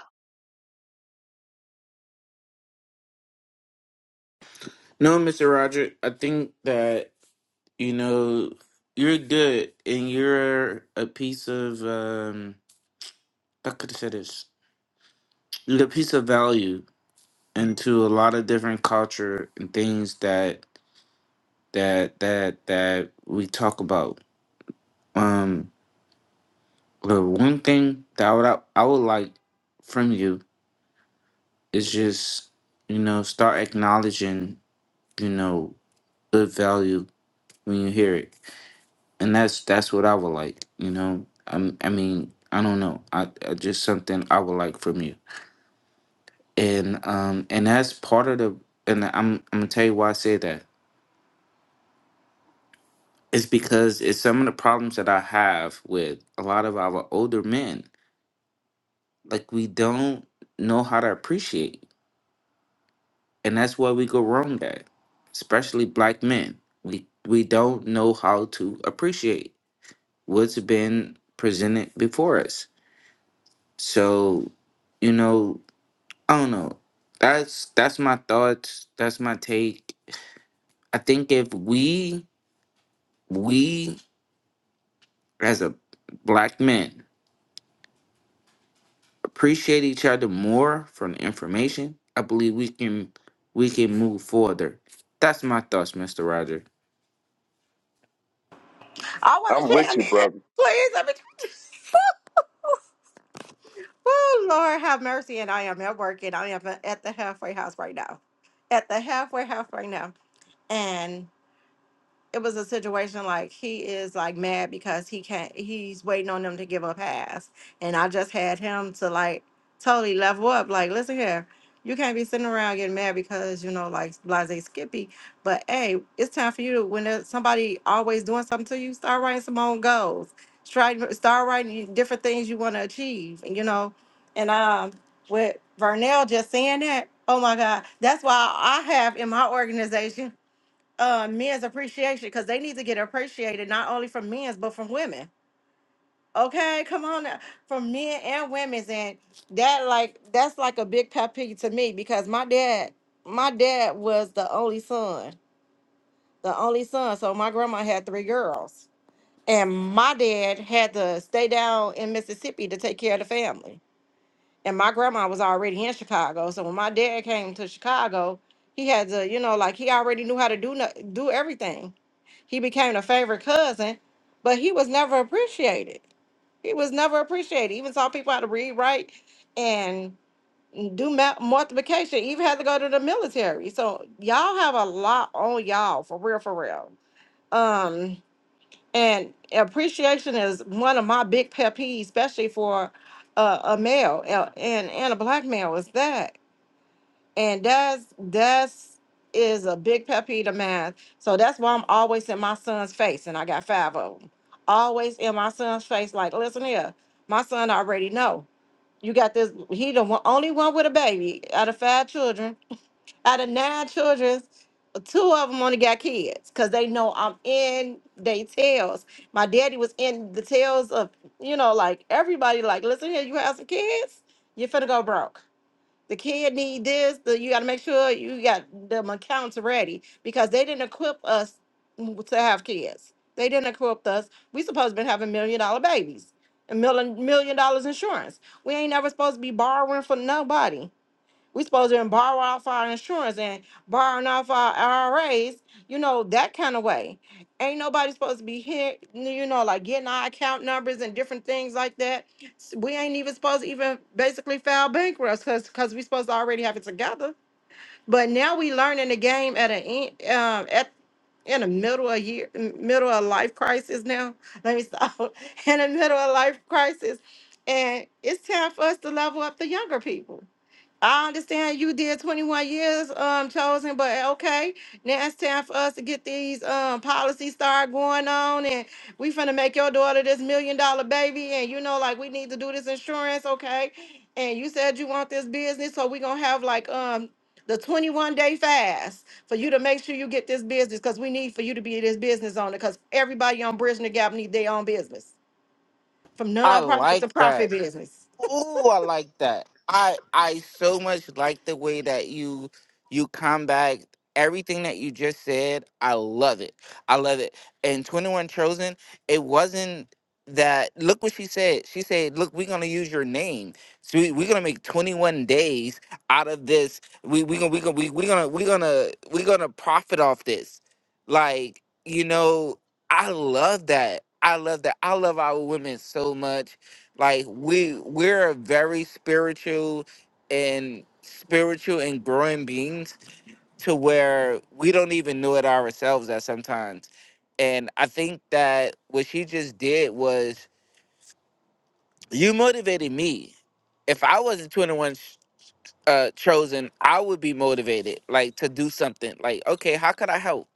No, Mr. Roger, I think that you know you're good, and you're a piece of um. How could I say this? You're a piece of value into a lot of different culture and things that that that that we talk about. Um, the one thing that I would I would like from you it's just you know start acknowledging you know good value when you hear it and that's that's what i would like you know i, I mean i don't know I, I just something i would like from you and um and that's part of the and i'm i'm gonna tell you why i say that it's because it's some of the problems that i have with a lot of our older men like we don't know how to appreciate and that's where we go wrong at especially black men we we don't know how to appreciate what's been presented before us so you know i don't know that's that's my thoughts that's my take i think if we we as a black men appreciate each other more from the information i believe we can we can move further that's my thoughts mr roger I'm with you, brother. Please, let me Oh, Lord have mercy. And I am at work and I am at the halfway house right now. At the halfway house right now. And it was a situation like he is like mad because he can't he's waiting on them to give a pass and i just had him to like totally level up like listen here you can't be sitting around getting mad because you know like blase skippy but hey it's time for you to when there's somebody always doing something to you start writing some own goals try start writing different things you want to achieve and you know and um with vernell just saying that oh my god that's why i have in my organization uh men's appreciation because they need to get appreciated not only from men's but from women. Okay, come on now. From men and women's and that like that's like a big pet peeve to me because my dad my dad was the only son. The only son. So my grandma had three girls. And my dad had to stay down in Mississippi to take care of the family. And my grandma was already in Chicago. So when my dad came to Chicago, he had to, you know, like he already knew how to do no- do everything. He became a favorite cousin, but he was never appreciated. He was never appreciated. Even taught people how to read, write, and do ma- multiplication. Even had to go to the military. So y'all have a lot on y'all for real, for real. Um, and appreciation is one of my big pet peeves, especially for uh, a male uh, and and a black male. Is that? And that's that's is a big pet peeve of mine. So that's why I'm always in my son's face, and I got five of them. Always in my son's face, like, listen here, my son already know. You got this. He the one, only one with a baby out of five children. Out of nine children, two of them only got kids because they know I'm in they tails. My daddy was in the tails of, you know, like everybody. Like, listen here, you have some kids, you're finna go broke the kid need this. The, you got to make sure you got them accounts ready because they didn't equip us to have kids. They didn't equip us. We supposed to been having million dollar babies and million million dollars insurance. We ain't never supposed to be borrowing from nobody. We supposed to borrow off our insurance and borrowing off our IRAs, you know, that kind of way. Ain't nobody supposed to be here, you know, like getting our account numbers and different things like that. S- We ain't even supposed to even basically file bankrupts because because we supposed to already have it together. But now we learning the game at an um at in the middle of year m- middle of life crisis now. Let me stop. In the middle of life crisis, and it's time for us to level up the younger people I understand you did 21 years um chosen, but eh, okay, now it's time for us to get these um policies start going on and we finna make your daughter this million dollar baby and you know like we need to do this insurance, okay? And you said you want this business, so we gonna have like um the 21 day fast for you to make sure you get this business because we need for you to be this business owner because everybody on Bridging the Gap need their own business from i nonprofit like to that profit business. Oh, I like that. I I so much like the way that you you combat Everything that you just said, I love it. I love it. And Twenty One Chosen, it wasn't that. Look what she said. She said, "Look, we're gonna use your name. So we, we're gonna make Twenty One days out of this. We we gonna we gonna we, we gonna we gonna we gonna profit off this. Like you know, I love that. I love that. I love our women so much like we we're very spiritual and spiritual and growing beings to where we don't even know it ourselves at sometimes and i think that what she just did was you motivated me if i wasn't 21 sh- uh chosen i would be motivated like to do something like okay how could i help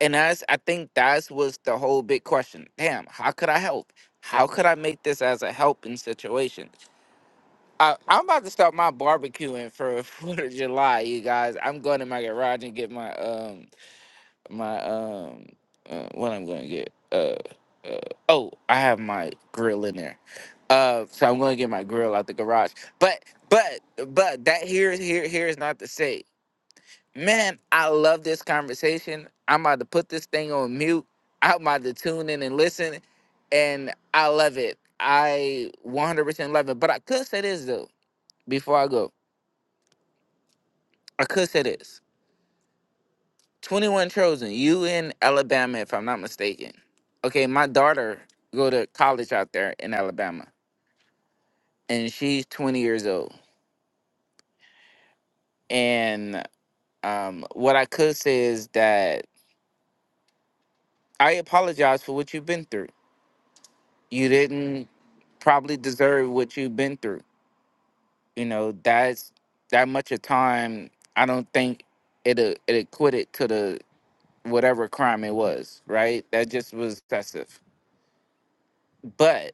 and that's i think that's was the whole big question damn how could i help how could i make this as a helping situation I, I'm about to start my barbecuing for Fourth of July, you guys. I'm going to my garage and get my um my um uh, what I'm going to get uh, uh oh I have my grill in there, uh so I'm going to get my grill out the garage. But but but that here is here here is not to say, man. I love this conversation. I'm about to put this thing on mute. I'm about to tune in and listen, and I love it. I 100% love it. But I could say this though before I go. I could say this. 21 Trojan, you in Alabama, if I'm not mistaken. Okay, my daughter go to college out there in Alabama, and she's 20 years old. And um, what I could say is that I apologize for what you've been through. You didn't probably deserve what you've been through. You know, that's that much of time. I don't think it uh, it equated to the whatever crime it was, right? That just was excessive. But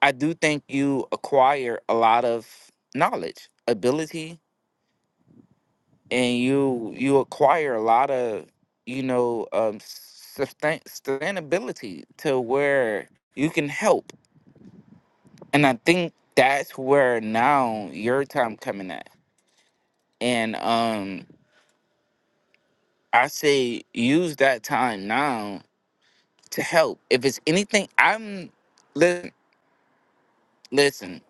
I do think you acquire a lot of knowledge, ability, and you you acquire a lot of you know um, sustain, sustainability to where you can help. And I think that's where now your time coming at. And um, I say use that time now to help. If it's anything, I'm listen. Listen,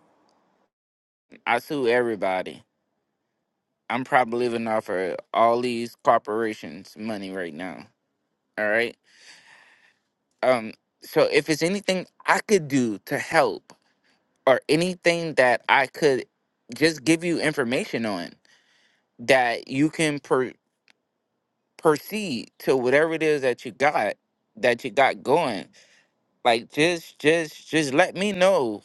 I sue everybody I'm probably living off of all these corporations' money right now. All right. Um. So if it's anything I could do to help, or anything that I could just give you information on that you can per- proceed to whatever it is that you got that you got going, like just just just let me know.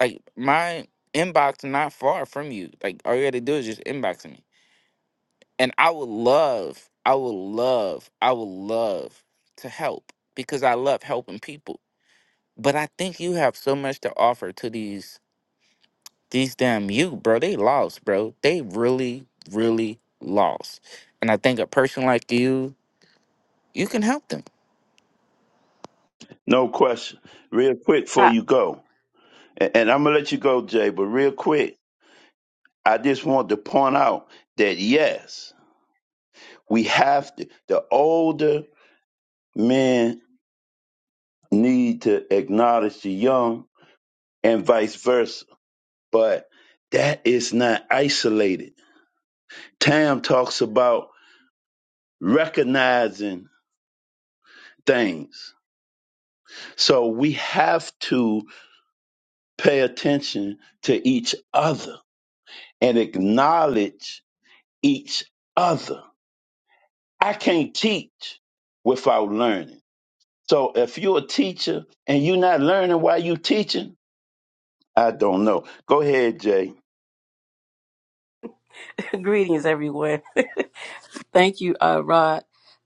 Like my inbox not far from you. Like all you got to do is just inbox me. And I would love, I would love, I would love to help because I love helping people. But I think you have so much to offer to these these damn you, bro. They lost, bro. They really, really lost. And I think a person like you, you can help them. No question. Real quick before Uh, you go, and, and I'm going to let you go, Jay, but real quick, I just want to point out that yes, we have to, the older men need to acknowledge the young and vice versa, but that is not isolated. Tam talks about recognizing things. So we have to pay attention to each other and acknowledge each other. I can't teach without learning. So if you're a teacher and you're not learning while you teaching, I don't know. Go ahead, Jay. greetings, everyone. Thank you, uh, Rod.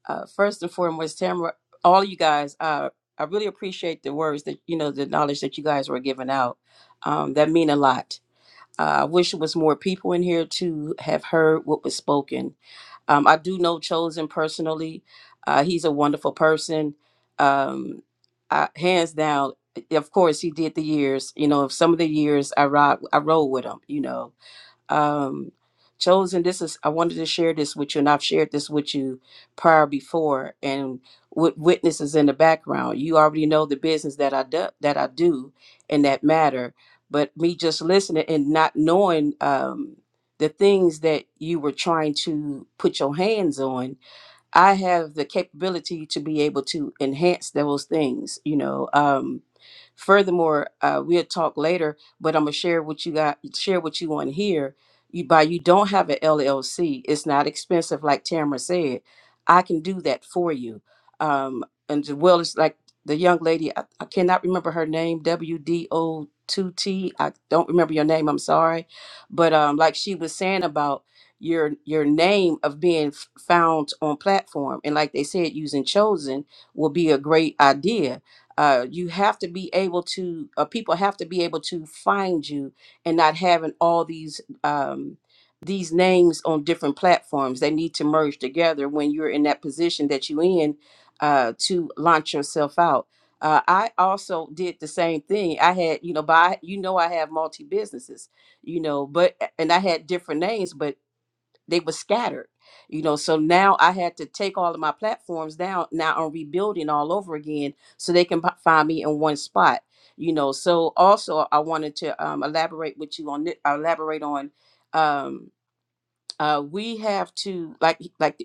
Uh, first and foremost, Tamara, all you guys, uh, I really appreciate the words that you know, the knowledge that you guys were giving out. Um, that mean a lot. Uh, I wish it was more people in here to have heard what was spoken. Um, I do know Chosen personally. Uh, he's a wonderful person. Um, I, hands down, of course, he did the years. You know, some of the years I ride, I rode with him. You know, um, chosen this is i wanted to share this with you and i've shared this with you prior before and with witnesses in the background you already know the business that i do that i do in that matter but me just listening and not knowing um, the things that you were trying to put your hands on I have the capability to be able to enhance those things, you know. Um, furthermore, uh, we'll talk later, but I'm gonna share what you got, share what you want here. You by you don't have an LLC, it's not expensive, like Tamara said. I can do that for you, um, and as well as like the young lady, I, I cannot remember her name, WDO. 2T, I don't remember your name, I'm sorry. But um, like she was saying about your your name of being f- found on platform and like they said using chosen will be a great idea uh, you have to be able to uh, people have to be able to find you and not having all these um, these names on different platforms they need to merge together when you're in that position that you in uh, to launch yourself out uh, i also did the same thing i had you know by you know i have multi businesses you know but and i had different names but they were scattered you know so now i had to take all of my platforms down now i'm rebuilding all over again so they can p- find me in one spot you know so also i wanted to um, elaborate with you on thi- elaborate on um, uh, we have to like like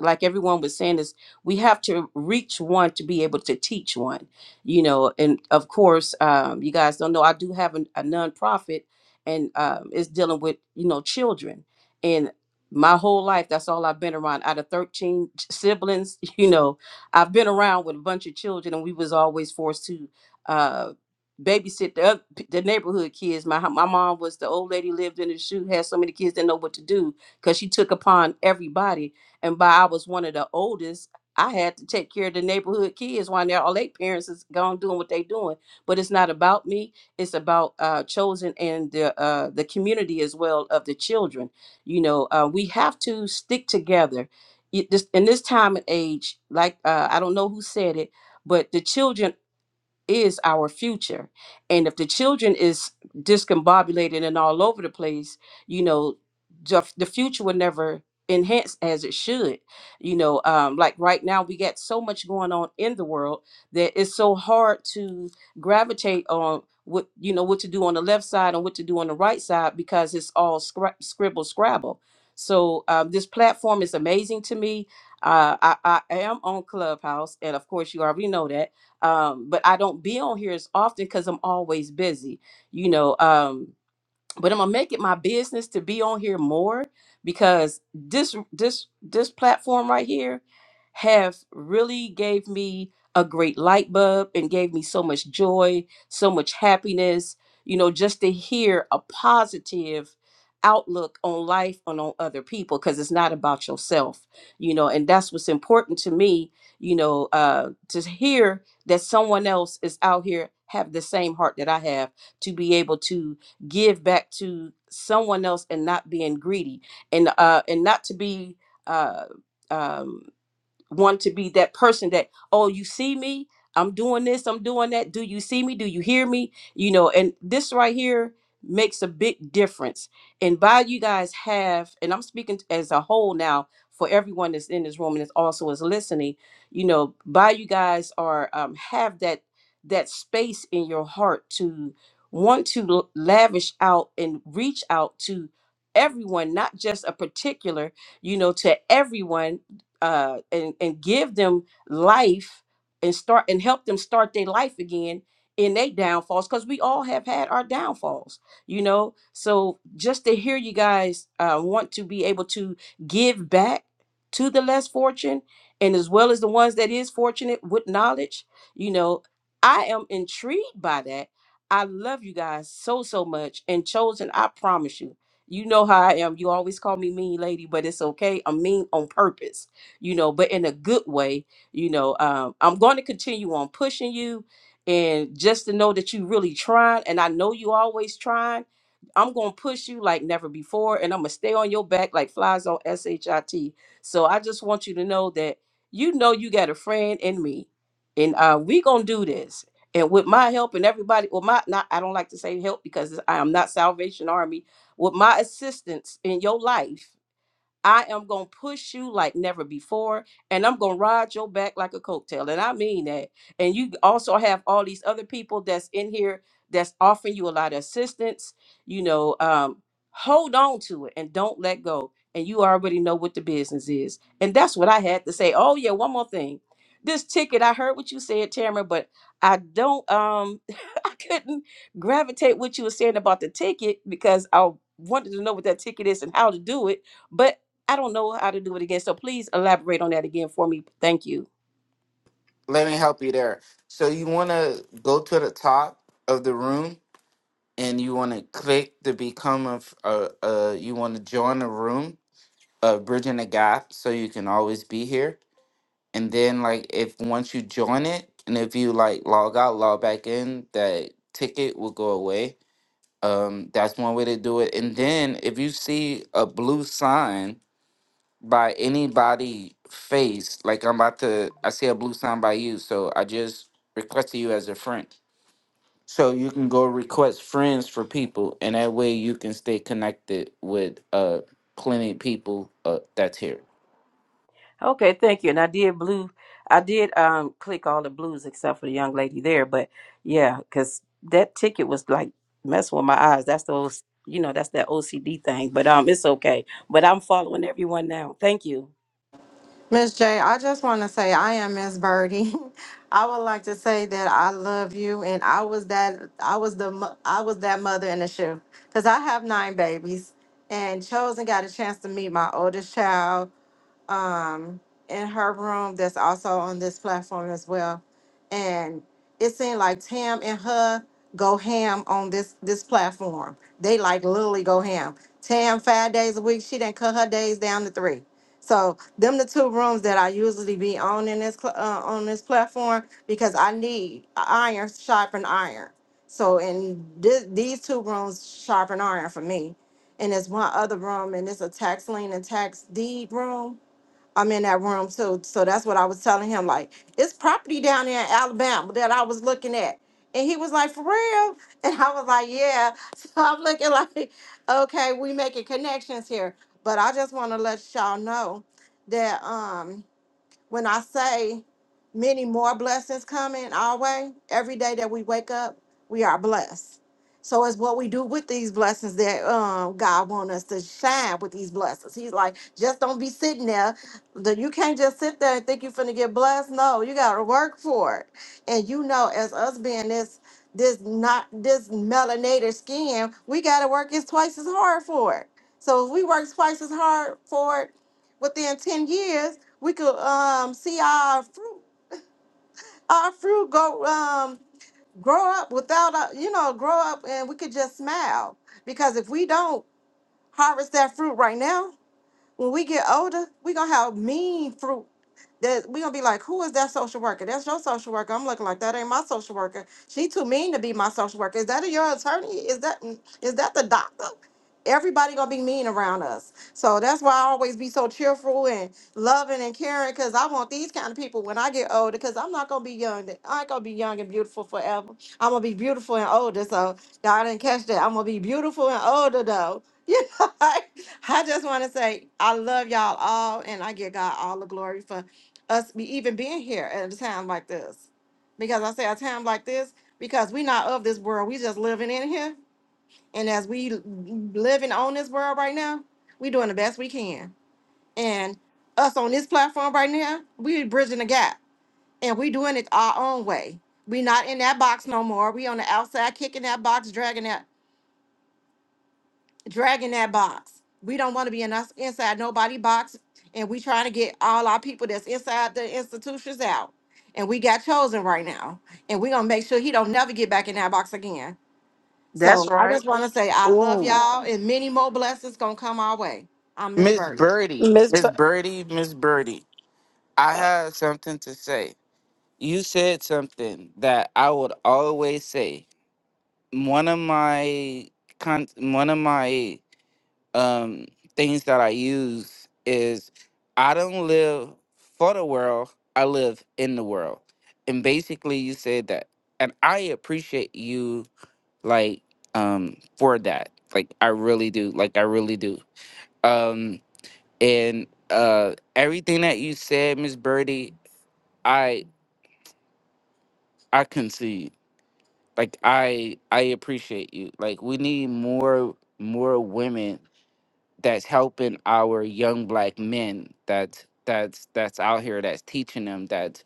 like everyone was saying is we have to reach one to be able to teach one you know and of course um, you guys don't know i do have an, a nonprofit and um, it's dealing with you know children and my whole life that's all i've been around out of 13 siblings you know i've been around with a bunch of children and we was always forced to uh, babysit the oth- the neighborhood kids my my mom was the old lady lived in the shoe had so many kids didn't know what to do because she took upon everybody. And by I was one of the oldest, I had to take care of the neighborhood kids while their all their parents is gone doing what they doing. But it's not about me. It's about uh, chosen and the uh, the community as well of the children. You know, uh, we have to stick together. It- This, in this time and age, like uh, I don't know who said it, but the children is our future. And if the children is discombobulated and all over the place, you know, the, the future will never enhance as it should. You know, um, like right now we got so much going on in the world that it's so hard to gravitate on what you know what to do on the left side and what to do on the right side because it's all scra- scribble scrabble. So um, this platform is amazing to me. Uh, I, I am on Clubhouse, and of course you already know that um, but I don't be on here as often because I'm always busy. You know, um, but I'm gonna make it my business to be on here more because this this this platform right here have really gave me a great light bulb and gave me so much joy, so much happiness, you know, just to hear a positive outlook on life and on other people because it's not about yourself, you know, and that's what's important to me, you know, uh to hear that someone else is out here have the same heart that I have to be able to give back to someone else and not being greedy and uh and not to be uh um want to be that person that oh you see me i'm doing this i'm doing that do you see me do you hear me you know and this right here makes a big difference and by you guys have and i'm speaking as a whole now for everyone that's in this room and is also is listening you know by you guys are um, have that that space in your heart to want to l- lavish out and reach out to everyone not just a particular you know to everyone uh, and and give them life and start and help them start their life again in their downfalls because we all have had our downfalls you know so just to hear you guys uh, want to be able to give back to the less fortunate and as well as the ones that is fortunate with knowledge you know i am intrigued by that i love you guys so so much and chosen i promise you you know how i am you always call me mean lady but it's okay i'm mean on purpose you know, but in a good way, you know, um, I'm going to continue on pushing you and just to know that you really trying and I know you always trying. I'm going to push you like never before and I'm going to stay on your back like flies on SHIT. So I just want you to know that you know you got a friend in me and uh, we going to do this. And with my help and everybody, well, my not I don't like to say help because I am not Salvation Army. With my assistance in your life, I am going to push you like never before, and I'm going to ride your back like a coattail. And I mean that. And you also have all these other people that's in here that's offering you a lot of assistance. You know, um, hold on to it and don't let go. And you already know what the business is. And that's what I had to say. Oh, yeah, one more thing. This ticket, I heard what you said, Tamara, but I don't, um, I couldn't gravitate what you were saying about the ticket because I wanted to know what that ticket is and how to do it. but. I don't know how to do it again. So please elaborate on that again for me. Thank you. Let me help you there. So you wanna go to the top of the room and you wanna click to become a, f- a, a you wanna join a room of Bridging the Gap so you can always be here And then like if once you join it and if you like log out, log back in, that ticket will go away. Um, that's one way to do it. And then if you see a blue sign by anybody face, like I'm about to I see a blue sign by you, so I just requested you as a friend. So you can go request friends for people and that way you can stay connected with uh plenty of people uh, that's here. Okay, thank you. And I did blue. I did um click all the blues except for the young lady there. But yeah, because that ticket was like messing with my eyes. That's those, you know, that's that OCD thing. But um, it's okay. But I'm following everyone now. Thank you. Miss J, I just want to say I am Miss Birdie. I would like to say that I love you, and I was that I was the mo- I was that mother in the shift because I have nine babies, and Chosen got a chance to meet my oldest child, um in her room that's also on this platform as well and it seemed like tam and her go ham on this this platform they like literally go ham tam five days a week she didn't cut her days down to three so them the two rooms that i usually be on in this cl- uh, on this platform because i need iron sharpen iron so in thi- these two rooms sharpen iron for me and there's one other room and it's a tax lien and tax deed room I'm in that room. too, so that's what I was telling him. Like, it's property down there in Alabama that I was looking at. And he was like, for real? And I was like, yeah. So I'm looking like, okay, we making connections here. But I just want to let y'all know that um when I say many more blessings coming our way, every day that we wake up, we are blessed. So it's what we do with these blessings that um, God want us to shine with these blessings. He's like, just don't be sitting there. The- You can't just sit there and think you're finna get blessed. No, you gotta work for it. And you know, as us being this this not this melanated skin, we gotta work is twice as hard for it. So if we work twice as hard for it, within 10 years we could um see our fruit our fruit go um grow up without a, you know grow up and we could just smile because if we don't harvest that fruit right now when we get older, we gonna have mean fruit. That we gonna be like, who is that social worker? That's your social worker. I'm looking like that ain't my social worker. She too mean to be my social worker. Is that your attorney? Is that is that the doctor? Everybody gonna be mean around us. So that's why I always be so cheerful and loving and caring because I want these kind of people when I get older because I'm not gonna be young. I ain't gonna be young and beautiful forever. I'm gonna be beautiful and older. So y'all didn't catch that. I'm gonna be beautiful and older though. You know? like, I just want to say I love y'all all, and I give God all the glory for us be even being here at a time like this. Because I say a time like this because we're not of this world. We just living in here, and as we l- living on this world right now, we doing the best we can. And us on this platform right now, we bridging the gap, and we doing it our own way. We not in that box no more. We on the outside kicking that box, dragging that. dragging that box. We don't want to be in us inside nobody box, and we trying to get all our people that's inside the institutions out. And we got chosen right now, and we gonna make sure he don't never get back in that box again. That's So I right. just want to say I love Ooh. y'all, and many more blessings gonna come our way. I'm Miss Miss Birdie, Birdie. Miss, Miss B- Birdie, Miss Birdie. I uh, had something to say. You said something that I would always say. One of my con- one of my um things that I use is I don't live for the world, I live in the world. And basically you said that. And I appreciate you like um for that. Like I really do. Like I really do. Um and uh everything that you said, Miss Birdie, I concede. Like I I appreciate you. Like we need more more women that's helping our young black men that that's that's out here that's teaching them that's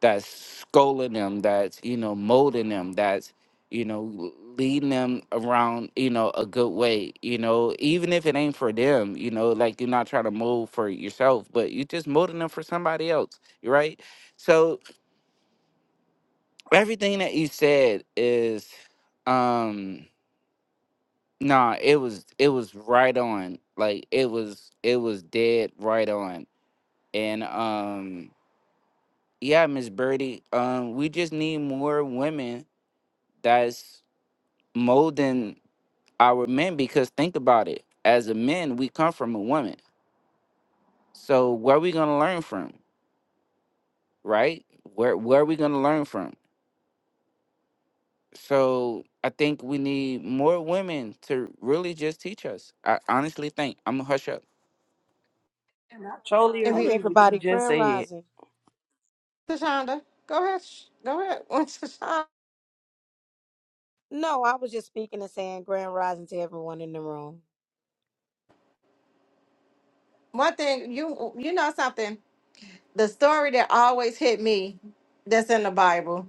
that's schooling them that's you know molding them that's you know leading them around you know a good way you know even if it ain't for them you know like you're not trying to mold for yourself but you're just molding them for somebody else right so everything that you said is um nah it was it was right on like it was it was dead right on and um yeah miss birdie um we just need more women that's molding our men because think about it as a men, we come from a woman so where are we gonna learn from right where where are we gonna learn from So I think we need more women to really just teach us. I honestly think I'm gonna hush up. And I totally and hey we agree with you everybody, just Grand said. Rising. Tashonda, go ahead, sh- go ahead, Tashonda. No, I was just speaking and saying Grand Rising to everyone in the room. One thing you you know something, the story that always hit me that's in the Bible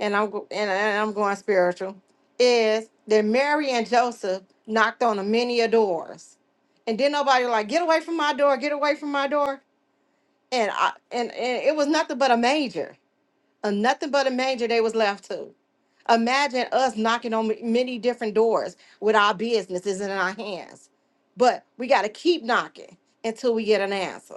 and I'm go- and and I'm going spiritual, is that Mary and Joseph knocked on a many a doors, and then nobody like get away from my door, get away from my door, and I and, and it was nothing but a manger. And nothing but a manger they was left to. Imagine us knocking on m- many different doors with our businesses in our hands. But we got to keep knocking until we get an answer.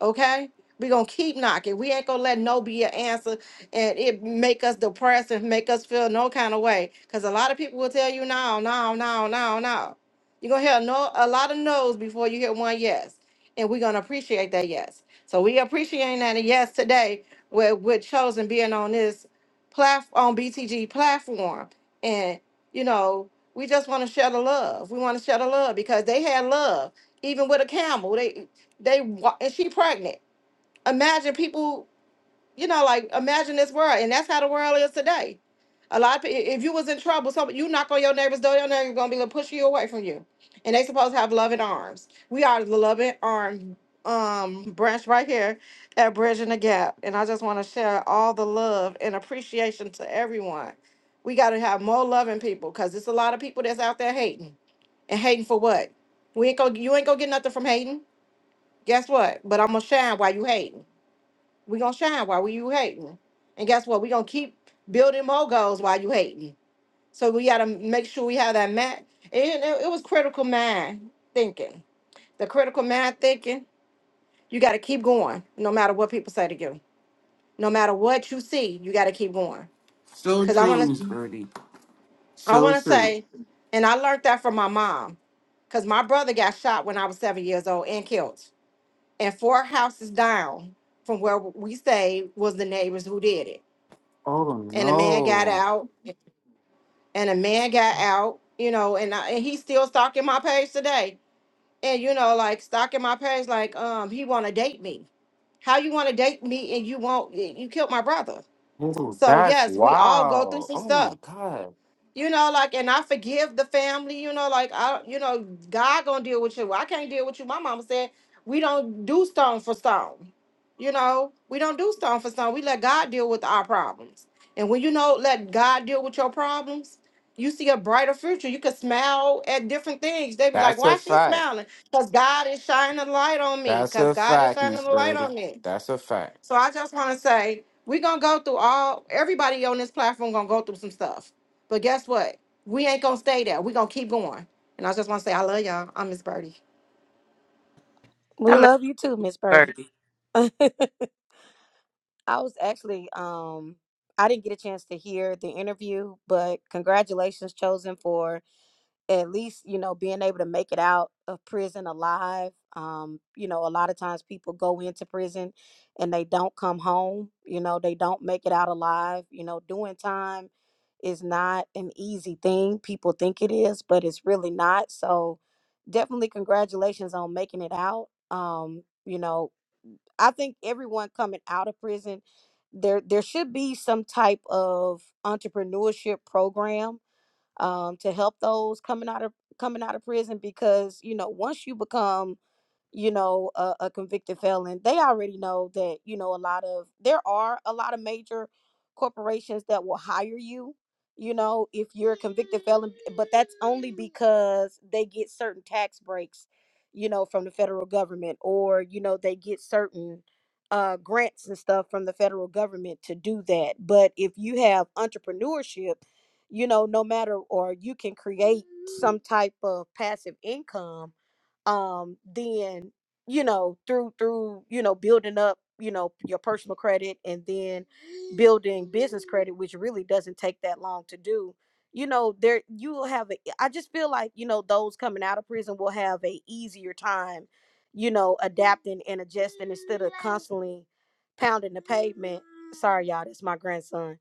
Okay? We're going to keep knocking. We ain't going to let no be an answer and it make us depressed and make us feel no kind of way. Because a lot of people will tell you no, no, no, no, no. You're going to hear no, a lot of no's before you hear one yes. And we're going to appreciate that yes. So we appreciating that yes today with with chosen being on this platform on BTG platform. And you know, we just want to share the love. We want to share the love because they had love, even with a camel. They they wa- and she pregnant. Imagine people you know, like imagine this world, and that's how the world is today. A lot of people, if you was in trouble, so you knock on your neighbor's door, your neighbor's gonna be gonna push you away from you, and they supposed to have loving arms. We are the loving arm um branch right here at Bridging the Gap, and I just want to share all the love and appreciation to everyone. We got to have more loving people, cause it's a lot of people that's out there hating and hating for what? We ain't gonna, you ain't gonna get nothing from hating. Guess what? But I'm gonna shine while you hating. We gonna shine while you hating. And guess what? We gonna keep building more goals while you hating. So we gotta make sure we have that mat. And it, it was critical mind thinking. The critical mind thinking, you gotta keep going, no matter what people say to you. No matter what you see, you gotta keep going. So Cause I true, wanna Miss Birdie. I So wanna true. say, and I learned that from my mom, cause my brother got shot when I was seven years old and killed. And four houses down from where we stayed was the neighbors who did it. Oh And the man got no. out and a man got out, you know, and I, and he's still stalking my page today. And you know, like stalking my page, like um, he want to date me. How you want to date me and you won't? You you killed my brother. Oh, So that's yes, we all go through wow. some Oh stuff my god. you know like and i forgive the family you know like i you know god gonna deal with you i can't deal with you my mama said we don't do stone for stone you know we don't do stone for stone we let god deal with our problems and when you know let god deal with your problems you see a brighter future you can smile at different things they be like That's a why she fact. smiling because god is shining a light on me That's because a god is fact, shining Miss a light Birdie. on me That's a fact. so I just want to say we're gonna go through all everybody on this platform gonna go through some stuff. But guess what? We ain't gonna stay there. We're gonna keep going. And I just wanna say I love y'all. I'm Miss Birdie. I We love love you too, Miss Birdie. Birdie. I was actually, um, I didn't get a chance to hear the interview, but congratulations, chosen for at least you know being able to make it out of prison alive um you know a lot of times people go into prison and they don't come home you know they don't make it out alive you know doing time is not an easy thing people think it is but it's really not so definitely congratulations on making it out um you know i think everyone coming out of prison there there should be some type of entrepreneurship program um, to help those coming out of coming out of prison because you know once you become you know a, a convicted felon they already know that you know a lot of there are a lot of major corporations that will hire you you know if you're a convicted felon but that's only because they get certain tax breaks you know from the federal government or you know they get certain uh, grants and stuff from the federal government to do that but if you have entrepreneurship you know no matter or you can create some type of passive income um then you know through through you know building up you know your personal credit and then building business credit which really doesn't take that long to do you know there you will have a, i just feel like you know those coming out of prison will have a easier time you know adapting and adjusting instead of constantly pounding the pavement sorry y'all that's my grandson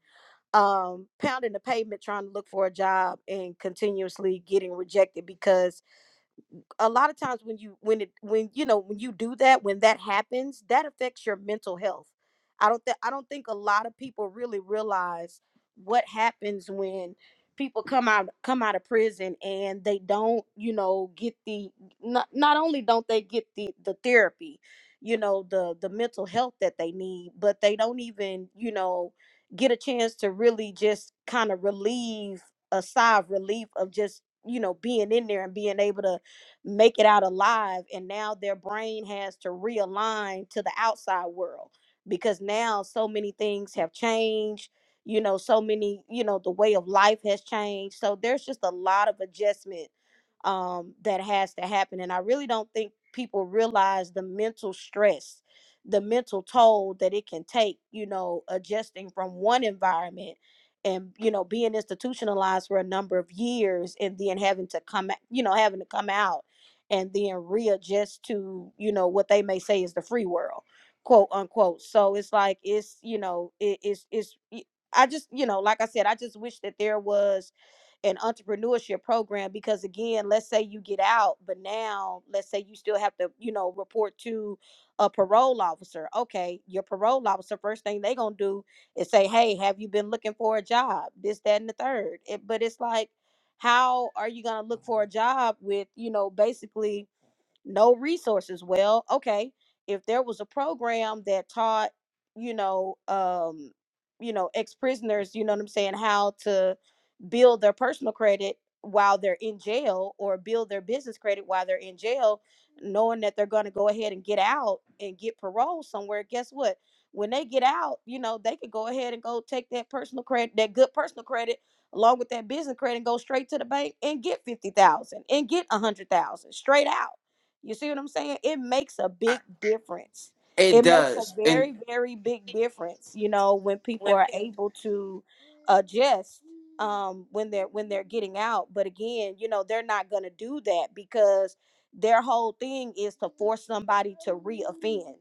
um, pounding the pavement trying to look for a job and continuously getting rejected because a lot of times when you when it when you know when you do that when that happens that affects your mental health i don't think i don't think a lot of people really realize what happens when people come out come out of prison and they don't you know get the not, not only don't they get the the therapy you know the the mental health that they need but they don't even you know get a chance to really just kind of relieve a sigh of relief of just you know being in there and being able to make it out alive and now their brain has to realign to the outside world because now so many things have changed you know so many you know the way of life has changed so there's just a lot of adjustment um, that has to happen and i really don't think people realize the mental stress the mental toll that it can take you know adjusting from one environment and you know being institutionalized for a number of years and then having to come a- you know having to come out and then readjust to you know what they may say is the free world quote unquote so it's like it's you know it, it's it's I just you know like i said i just wish that there was an entrepreneurship program because again let's say you get out but now let's say you still have to you know report to a parole officer okay your parole officer first thing they gonna do is say hey have you been looking for a job this that and the third it, but it's like how are you going to look for a job with you know basically no resources well okay if there was a program that taught you know um you know ex-prisoners you know what i'm saying how to build their personal credit while they're in jail or build their business credit while they're in jail knowing that they're going to go ahead and get out and get parole somewhere guess what when they get out you know they could go ahead and go take that personal credit that good personal credit along with that business credit and go straight to the bank and get 50,000 and get 100,000 straight out you see what I'm saying? It makes a I- big difference. It It makes a does. And very, very big difference, you know, when people are able to adjust um when they're when they're getting out. But again, you know, they're not gonna do that because their whole thing is to force somebody to reoffend.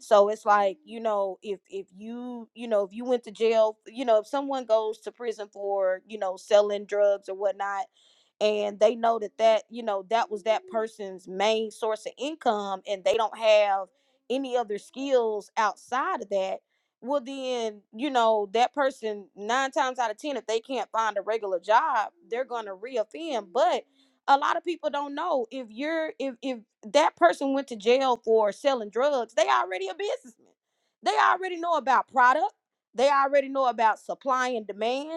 So it's like, you know, if if you, you know, if you went to jail, you know, if someone goes to prison for, you know, selling drugs or whatnot, and they know that that you know that was that person's main source of income and they don't have any other skills outside of that well then you know that person nine times out of ten if they can't find a regular job they're going to reoffend but a lot of people don't know if you're if if that person went to jail for selling drugs they already a businessman they already know about product they already know about supply and demand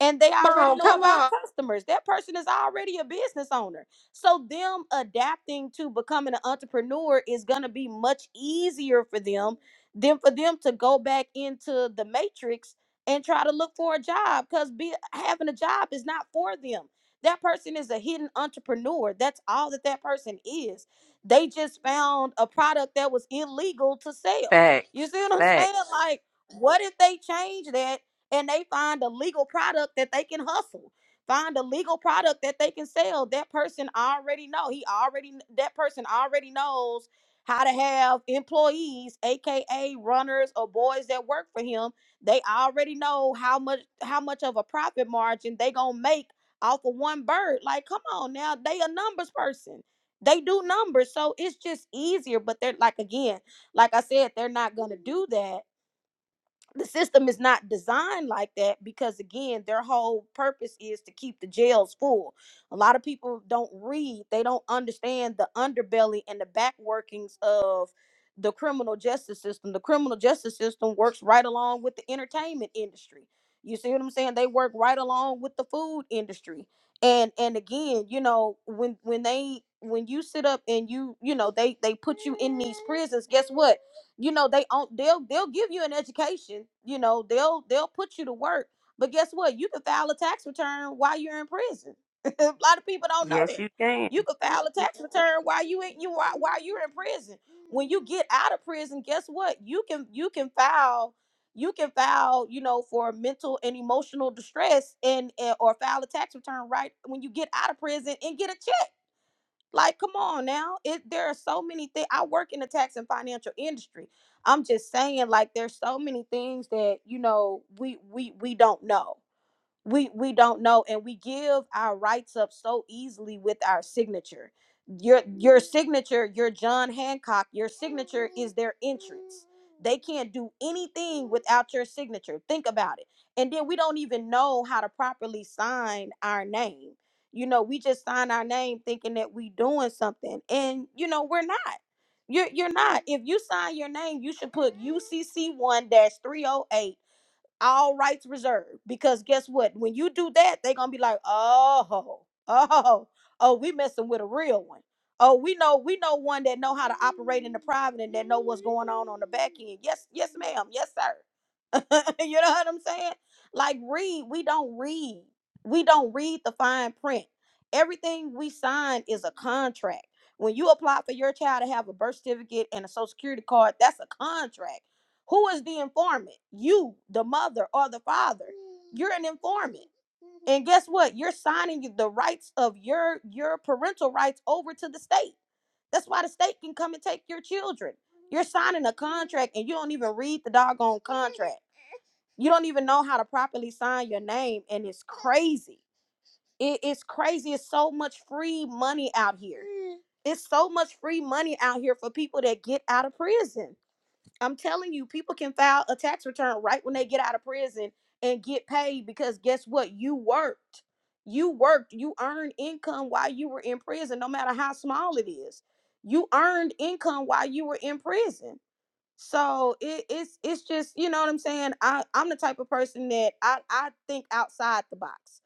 and they Come already on, know come about on. customers. That person is already a business owner. So them adapting to becoming an entrepreneur is going to be much easier for them than for them to go back into the matrix and try to look for a job cuz be having a job is not for them. That person is a hidden entrepreneur. That's all that that person is. They just found a product that was illegal to sell. You Facts. see what I'm saying? Facts. Like what if they change that and they find a legal product that they can hustle find a legal product that they can sell that person already know he already that person already knows how to have employees aka runners or boys that work for him they already know how much how much of a profit margin they gonna make off of one bird like come on now they a numbers person they do numbers so it's just easier but they're like again like i said they're not gonna do that the system is not designed like that because again their whole purpose is to keep the jails full a lot of people don't read they don't understand the underbelly and the back workings of the criminal justice system the criminal justice system works right along with the entertainment industry you see what i'm saying they work right along with the food industry and and again you know when when they when you sit up and you you know they they put you in these prisons guess what you know they own they'll they'll give you an education you know they'll they'll put you to work but guess what you can file a tax return while you're in prison a lot of people don't know Yes, that you can. you can file a tax return while you in you while, while you're in prison when you get out of prison guess what you can you can file you can file you know for mental and emotional distress and, and or file a tax return right when you get out of prison and get a check like, come on now. It there are so many things. I work in the tax and financial industry. I'm just saying, like, there's so many things that you know we we we don't know we we don't know and we give our rights up so easily with our signature your your signature your john hancock your signature is their entrance they can't do anything without your signature think about it and then we don't even know how to properly sign our name you know we just sign our name thinking that we doing something and you know we're not you're, you're not if you sign your name you should put ucc1-308 dash three oh eight all rights reserved. Because guess what? When you do that, they're gonna be like, oh, oh, oh, we messing with a real one. Oh, we know we know one that know how to operate in the private and that know what's going on on the back end. Yes, yes, ma'am. Yes, sir. you know what I'm saying? Like read, we don't read. We don't read the fine print. Everything we sign is a contract. When you apply for your child to have a birth certificate and a social security card, that's a contract. Who is the informant? You, the mother or the father. You're an informant. And guess what? You're signing the rights of your your parental rights over to the state. That's why the state can come and take your children. You're signing a contract and you don't even read the doggone contract you don't even know how to properly sign your name and it's crazy it, it's crazy it's so much free money out here Mm. it's so much free money out here for people that get out of prison i'm telling you people can file a tax return right when they get out of prison and get paid because guess what you worked you worked you earned income while you were in prison no matter how small it is you earned income while you were in prison so it, it's it's just you know what I'm saying. I I'm the type of person that I I think outside the box.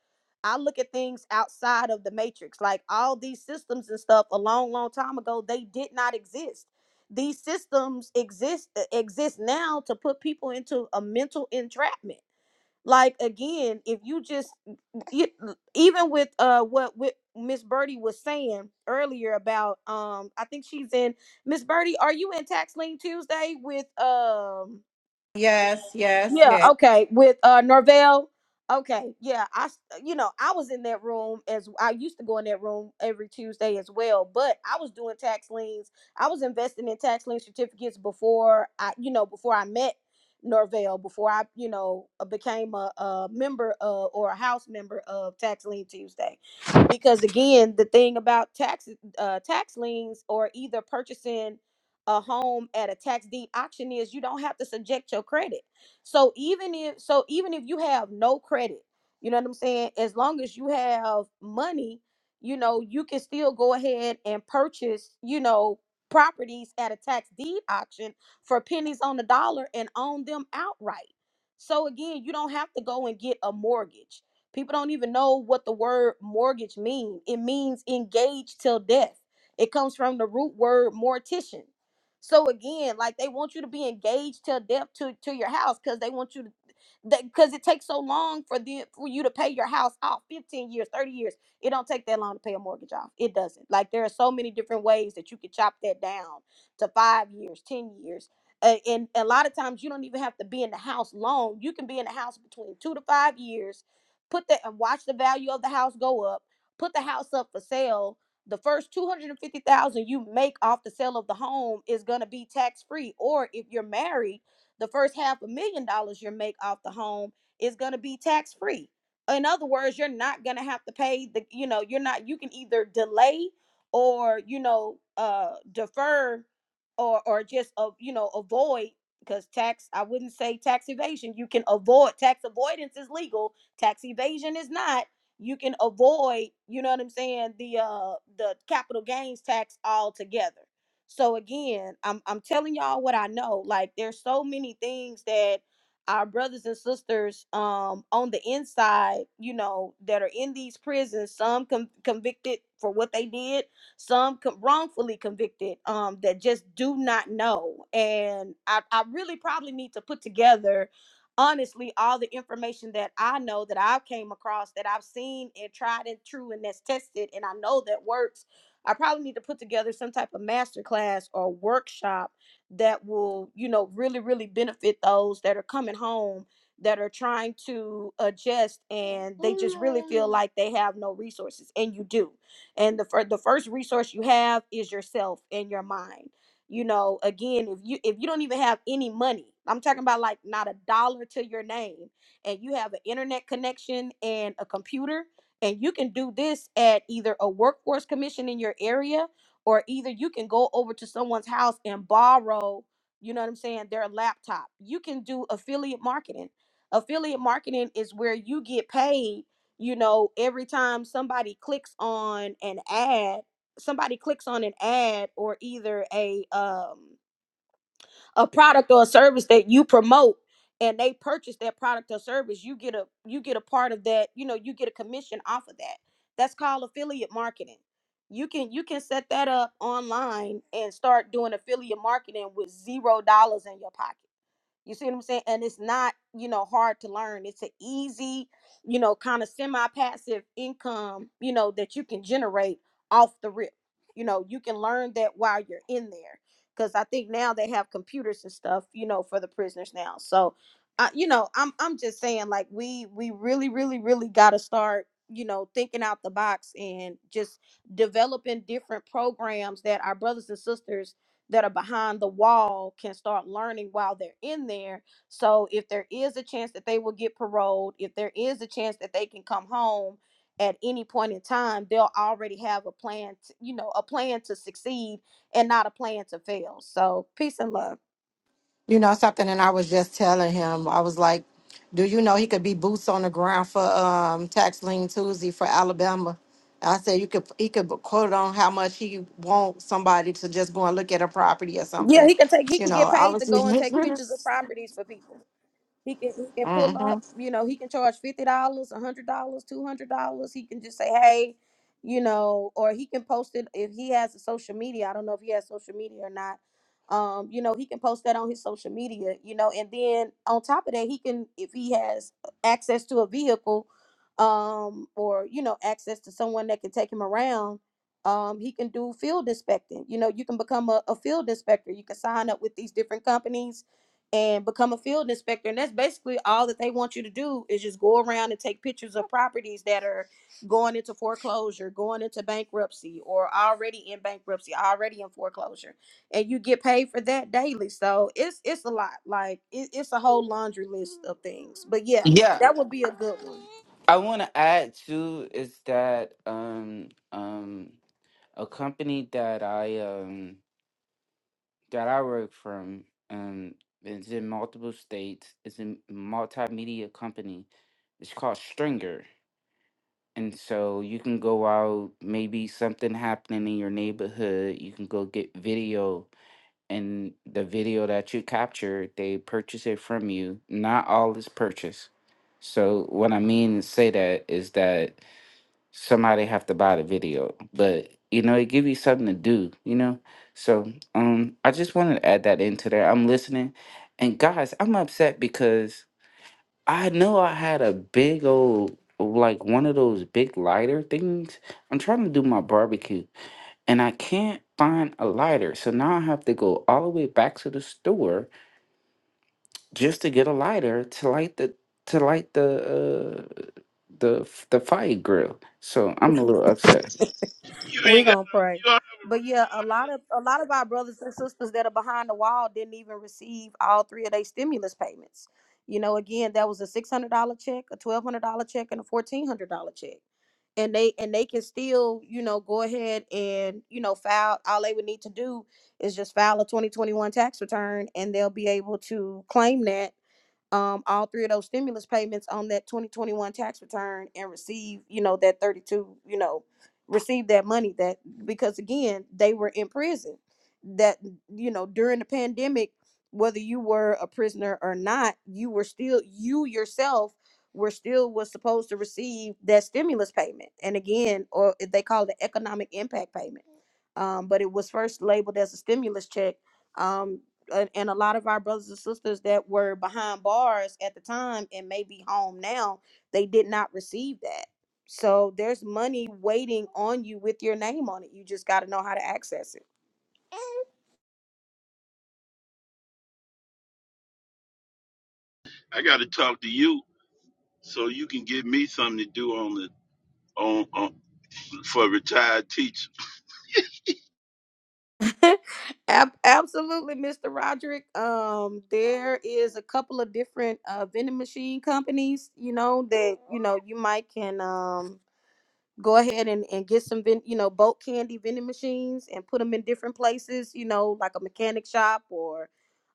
I look at things outside of the matrix. Like all these systems and stuff, a long long time ago, they did not exist. These systems exist e, exist now to put people into a mental entrapment like again if you just you, even with uh what with miss birdie was saying earlier about um i think she's in miss birdie are you in tax Lean tuesday with um Yes, yes, yeah, yes. okay, with uh Norvell. Okay, yeah, I s- you know, I was in that room as I used to go in that room every Tuesday as well, but I was doing tax liens. I was investing in tax lien certificates before I, you know, before I met Norvell, before I, you know, uh, became a, a member of or a house member of Tax Lien Tuesday. Because again, the thing about tax uh tax liens or either purchasing a home at a tax deed auction is you don't have to subject your credit so even if so even if you have no credit, you know what I'm saying? As long as you have money, you know, you can still go ahead and purchase, you know, properties at a tax deed auction for pennies on the dollar and own them outright. So again, you don't have to go and get a mortgage. People don't even know what the word mortgage means. It means engaged till death. It comes from the root word mortician. So again, like they want you to be engaged till death to to your house because they want you to because it takes so long for the for you to pay your house off 15 years 30 years it don't take that long to pay a mortgage off it doesn't like there are so many different ways that you can chop that down to five years ten years A- and a lot of times you don't even have to be in the house long you can be in the house between two to five years put that and watch the value of the house go up put the house up for sale the first 250,000 you make off the sale of the home is going to be tax free or if you're married the first half a million dollars you make off the home is going to be tax free in other words you're not going to have to pay the you know you're not you can either delay or you know uh defer or or just uh, you know avoid because tax i wouldn't say tax evasion you can avoid tax avoidance is legal tax evasion is not you can avoid, you know what I'm saying, the uh the capital gains tax altogether. So again, I'm I'm telling y'all what I know. Like there's so many things that our brothers and sisters um on the inside, you know, that are in these prisons, some con- convicted for what they did, some con- wrongfully convicted um that just do not know. And I I really probably need to put together honestly all the information that I know that I've came across that I've seen and tried and true and that's tested and I know that works. I probably need to put together some type of master class or workshop that will, you know, really really benefit those that are coming home that are trying to adjust and they just really feel like they have no resources and you do. And the fir- the first resource you have is yourself and your mind you know again if you if you don't even have any money i'm talking about like not a dollar to your name and you have an internet connection and a computer and you can do this at either a workforce commission in your area or either you can go over to someone's house and borrow you know what i'm saying their laptop you can do affiliate marketing affiliate marketing is where you get paid you know every time somebody clicks on an ad somebody clicks on an ad or either a um a product or a service that you promote and they purchase that product or service you get a you get a part of that you know you get a commission off of that that's called affiliate marketing you can you can set that up online and start doing affiliate marketing with zero dollars in your pocket you see what I'm saying? And it's not, you know, hard to learn. It's an easy, you know, kind of semi-passive income, you know, that you can generate off the rip. You know, you can learn that while you're in there. Cause I think now they have computers and stuff, you know, for the prisoners now. So I, you know, I'm I'm just saying like we we really, really, really gotta start, you know, thinking out the box and just developing different programs that our brothers and sisters that are behind the wall can start learning while they're in there. So if there is a chance that they will get paroled, if there is a chance that they can come home at any point in time, they'll already have a plan, to, you know, a plan to succeed and not a plan to fail. So peace and love. You know something, and I was just telling him, I was like, Do you know he could be boots on the ground for um tax lien Tuesday for Alabama? I said you could he could quote on how much he want somebody to just go and look at a property or Yeah, something. he can take he You can know, get I paid was to go and take pictures of properties for people. He can he can pull just, up, you know, he can charge fifty dollars, a hundred dollars, two hundred dollars. He can just say, hey, you know, or he can post it if he has a social media. I don't know if he has social media or not. Um, you know, he can post that on his social media, you know, and then on top of that, he can if he has access to a vehicle, um, or you know, access to someone that can take him around. Um, he can do field inspecting. You know, you can become a, a field inspector. You can sign up with these different companies and become a field inspector. And that's basically all that they want you to do is just go around and take pictures of properties that are going into foreclosure, going into bankruptcy, or already in bankruptcy, already in foreclosure. And you get paid for that daily. So it's it's a lot. Like it, it's a whole laundry list of things. But yeah, yeah, that would be a good one. I want to add too is that um um a company that I um that I work from um it's in multiple states. It's a multimedia company. It's called Stringer. And so you can go out, maybe something happening in your neighborhood, you can go get video and the video that you capture, they purchase it from you. Not all is purchased. So what I mean to say that is that somebody have to buy the video but you know it give you something to do you know so um i just wanted to add that into there i'm listening and guys i'm upset because i know i had a big old like one of those big lighter things i'm trying to do my barbecue and i can't find a lighter so now i have to go all the way back to the store just to get a lighter to light the to light the uh the f- the fire grill so i'm a little upset You We're ain't got gonna pray. you. Don't But yeah, a lot of a lot of our brothers and sisters that are behind the wall didn't even receive all three of their stimulus payments. You know, again, that was a six hundred dollar check, a twelve hundred dollar check, and a fourteen hundred dollar check. And they and they can still, you know, go ahead and, you know, file all they would need to do is just file a twenty twenty one tax return and they'll be able to claim that um all three of those stimulus payments on that 2021 tax return and receive you know that 32 you know receive that money that because again they were in prison that you know during the pandemic whether you were a prisoner or not you were still you yourself were still was supposed to receive that stimulus payment and again or they call it the economic impact payment um, but it was first labeled as a stimulus check um and, and a lot of our brothers and sisters that were behind bars at the time and may be home now, they did not receive that. So there's money waiting on you with your name on it. You just got to know how to access it. I got to talk to you so you can give me something to do on the on, on for retired teacher. Ab- absolutely, Mr. Roderick. Um, there is a couple of different uh, vending machine companies, you know, that you know you might can um go ahead and, and get some ven- you know boat candy vending machines and put them in different places you know like a mechanic shop or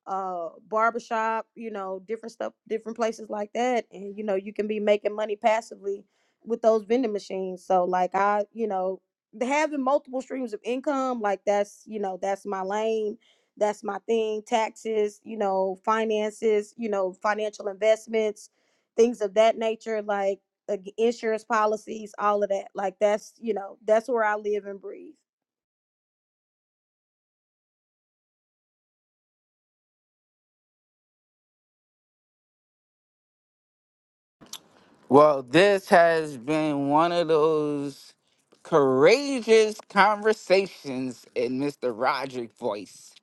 uh barber shop you know different stuff different places like that and you know you can be making money passively with those vending machines so like i you know the- having multiple streams of income like that's you know that's my lane that's my thing taxes you know finances you know financial investments things of that nature like ag- insurance policies, all of that. Like that's, you know, that's where I live and breathe. Well, this has been one of those courageous conversations in Mr. Roderick voice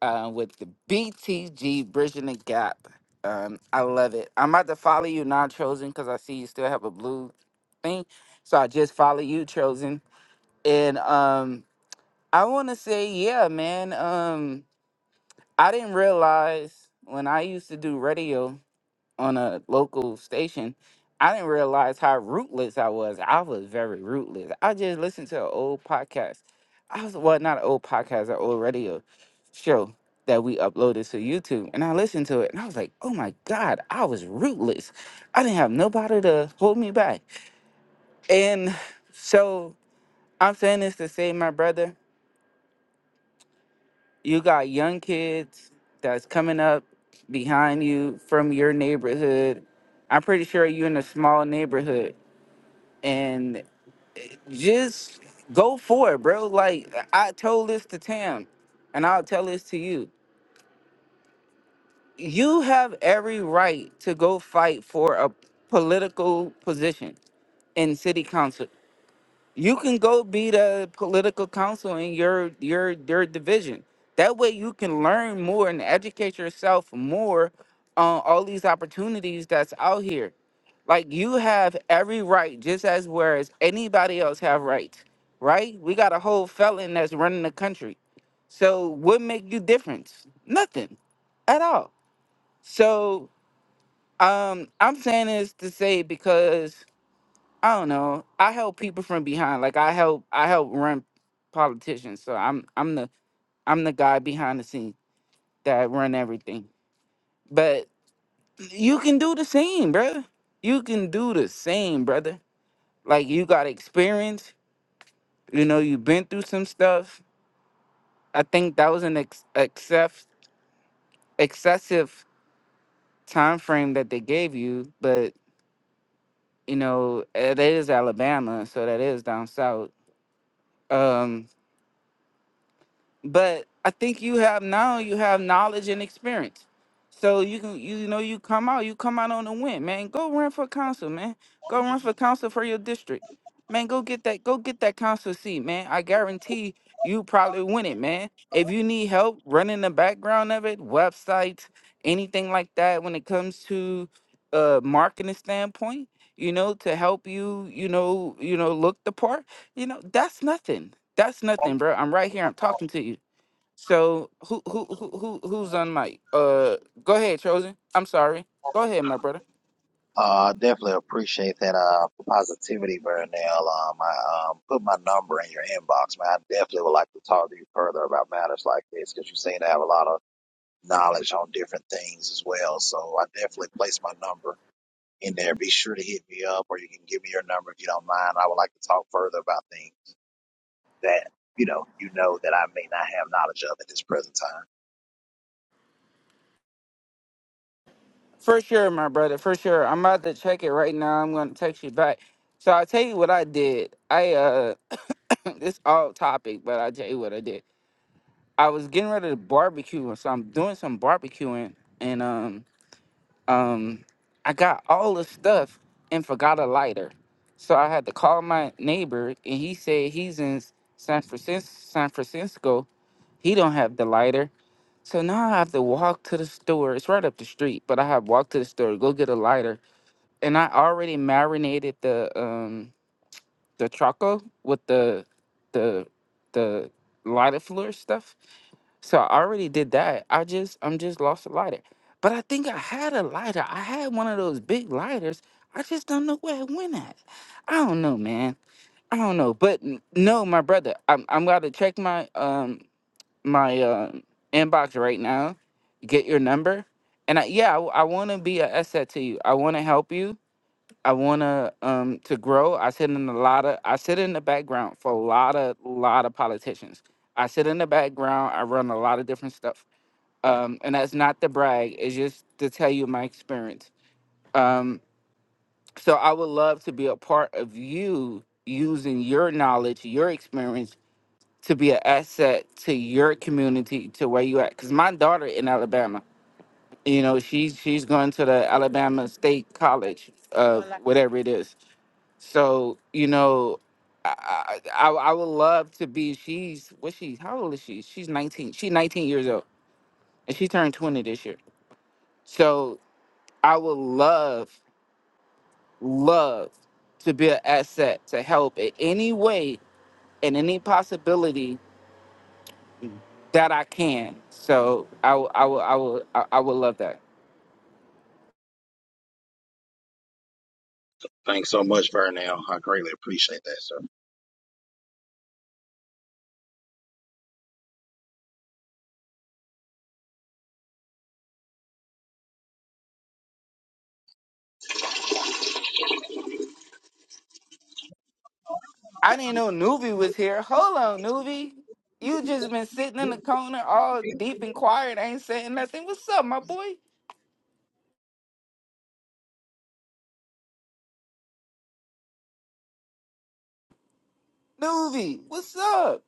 uh, with the BTG Bridging the Gap. Um, I love it. I'm about to follow you, non chosen, because I see you still have a blue thing. So I just follow you, chosen. And um, I want to say, yeah, man, um, I didn't realize when I used to do radio on a local station, I didn't realize how rootless I was. I was very rootless. I just listened to an old podcast. I was well, not an old podcast, an old radio show that we uploaded to YouTube, and I listened to it, and I was like, "Oh my God, I was rootless. I didn't have nobody to hold me back." And so I'm saying this to say, my brother, you got young kids that's coming up behind you from your neighborhood. I'm pretty sure you're in a small neighborhood and just go for it, bro. Like I told this to Tam, and I'll tell this to you. You have every right to go fight for a political position in city council. You can go be the political counsel in your your your division. That way, you can learn more and educate yourself more on all these opportunities that's out here. Like you have every right, just as whereas anybody else have rights, right? We got a whole felon that's running the country. So what make you difference? Nothing, at all. So um, I'm saying this to say because I don't know. I help people from behind. Like I help I help run politicians. So I'm I'm the I'm the guy behind the scenes that run everything. But you can do the same, brother. You can do the same, brother. Like you got experience. You know you've been through some stuff. I think that was an ex- excess excessive time frame that they gave you, but you know it is Alabama, so that is down south. Um, but I think you have now you have knowledge and experience. So you can you know you come out, you come out on a win, man. Go run for council, man. Go run for council for your district. Man, go get that go get that council seat, man. I guarantee you probably win it, man. If you need help running the background of it, websites, anything like that when it comes to uh marketing standpoint, you know, to help you, you know, you know, look the part, you know, that's nothing. That's nothing, bro. I'm right here. I'm talking to you. So who who who who who's on mic? Uh, go ahead, chosen. I'm sorry. Go ahead, my brother. Uh, I definitely appreciate that uh, positivity, Vernell. Um, I um, put my number in your inbox, man. I definitely would like to talk to you further about matters like this because you seem to have a lot of knowledge on different things as well. So I definitely place my number in there. Be sure to hit me up or you can give me your number if you don't mind. I would like to talk further about things that, you know, you know that I may not have knowledge of at this present time. For sure, my brother. For sure. I'm about to check it right now. I'm gonna text you back. So I'll tell you what I did. I uh, this all topic, but I'll tell you what I did. I was getting ready to barbecue, so I'm doing some barbecuing, and um. um, I got all the stuff and forgot a lighter. So I had to call my neighbor, and he said he's in San Francisco. San Francisco. He don't have the lighter. So now I have to walk to the store. It's right up the street, but I have walked to the store, go get a lighter. And I already marinated the um the choco with the the the lighter fluid stuff. So I already did that. I just I'm just lost a lighter. But I think I had a lighter. I had one of those big lighters. I just don't know where it went at. I don't know, man. I don't know. But n- no, my brother, I'm I'm gotta check my um my uh, inbox right now. Get your number. And I, yeah, I, w- I want to be an asset to you. I want to help you. I want to um to grow. I sit in a lot of I sit in the background for a lot of lot of politicians. I sit in the background. I run a lot of different stuff um, and that's not to brag. It's just to tell you my experience. Um, so I would love to be a part of you using your knowledge, your experience to be an asset to your community, to where you at. Cause my daughter in Alabama, you know, she's she's going to the Alabama State College, uh, whatever it is. So you know. I, I I I would love to be. She's what she? How old is she? She's nineteen. She's nineteen years old, and she turned twenty this year. So I would love, love to be an asset to help in any way and any possibility that I can. So I, w- I will, I will, I I would love that. Thanks so much, Vernell. I greatly appreciate that, sir. I didn't know Nuvi was here. Hold on, Nuvi. You just been sitting in the corner all deep and quiet, ain't saying nothing. What's up, my boy? Nuvi, what's up?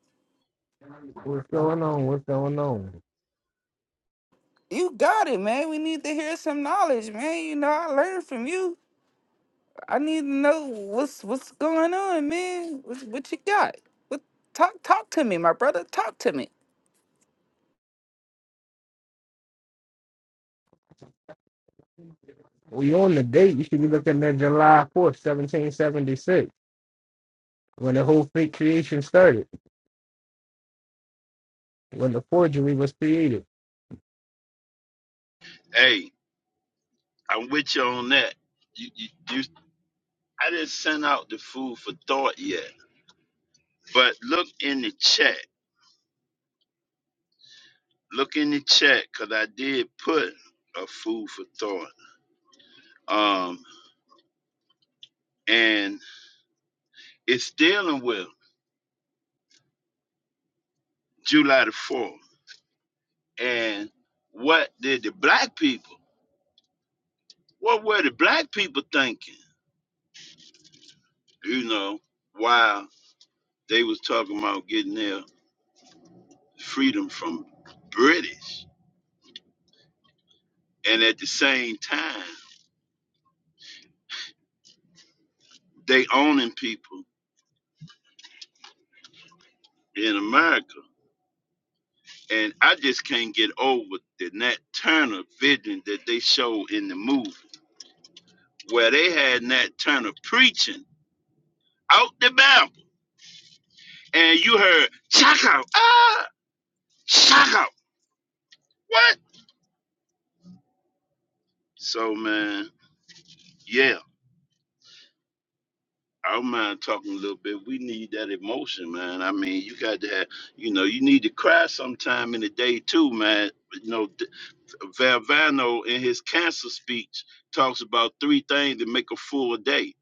What's going on? What's going on? You got it, man. We need to hear some knowledge, man. You know, I learned from you. I need to know what's what's going on, man. What, what you got? What talk talk to me, my brother. Talk to me. We on the date. You should be looking at July 4th, 1776, when the whole fake creation started, when the forgery was created. Hey, I'm with you on that. You. you, you I didn't send out the food for thought yet, but look in the chat. Look in the chat because I did put a food for thought. Um, and it's dealing with July the 4th. And what did the black people, what were the black people thinking, you know, while they was talking about getting their freedom from British. And at the same time, they owning people in America And I just can't get over the Nat Turner vision that they show in the movie, where they had Nat Turner preaching out the Bible, and you heard shock out, ah, shock out, what? So man, yeah, I don't mind talking a little bit. We need that emotion, man. I mean, you got to have, you know, you need to cry sometime in the day too, man. You know, D- Valvano in his cancer speech talks about three things that make a full day,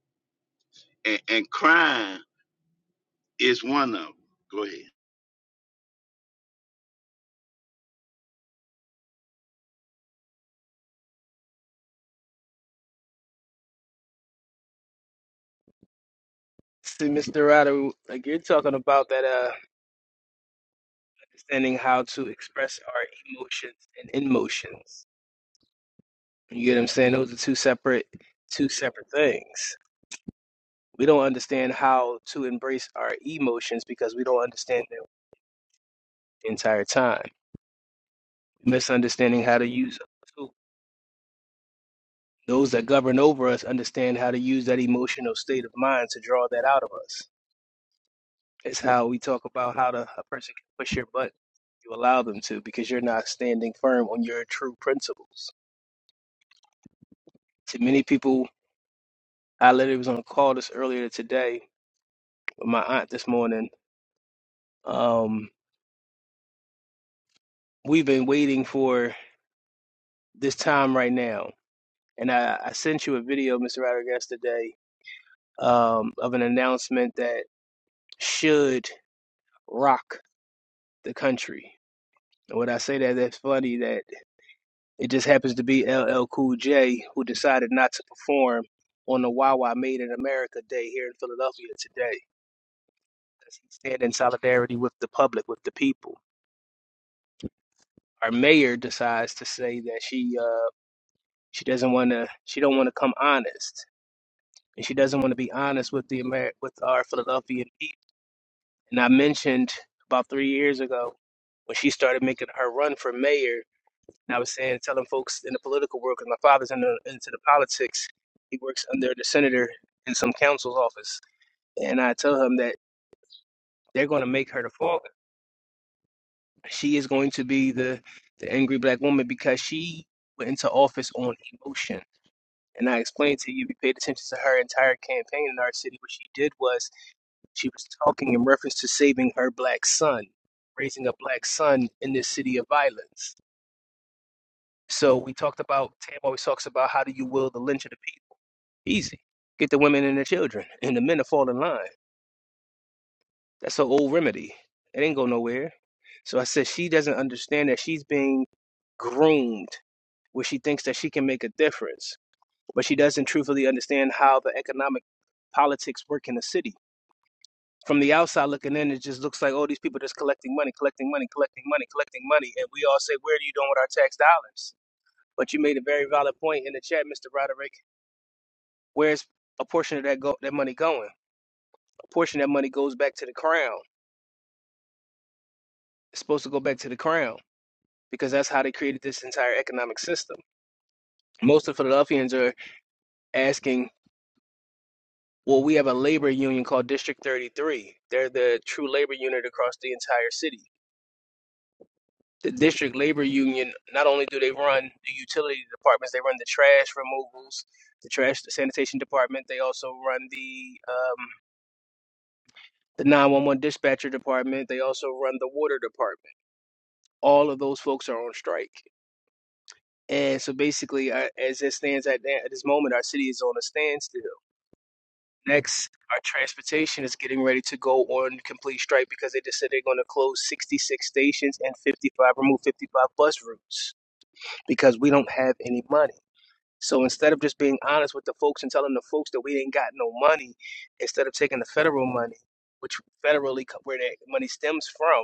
and, and crying is one of them. Go ahead. See, Mr. Ryder, like you're talking about that, uh, understanding how to express our emotions and emotions. You get what I'm saying? Those are two separate, two separate things. We don't understand how to embrace our emotions because we don't understand them the entire time. Misunderstanding how to use them. Those that govern over us understand how to use that emotional state of mind to draw that out of us. It's how we talk about how to, a person can push your butt. You allow them to because you're not standing firm on your true principles. To many people, I literally was on a call this earlier today with my aunt this morning. Um, we've been waiting for this time right now. And I, I sent you a video, Mr. Rodriguez, today um, of an announcement that should rock the country. When I say that, that's funny that it just happens to be LL Cool J who decided not to perform on the Wawa Made in America Day here in Philadelphia today. Does he stand in solidarity with the public, with the people? Our mayor decides to say that she uh, she doesn't want to she don't want to come honest, and she doesn't want to be honest with the Amer- with our Philadelphian people. And I mentioned about three years ago when she started making her run for mayor And I was saying, telling folks in the political world, because my father's in the, into the politics, he works under the senator in some council's office. And I tell him that they're going to make her the fault. She is going to be the, the angry black woman because she went into office on emotion. And I explained to you, if you paid attention to her entire campaign in our city, what she did was she was talking in reference to saving her black son, raising a black son in this city of violence. So we talked about, Tam always talks about how do you will the lynch of the people Easy. Get the women and the children, and the men to fall in line. That's her old remedy. It ain't go nowhere. So I said she doesn't understand that she's being groomed where she thinks that she can make a difference, but she doesn't truthfully understand how the economic politics work in the city. From the outside looking in, it just looks like, oh, these people just collecting money, collecting money, collecting money, collecting money. And we all say, where are you doing with our tax dollars? But you made a very valid point in the chat, Mr. Roderick. Where's a portion of that go- that money going? portion of that money goes back to the crown. It's supposed to go back to the crown because that's how they created this entire economic system. Most of the Philadelphians are asking, well, we have a labor union called District 33. They're the true labor unit across the entire city. The district labor union, not only do they run the utility departments, they run the trash removals, the trash the sanitation department, they also run the um, the 911 dispatcher department, they also run the water department. All of those folks are on strike And so basically, uh, as it stands at, at this moment, our city is on a standstill. Next, our transportation is getting ready to go on complete strike because they just said they're going to close 66 stations and 55, remove 55 bus routes because we don't have any money. So instead of just being honest with the folks and telling the folks that we ain't got no money, instead of taking the federal money, which federally co- where that money stems from,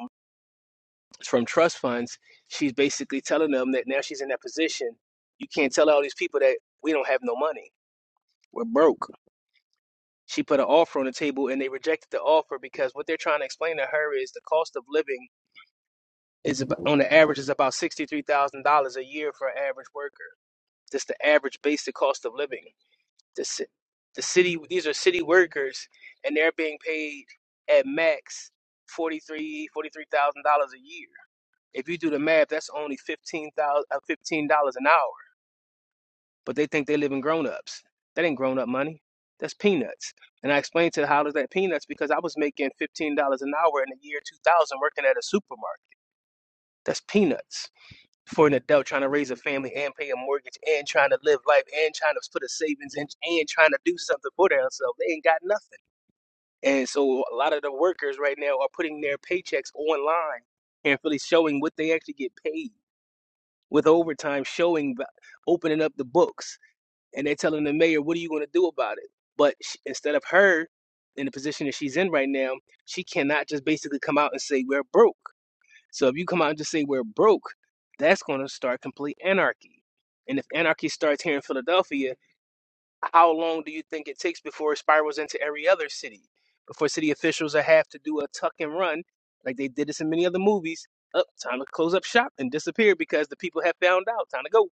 from trust funds, she's basically telling them that now she's in that position. You can't tell all these people that we don't have no money. We're broke. She put an offer on the table and they rejected the offer because what they're trying to explain to her is the cost of living is about, on the average is about $63,000 a year for an average worker. That's the average basic cost of living. The, ci- the city these are city workers and they're being paid at max 43 $43,000 a year If you do the math, that's only fifteen thousand, uh, fifteen dollars an hour. But they think they live in grown ups. That ain't grown up money. That's peanuts. And I explained to the hollers that peanuts because I was making fifteen dollars an hour in the year two thousand working at a supermarket. That's peanuts for an adult trying to raise a family and pay a mortgage and trying to live life and trying to put a savings in and trying to do something for themselves. They ain't got nothing. And so a lot of the workers right now are putting their paychecks online and really showing what they actually get paid with overtime showing, opening up the books, and they're telling the mayor, "What are you going to do about it?" But sh instead of her in the position that she's in right now, she cannot just basically come out and say we're broke. So if you come out and just say we're broke, that's going to start complete anarchy. And if anarchy starts here in Philadelphia, how long do you think it takes before it spirals into every other city? Before city officials have to do a tuck and run, like they did this in so many other movies. Up, oh, time to close up shop and disappear because the people have found out. Time to go.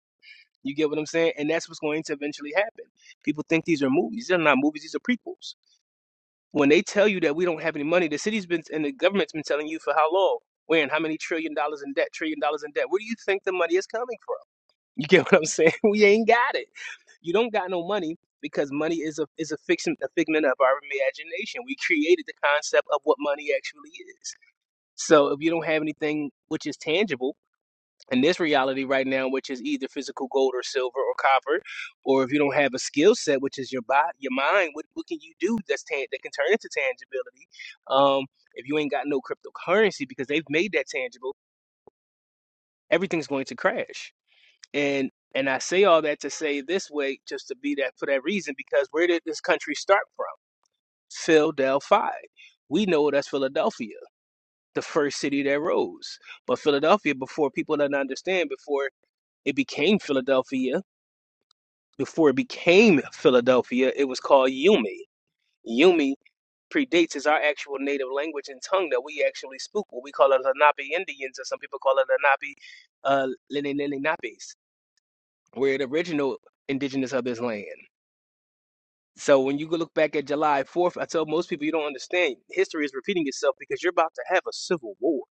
You get what I'm saying? And that's what's going to eventually happen. People think these are movies. they are not movies, these are prequels. When they tell you that we don't have any money, the city's been and the government's been telling you for how long? When how many trillion dollars in debt, trillion dollars in debt. Where do you think the money is coming from? You get what I'm saying? We ain't got it. You don't got no money because money is a is a fiction a figment of our imagination. We created the concept of what money actually is. So if you don't have anything which is tangible, in this reality right now, which is either physical gold or silver or copper, or if you don't have a skill set, which is your body, your mind, what, what can you do that's tan- that can turn into tangibility? Um, if you ain't got no cryptocurrency because they've made that tangible, everything's going to crash. And and I say all that to say this way, just to be that for that reason, because where did this country start from? Philadelphia. We know that's Philadelphia, the first city that rose. But Philadelphia, before people didn't understand, before it became Philadelphia, before it became Philadelphia, it was called Yumi. Yumi predates is our actual native language and tongue that we actually speak. What we call it Lenape Indians, or some people call it Lenape uh, Lene- Lene Napes. We're the original indigenous of this land. So when you go look back at July 4th, I tell most people you don't understand. History is repeating itself because you're about to have a civil war.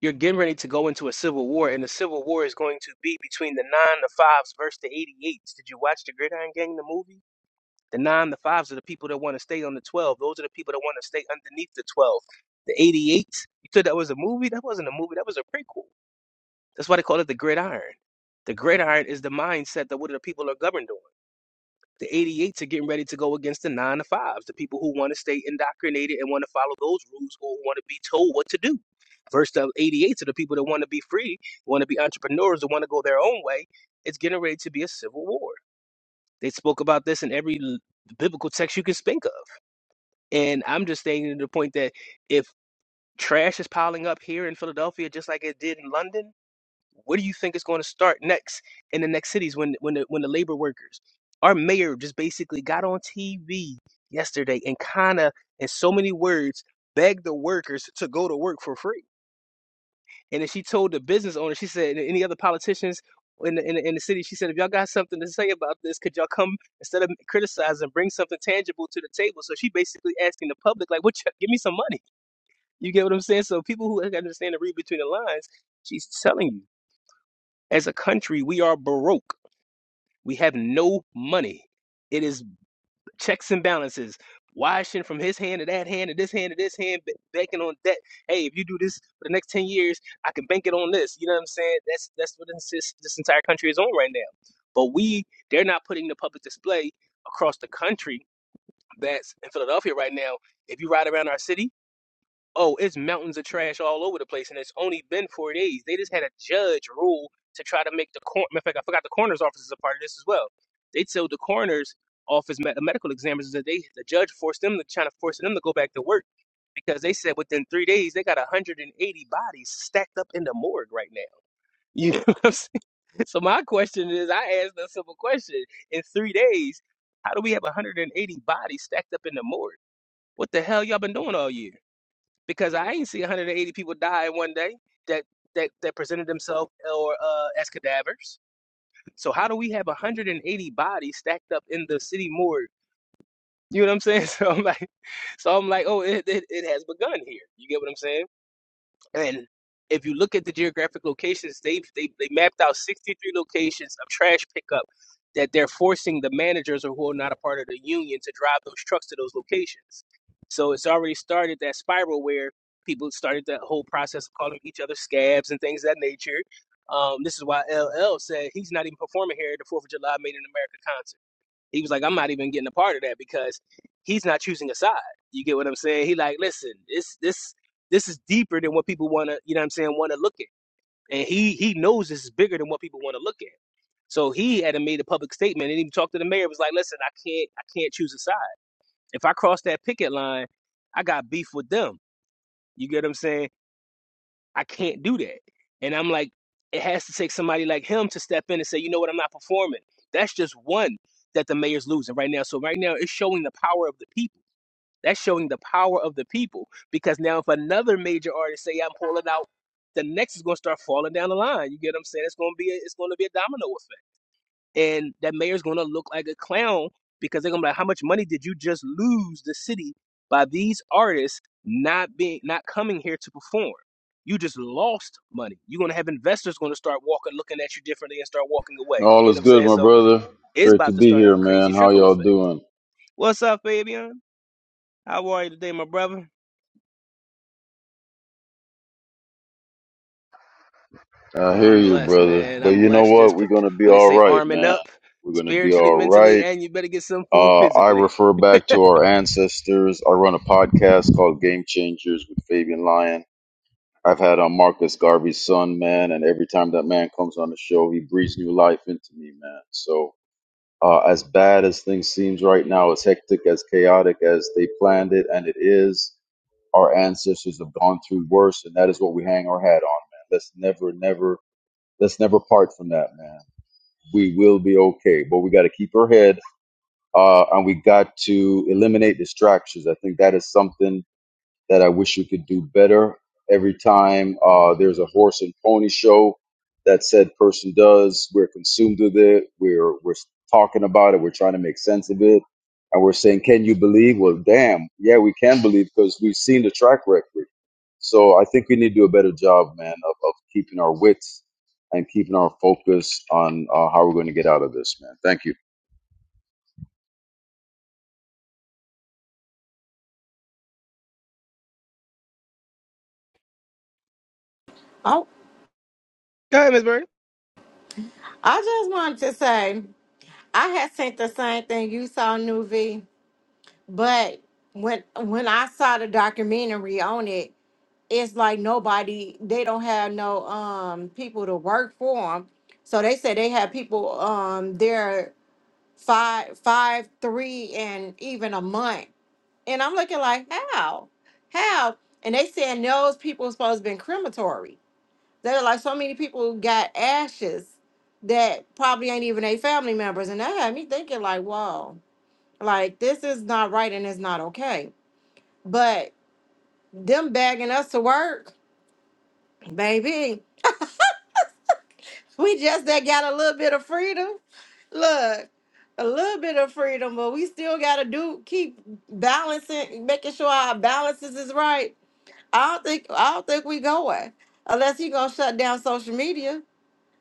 You're getting ready to go into a civil war, and the civil war is going to be between the nine, the fives, versus the 88s. Did you watch the Gridiron Gang, the movie? The nine, the fives are the people that want to stay on the 12. Those are the people that want to stay underneath the 12. The 88s, you said that was a movie? That wasn't a movie, that was a prequel. That's why they call it the gridiron. The gridiron is the mindset that what the people are governed on. The 88s are getting ready to go against the nine to fives, the people who want to stay indoctrinated and want to follow those rules or who want to be told what to do. Versus the 88s are the people that want to be free, want to be entrepreneurs, that want to go their own way. It's getting ready to be a civil war. They spoke about this in every l- biblical text you can think of. And I'm just stating to the point that if trash is piling up here in Philadelphia just like it did in London, what do you think is going to start next in the next cities when when the, when the labor workers? Our mayor just basically got on TV yesterday and kind of in so many words begged the workers to go to work for free and then she told the business owner, she said, "And any other politicians in the, in the, in the city, she said, if y'all got something to say about this, could y'all come instead of criticizing, bring something tangible to the table? So she basically asking the public, like, what, you, give me some money. You get what I'm saying? So people who understand and read between the lines, she's telling you, as a country, we are baroque. We have no money. It is checks and balances, washing from his hand to that hand to this hand to this hand, banking on debt. Hey, if you do this for the next ten years, I can bank it on this. You know what I'm saying? That's that's what this this entire country is on right now. But we they're not putting the public display across the country that's in Philadelphia right now. If you ride around our city oh, it's mountains of trash all over the place, and it's only been four days. They just had a judge rule to try to make the cor- matter of fact, I forgot the coroner's office is a part of this as well. They told the coroner's office med- medical examiners that they the judge forced them to trying to force them to go back to work because they said within three days they got 180 bodies stacked up in the morgue right now. You know what I'm saying? So my question is, I asked a simple question: in three days, how do we have 180 bodies stacked up in the morgue? What the hell y'all been doing all year? because I ain't see 180 people die in one day that that that presented themselves or uh, as cadavers. So how do we have 180 bodies stacked up in the city morgue? You know what I'm saying? So I'm like, so I'm like, oh, it it, it has begun here. You get what I'm saying? And if you look at the geographic locations, they they they mapped out 63 locations of trash pickup that they're forcing the managers or who are not a part of the union to drive those trucks to those locations. So it's already started that spiral where people started that whole process of calling each other scabs and things of that nature. Um, this is why LL said he's not even performing here at the Fourth of July Made in America he was like, I'm not even getting a part of that because he's not choosing a side. You get what I'm saying? He like, listen, this this this is deeper than what people wanna, you know what I'm saying, wanna look at. And he he knows this is bigger than what people want to look at. So he had made a public statement and even talked to the mayor. Was like, listen, I can't, I can't choose a side. If I cross that picket line, I got beef with them. You get what I'm saying? I can't do that. And I'm like, it has to take somebody like him to step in and say, you know what, I'm not performing. That's just one that the mayor's losing right now. So right now it's showing the power of the people. That's showing the power of the people. Because now if another major artist say I'm pulling out, the next is gonna start falling down the line. You get what I'm saying? It's gonna be a, it's gonna be a domino effect and that mayor's gonna look like a clown because they're gonna be like, how much money did you just lose the city by these artists not being not coming here to perform? You just lost money. You're gonna have investors gonna start walking, looking at you differently, and start walking away. You All get what is I'm good, saying? my So brother. it's Great to about to be start a here, crazy man. How trickle y'all effect. doing? What's up, Fabian? How are you today, my brother? I Oh, hear I'm you, blessed, brother. man. But I'm you know blessed. what? Just We're prep- gonna be what they all say, right, arming man. up We're gonna be spiritually, all mentally, right. and you better get some food Uh, I physically. refer back to our ancestors. I run a podcast called Game Changers with Fabian Lyon. I've had on Marcus Garvey's son, man, and every time that man comes on the show, he breathes new life into me, man. So, uh, as bad as things seems right now, as hectic, as chaotic as they planned it, and it is, our ancestors have gone through worse, and that is what we hang our hat on, man. Let's never, never, let's never part from that, man. We will be okay, but we got to keep our head, uh, and we got to eliminate distractions. I think that is something that I wish we could do better. Every time uh, there's a horse and pony show that said person does, we're consumed with it. We're we're talking about it. We're trying to make sense of it, and we're saying, "Can you believe?" Well, damn, yeah, we can believe because we've seen the track record. So I think we need to do a better job, man, of, of keeping our wits and keeping our focus on uh, how we're going to get out of this, man. Thank you. Oh, Go ahead, Miss Bird. I just wanted to say I had sent the same thing you saw, New but when when I saw the documentary on it, it's like nobody they don't have no um people to work for them. So they said they had people um there five five three and even a month, and I'm looking like how how, and they saying those people supposed to been crematory. They're like so many people got ashes that probably ain't even their family members. And that had me thinking, like, whoa, like this is not right and it's not okay. But them bagging us to work, baby, we just that got a little bit of freedom. Look, a little bit of freedom, but we still gotta do keep balancing, making sure our balances is right. I don't think I don't think we going unless he gonna shut down social media.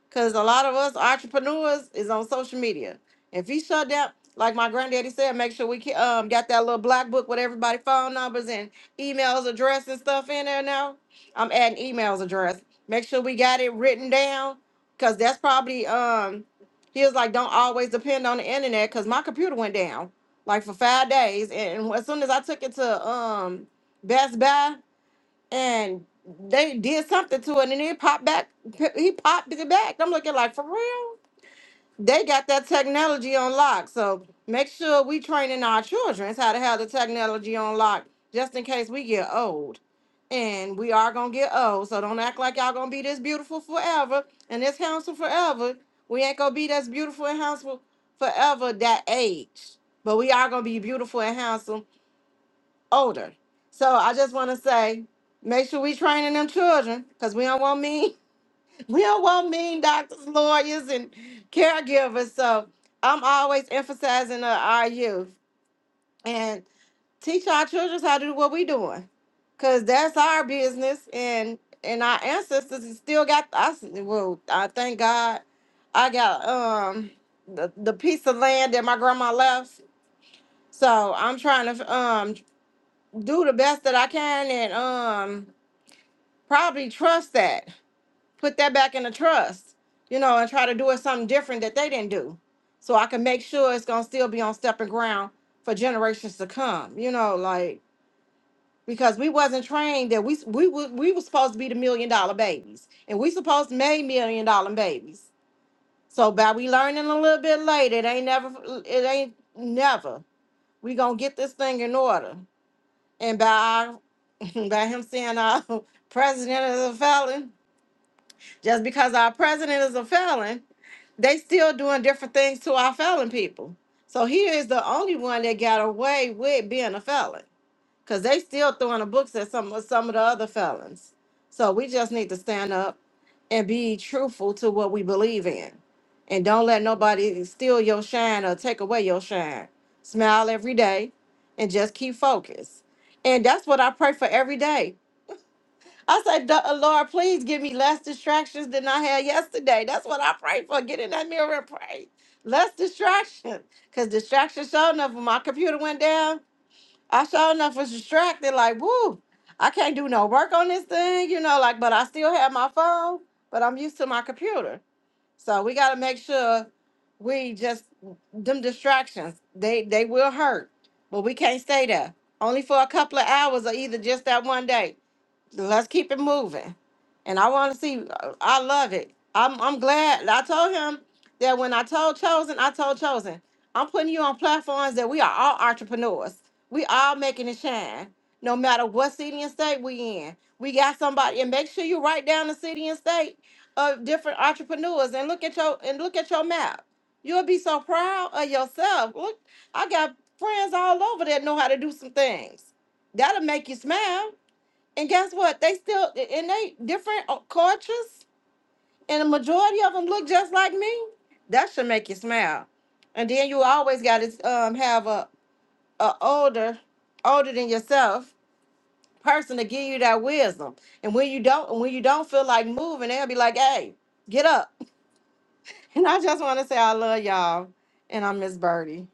Cause a lot of us entrepreneurs is on social media. If he shut down, like my granddaddy said, make sure we ke- um got that little black book with everybody phone numbers and emails, address, and stuff in there now. I'm adding emails address. Make sure we got it written down. Cause that's probably um he was like, don't always depend on the internet because my computer went down like for five days. And as soon as I took it to um Best Buy, and they did something to it, and it popped back. He popped it back. I'm looking like for real. They got that technology on lock, so make sure we training our children how to have the technology on lock, just in case we get old. And we are gonna get old, so don't act like y'all gonna be this beautiful forever and this handsome forever. We ain't gonna be this beautiful and handsome forever that age, but we are gonna be beautiful and handsome older. So I just want to say, make sure we training them children because we don't want mean, we don't want mean doctors, lawyers, and caregivers. So I'm always emphasizing uh, our youth and teach our children how to do what we doing because that's our business and and our ancestors is still got us. Well, I thank God I got um the, the piece of land that my grandma left. So I'm trying to um do the best that I can and um probably trust that. Put that back in the trust, you know, and try to do it something different that they didn't do. So I can make sure it's gonna still be on stepping ground for generations to come, you know, like because we wasn't trained that we we wa- we were supposed to be the million dollar babies and we supposed to make million dollar babies. So by we learning a little bit later, it ain't never it ain't never. We gonna get this thing in order. And by by him saying our president is a felon. Just because our president is a felon, they still doing different things to our felon people. So he is the only one that got away with being a felon, cause they still throwing the books at some of some of the other felons. So we just need to stand up and be truthful to what we believe in, and don't let nobody steal your shine or take away your shine. Smile every day, and just keep focused. And that's what I pray for every day I said, "Duh, uh, Lord, please give me less distractions than I had yesterday. That's what I prayed for. Get in that mirror and pray. Less distractions. Because distractions sure enough, when my computer went down, I sure enough was distracted. Like, woo, I can't do no work on this thing, you know, like, but I still have my phone, but I'm used to my computer. So we got to make sure we just, them distractions, they, they will hurt, but we can't stay there. Only for a couple of hours or either just that one day let's keep it moving. And I want to see. I love it. I'm I'm glad. I told him that when I told Chosen, I told Chosen, I'm putting you on platforms that we are all entrepreneurs. We all making it shine, no matter what city and state we in. We got somebody, and make sure you write down the city and state of different entrepreneurs, and look at your and look at your map. You'll be so proud of yourself. Look, I got friends all over that know how to do some things. That'll make you smile and guess what? They still and they different uh, cultures, and the majority of them look just like me. That should make you smile. And then you always got to um, have a, a older, older than yourself person to give you that wisdom. And when you don't, and when you don't feel like moving, they'll be like, "Hey, get up." And I just want to say I love y'all, and I miss Birdie.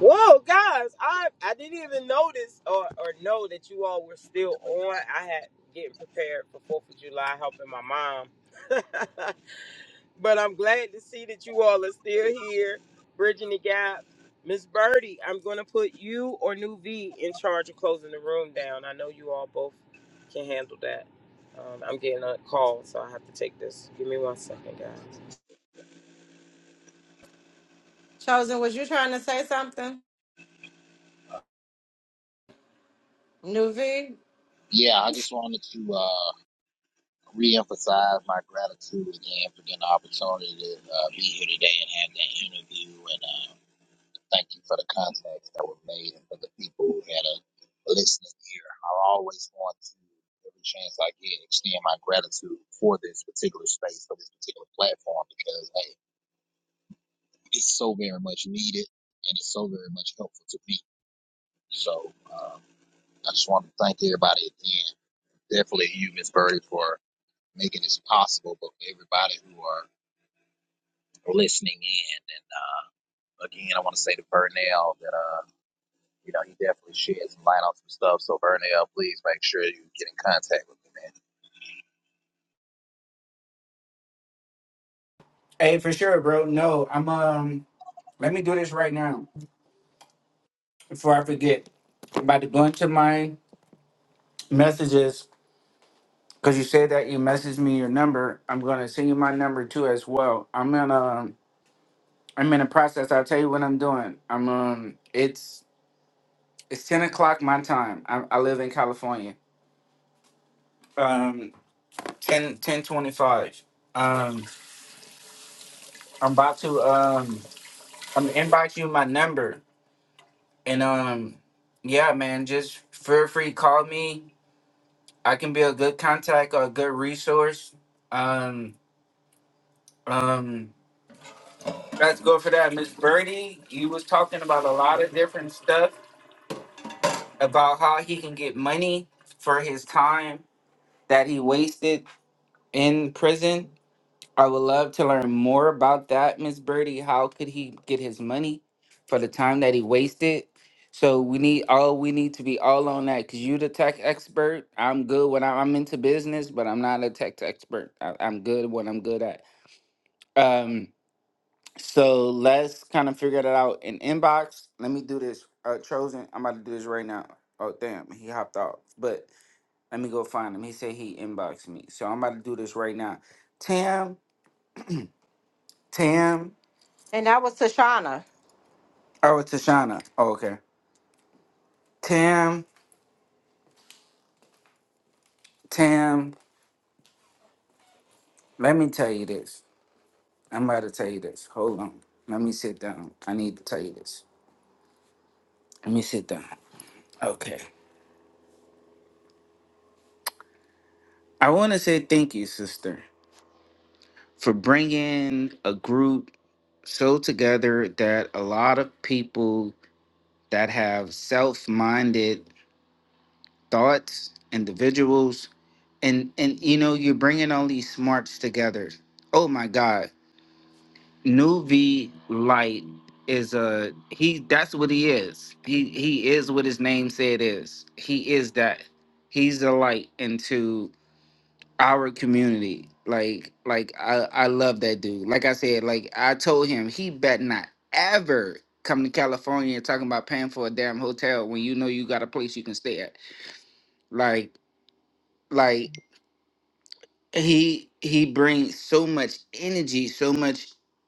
Whoa, guys! I I didn't even notice or or know that you all were still on. I had getting prepared for Fourth of July, helping my mom. but I'm glad to see that you all are still here, bridging the gap. Miss Birdie, I'm going to put you or New V in charge of closing the room down. I know you all both can handle that. Um, I'm getting a call, so I have to take this. Give me one second, guys. Chosen, was you trying to say something, Nuvi? Yeah, I just wanted to uh, reemphasize my gratitude again for getting the opportunity to uh, be here today and have that interview. and. uh, Thank you for the contacts that were made and for the people who had a listening ear. I always want to, every chance I get, extend my gratitude for this particular space, for this particular platform, because, hey, it's so very much needed and it's so very much helpful to me. So uh, I just want to thank everybody again. Definitely you, Miss Birdie, for making this possible, but for everybody who are listening in. And uh, again, I want to say to Burnell that. uh, You know, he definitely shared some light on some stuff. So Vernell, please make sure you get in contact with me, man. Hey, for sure, bro. No, I'm um. Let me do this right now before I forget. I'm about to go into my messages because you said that you messaged me your number. I'm gonna send you my number too as well. I'm in um. I'm in a process. I'll tell you what I'm doing. I'm um. It's it's ten o'clock my time. I, I live in California. Um, ten ten twenty five. 10 I'm about to um I'm gonna inbox you my number and um yeah man just feel free to call me. I can be a good contact or a good resource. Um um let's go for that. Miss Birdie, you was talking about a lot of different stuff about how he can get money for his time that he wasted in prison. I would love to learn more about that, Miss Birdie. How could he get his money for the time that he wasted? So we need all we need to be all on that because you the tech expert. I'm good when I- I'm into business, but I'm not a tech expert. I, I'm good when I'm good at. Um, so let's kind of figure that out in inbox. Let me do this. Uh, chosen. I'm about to do this right now. Oh damn, he hopped off. But let me go find him. He said he inboxed me, so I'm about to do this right now. Tam, Tam. And that was Tashana. Oh, it's Tashana. Oh, okay. Tam, Tam, let me tell you this. I'm about to tell you this. Hold on. Let me sit down. I need to tell you this. Let me sit down. Okay. I want to say thank you, sister, for bringing a group so together that a lot of people that have self-minded thoughts, individuals, and and you know, you're bringing all these smarts together. Oh my God Nuvi Light is a he. That's what he is. He he is what his name said is. He is that. He's the light into our community. Like like I I love that dude. Like I said, like I told him he bet not ever come to California talking about paying for a damn hotel when you know you got a place you can stay at. Like like he he brings so much energy, so much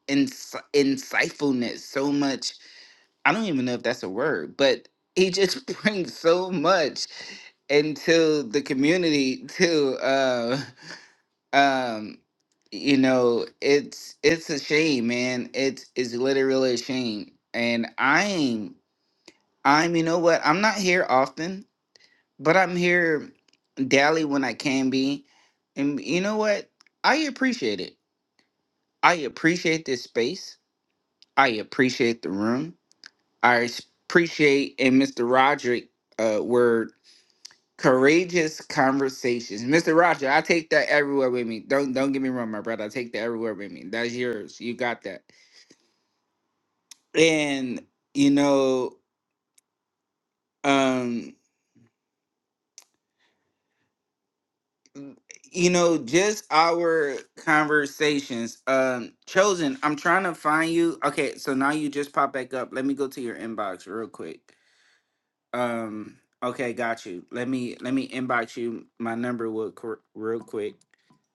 ins insightfulness, so much I don't even know if that's a word, but he just brings so much into the community too. Uh, um, you know, it's it's a shame, man. It's it's literally a shame. And I'm I'm you know what? I'm not here often, but I'm here daily when I can be. And you know what? I appreciate it. I appreciate this space. I appreciate the room. I s- appreciate in Mr. Roderick uh word courageous conversations. Mr. Roger, I take that everywhere with me. Don't don't get me wrong, my brother. I take that everywhere with me. That's yours. You got that. And you know, um, you know, just our conversations. Um, chosen, I'm trying to find you. Okay, so now you just pop back up. Let me go to your inbox real quick. Um, okay, got you. Let me let me inbox you my number real, quick- real quick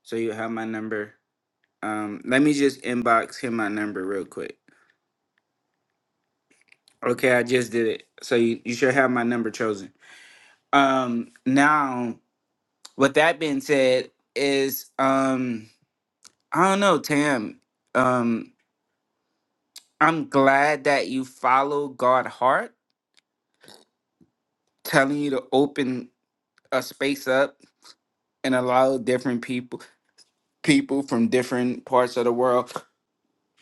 So you have my number. Um, let me just inbox him my number real quick. Okay, I just did it. So you, you should have my number chosen. Um, now with that being said, is um I don't know, Tam. Um, I'm glad that you follow God heart, telling you to open a space up and allow different people people from different parts of the world,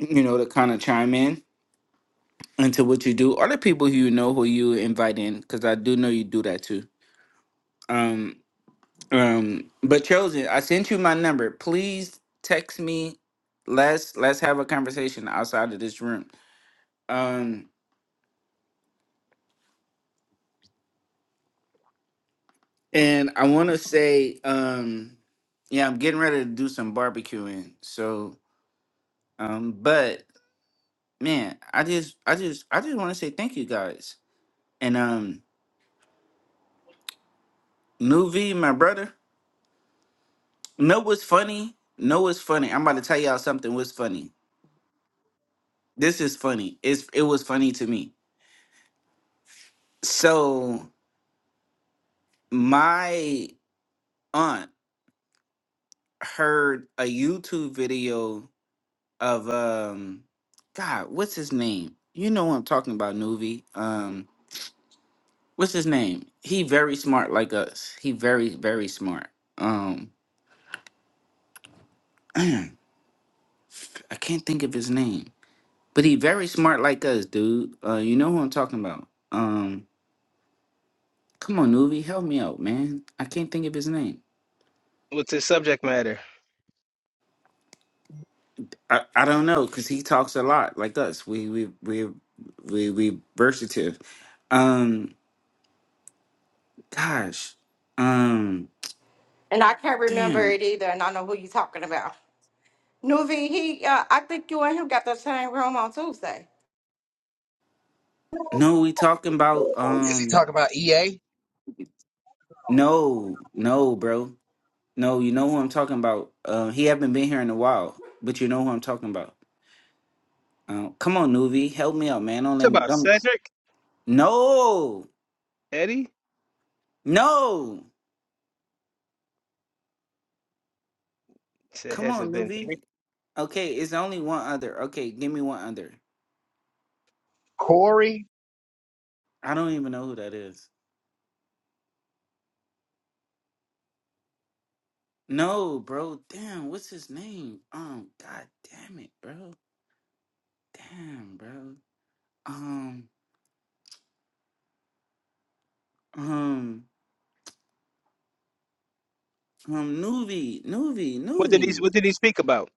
you know, to kind of chime in into what you do or the people who you know who you invite in because i do know you do that too um um but chosen i sent you my number please text me let's let's have a conversation outside of this room um and i want to say um yeah i'm getting ready to do some barbecuing so um but man i just i just i just want to say thank you guys and um nuvi my brother know what's funny know what's funny i'm about to tell y'all something what's funny this is funny. It's it was funny to me. So my aunt heard a YouTube video of um God, what's his name? You know what I'm talking about, Nuvi. Um, what's his name? He very smart like us. He very, very smart. Um I can't think of his name. But he very smart like us, dude. Uh you know who I'm talking about. Um come on, Nuvi, help me out, man. I can't think of his name. What's the subject matter? I, I don't know because he talks a lot like us. We we we we we versatile. Um, gosh, um, And I can't remember damn. it either, and I know who you talking about. Nuvi, he, uh, I think you and him got the same room on Tuesday. No, we talking about Is he um. talking about EA? No, no, bro. No, you know who I'm talking about. Uh, he haven't been here in a while, but you know who I'm talking about. Uh, come on, Nuvi, help me out, man. Don't Talk let me. about Don't, Cedric no, Eddie. no. Said Come on, hasn't been here. Nuvi. Okay, it's only one other. Okay, give me one other. I don't even know who that is. No, bro. Damn, what's his name? Um, god damn it, bro. Damn, bro. Um, um, um, Nuvi, Nuvi, What did he Nuvi, What did he speak about?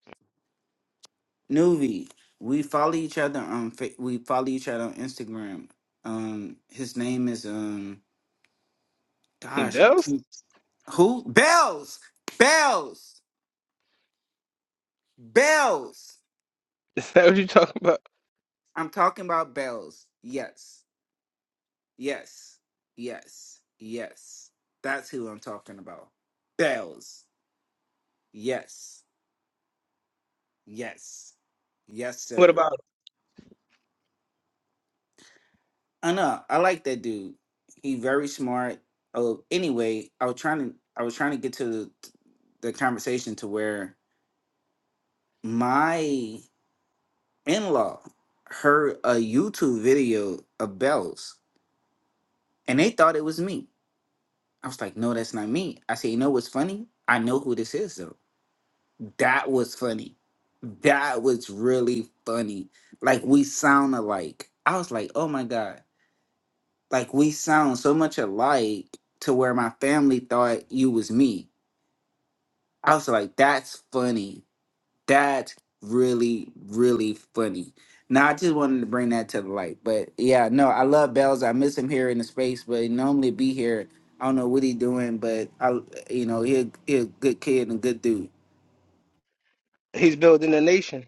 Nuvi. We follow each other on. Fa- We follow each other on Instagram. Um, his name is um. He Gosh, I bells. think- who? Bells, bells, bells. Is that what you talking about? I'm talking about bells. Yes, yes, yes, yes. That's who I'm talking about. Bells. Yes. Yes. Yes, What sir. about I know. I like that dude. He very smart. Oh, anyway, I was trying to I was trying to get to the, the conversation to where my in-law heard a YouTube video of bells and they thought it was me. I was like, "No, that's not me." I said, "You know what's funny? I know who this is though. That was funny. That was really funny. Like we sound alike." I was like, "Oh my god." like we sound so much alike to where my family thought you was me. I was like, that's funny. That's really, really funny. Now I just wanted to bring that to the light. But yeah, no, I love Bells. I miss him here in the space, but he normally be here. I don't know what he doing, but I you know, he a, he a good kid and a good dude. he's building a nation?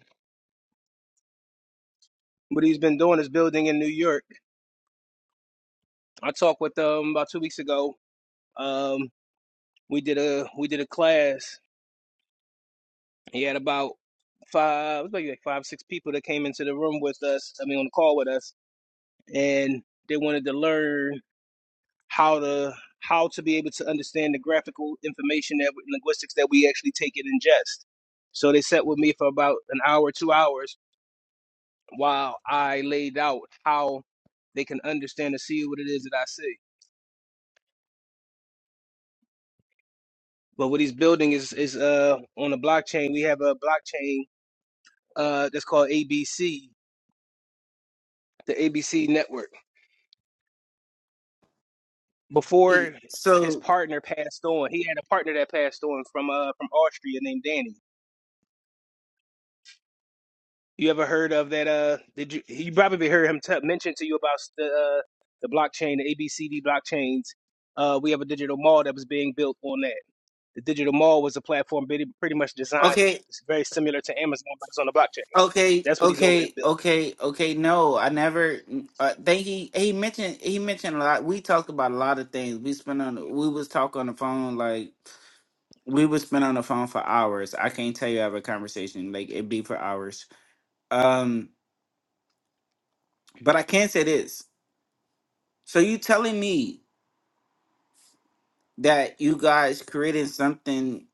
What he's been doing is building in New York. I talked with um about two weeks ago. Um, we did a we did a class. He had about five, it was maybe like five six people that came into the room with us. I mean, on the call with us, and they wanted to learn. how to how to be able to understand the graphical information that linguistics that we actually take and ingest. So they sat with me for about an hour, two hours, while I laid out how they can understand and see what it is that I see. But what he's building is is uh on a blockchain. We have a blockchain uh that's called ABC, the ABC network. Hey, Before his So partner passed on, he had a partner that passed on from uh from Austria named Danny You ever heard of that? Uh, did you? You probably heard him t- mention to you about the uh, the blockchain, the ABCD blockchains. Uh, we have a digital mall that was being built on that. The digital mall was a platform pretty, pretty much designed. okay, It's very similar to Amazon, but it's on the blockchain. Okay, That's what he's over there okay, building. okay, okay. No, I never. I think he he mentioned he mentioned a lot. We talked about a lot of things. We spent on we was talk on the phone like we would spend on the phone for hours. I can't tell you I have a conversation like it'd be for hours. Um, but I can say this. So you telling me that you guys created something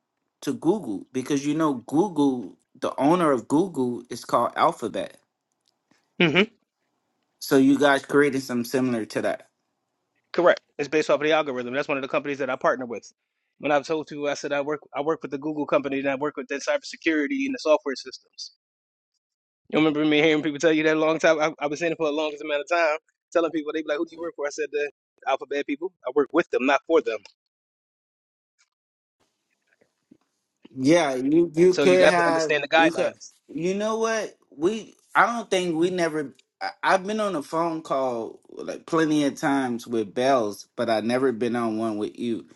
to Google because you know Google, the owner of Google is called Alphabet. hmm So you guys created something similar to that. Correct. It's based off of the algorithm. That's one of the companies that I partner with. When I've told you, I said I work I work with the Google company and I work with their cybersecurity and the software systems. You remember me hearing people tell you that a long time? I, I've been saying it for the longest amount of time, telling people, they be like, who do you work for? I said, the alphabet people. I work with them, not for them. Yeah, you you So you could have to have understand the you could guidelines. you know what we I don't think we never I, I've been on a phone call like plenty of times with Bells, but I never been on one with you.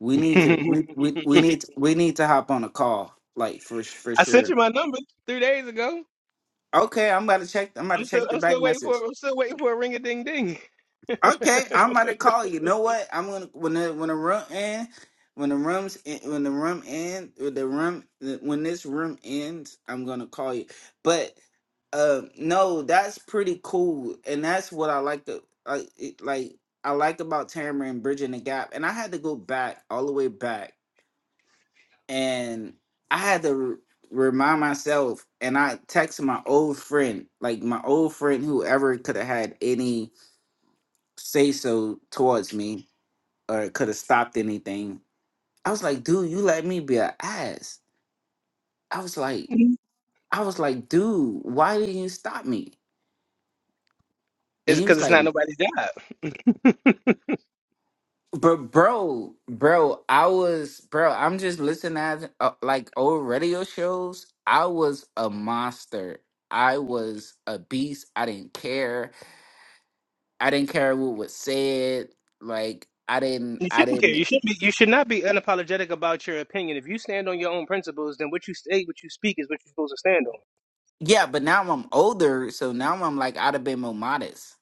We need to we we, we need to, we need to hop on a call like for s- for I sent you sure. my number three days ago. Okay, I'm about to check. I'm about I'm to still, check the I'm back still waiting message. for, I'm still waiting for a ring a ding ding. Okay, I'm gonna call you. You know what? I'm gonna when the when the room end, when the rooms en- when the room end, when the room when this room ends, I'm gonna call you. But uh, no, that's pretty cool, and that's what I like to I it- like. I liked about Tamara and bridging the gap, and I had to go back all the way back, and I had to re- remind myself, and I texted my old friend, like my old friend, whoever could have had any say so towards me or it could have stopped anything. I was like, dude, you let me be an ass. I was like, I was like, dude, why didn't you stop me? And It's he was because it's like, not nobody's job. but bro, bro, I was, bro, I'm just listening at uh, like old radio shows. I was a monster. I was a beast. I didn't care. I didn't care what was said. Like I didn't, You I shouldn't care. didn't. You should be, you should not be unapologetic about your opinion. If you stand on your own principles, then what you say, what you speak, is what you're supposed to stand on. Yeah, but now I'm older, so now I'm like I'd have been more modest.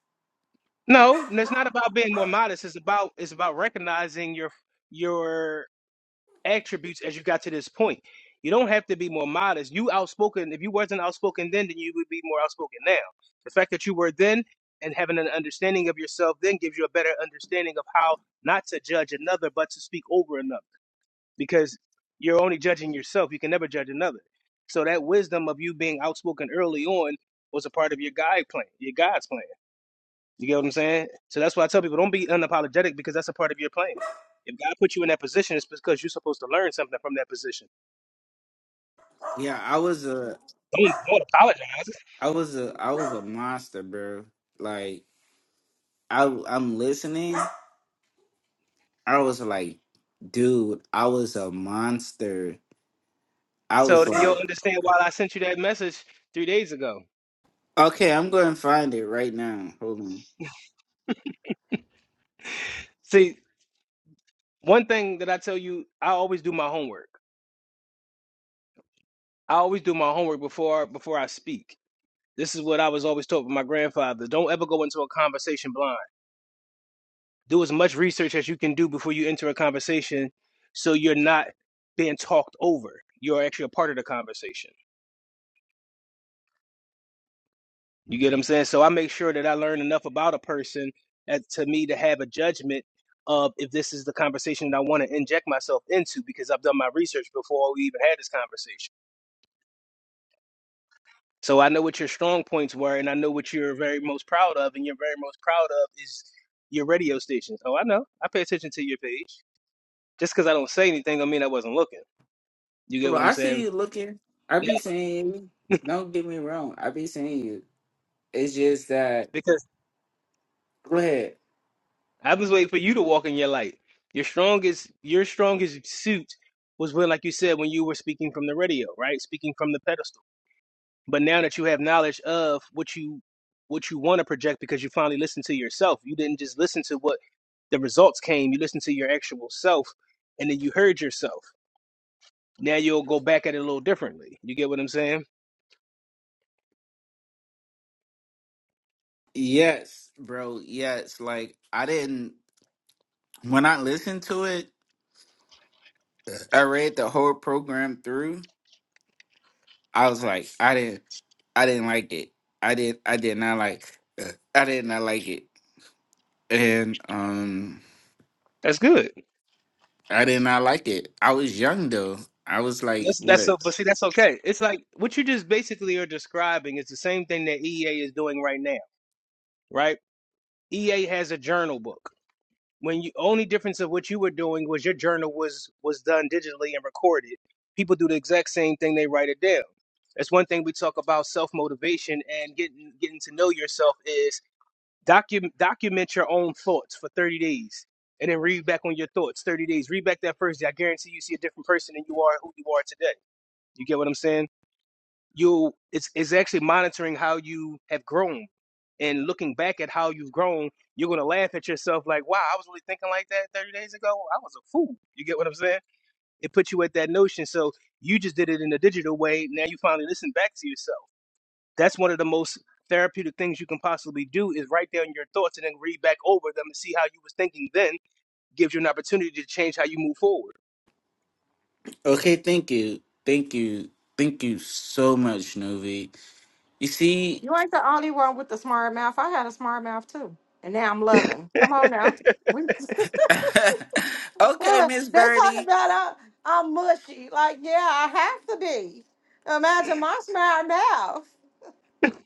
No, and it's not about being more modest. It's about, it's about recognizing your your attributes as you got to this point. You don't have to be more modest. You outspoken. If you wasn't outspoken then, then you would be more outspoken now. The fact that you were then and having an understanding of yourself then gives you a better understanding of how not to judge another, but to speak over another. Because you're only judging yourself. You can never judge another. So that wisdom of you being outspoken early on was a part of your guide plan, your God's plan. You get what I'm saying? So that's why I tell people don't be unapologetic because that's a part of your plan. If God put you in that position, it's because you're supposed to learn something from that position. Yeah, I was. a. Don't don't apologize. I was a I was a monster, bro. Like I I'm listening. I was like, dude, I was a monster. I So was then you'll like, understand why I sent you that message three days ago. okay, I'm going to find it right now. Hold on. See, one thing that I tell you, I always do my homework. I always do my homework before before I speak. This is what I was always taught by my grandfather. Don't ever go into a conversation blind. Do as much research as you can do before you enter a conversation so you're not being talked over. You're actually a part of the conversation. You get what I'm saying? So I make sure that I learn enough about a person as, to me to have a judgment of if this is the conversation that I want to inject myself into because I've done my research before we even had this conversation. So I know what your strong points were and I know what you're very most proud of and you're very most proud of is your radio stations. Oh, I know. I pay attention to your page. Just because I don't say anything I mean I wasn't looking. You get Bro, what I'm I see saying? you looking. I Yeah. be saying, you. don't get me wrong. I be saying you. It's just that. because. Go ahead. I was waiting for you to walk in your light. Your strongest, your strongest suit was when, like you said, when you were speaking from the radio, right? Speaking from the pedestal. But now that you have knowledge of what you, what you want to project, because you finally listened to yourself. You didn't just listen to what the results came. You listened to your actual self, and then you heard yourself. Now you'll go back at it a little differently. You get what I'm saying? Yes, bro. Yes. Like I didn't when I listened to it. I read the whole program through. I was like, I didn't. I didn't like it. I did. I did not like. uh, I did not like it, and um, That's good. I did not like it. I was young though. I was like, That's that's so. But see, that's okay. It's like what you just basically are describing is the same thing that EA is doing right now, right? EA has a journal book. When you only difference of what you were doing was your journal was was done digitally and recorded. People do the exact same thing; they write it down. That's one thing we talk about self motivation and getting getting to know yourself is document document your own thoughts for thirty days and then read back on your thoughts thirty days. Read back that first day. I guarantee you see a different person than you are who you are today. You get what I'm saying? you it's it's actually monitoring how you have grown and looking back at how you've grown you're going to laugh at yourself like wow i was really thinking like that 30 days ago i was a fool you get what i'm saying it puts you at that notion so you just did it in a digital way now you finally listen back to yourself that's one of the most therapeutic things you can possibly do is write down your thoughts and then read back over them and see how you was thinking then gives you an opportunity to change how you move forward what? Okay, thank you, thank you, thank you so much, Novi. You see, You ain't the only one with the smart mouth. I had a smart mouth too, and now I'm loving. Come on now, we. okay, yeah, Miss they talking Birdie. about uh, I'm mushy. Like, yeah, I have to be. Imagine my smart mouth.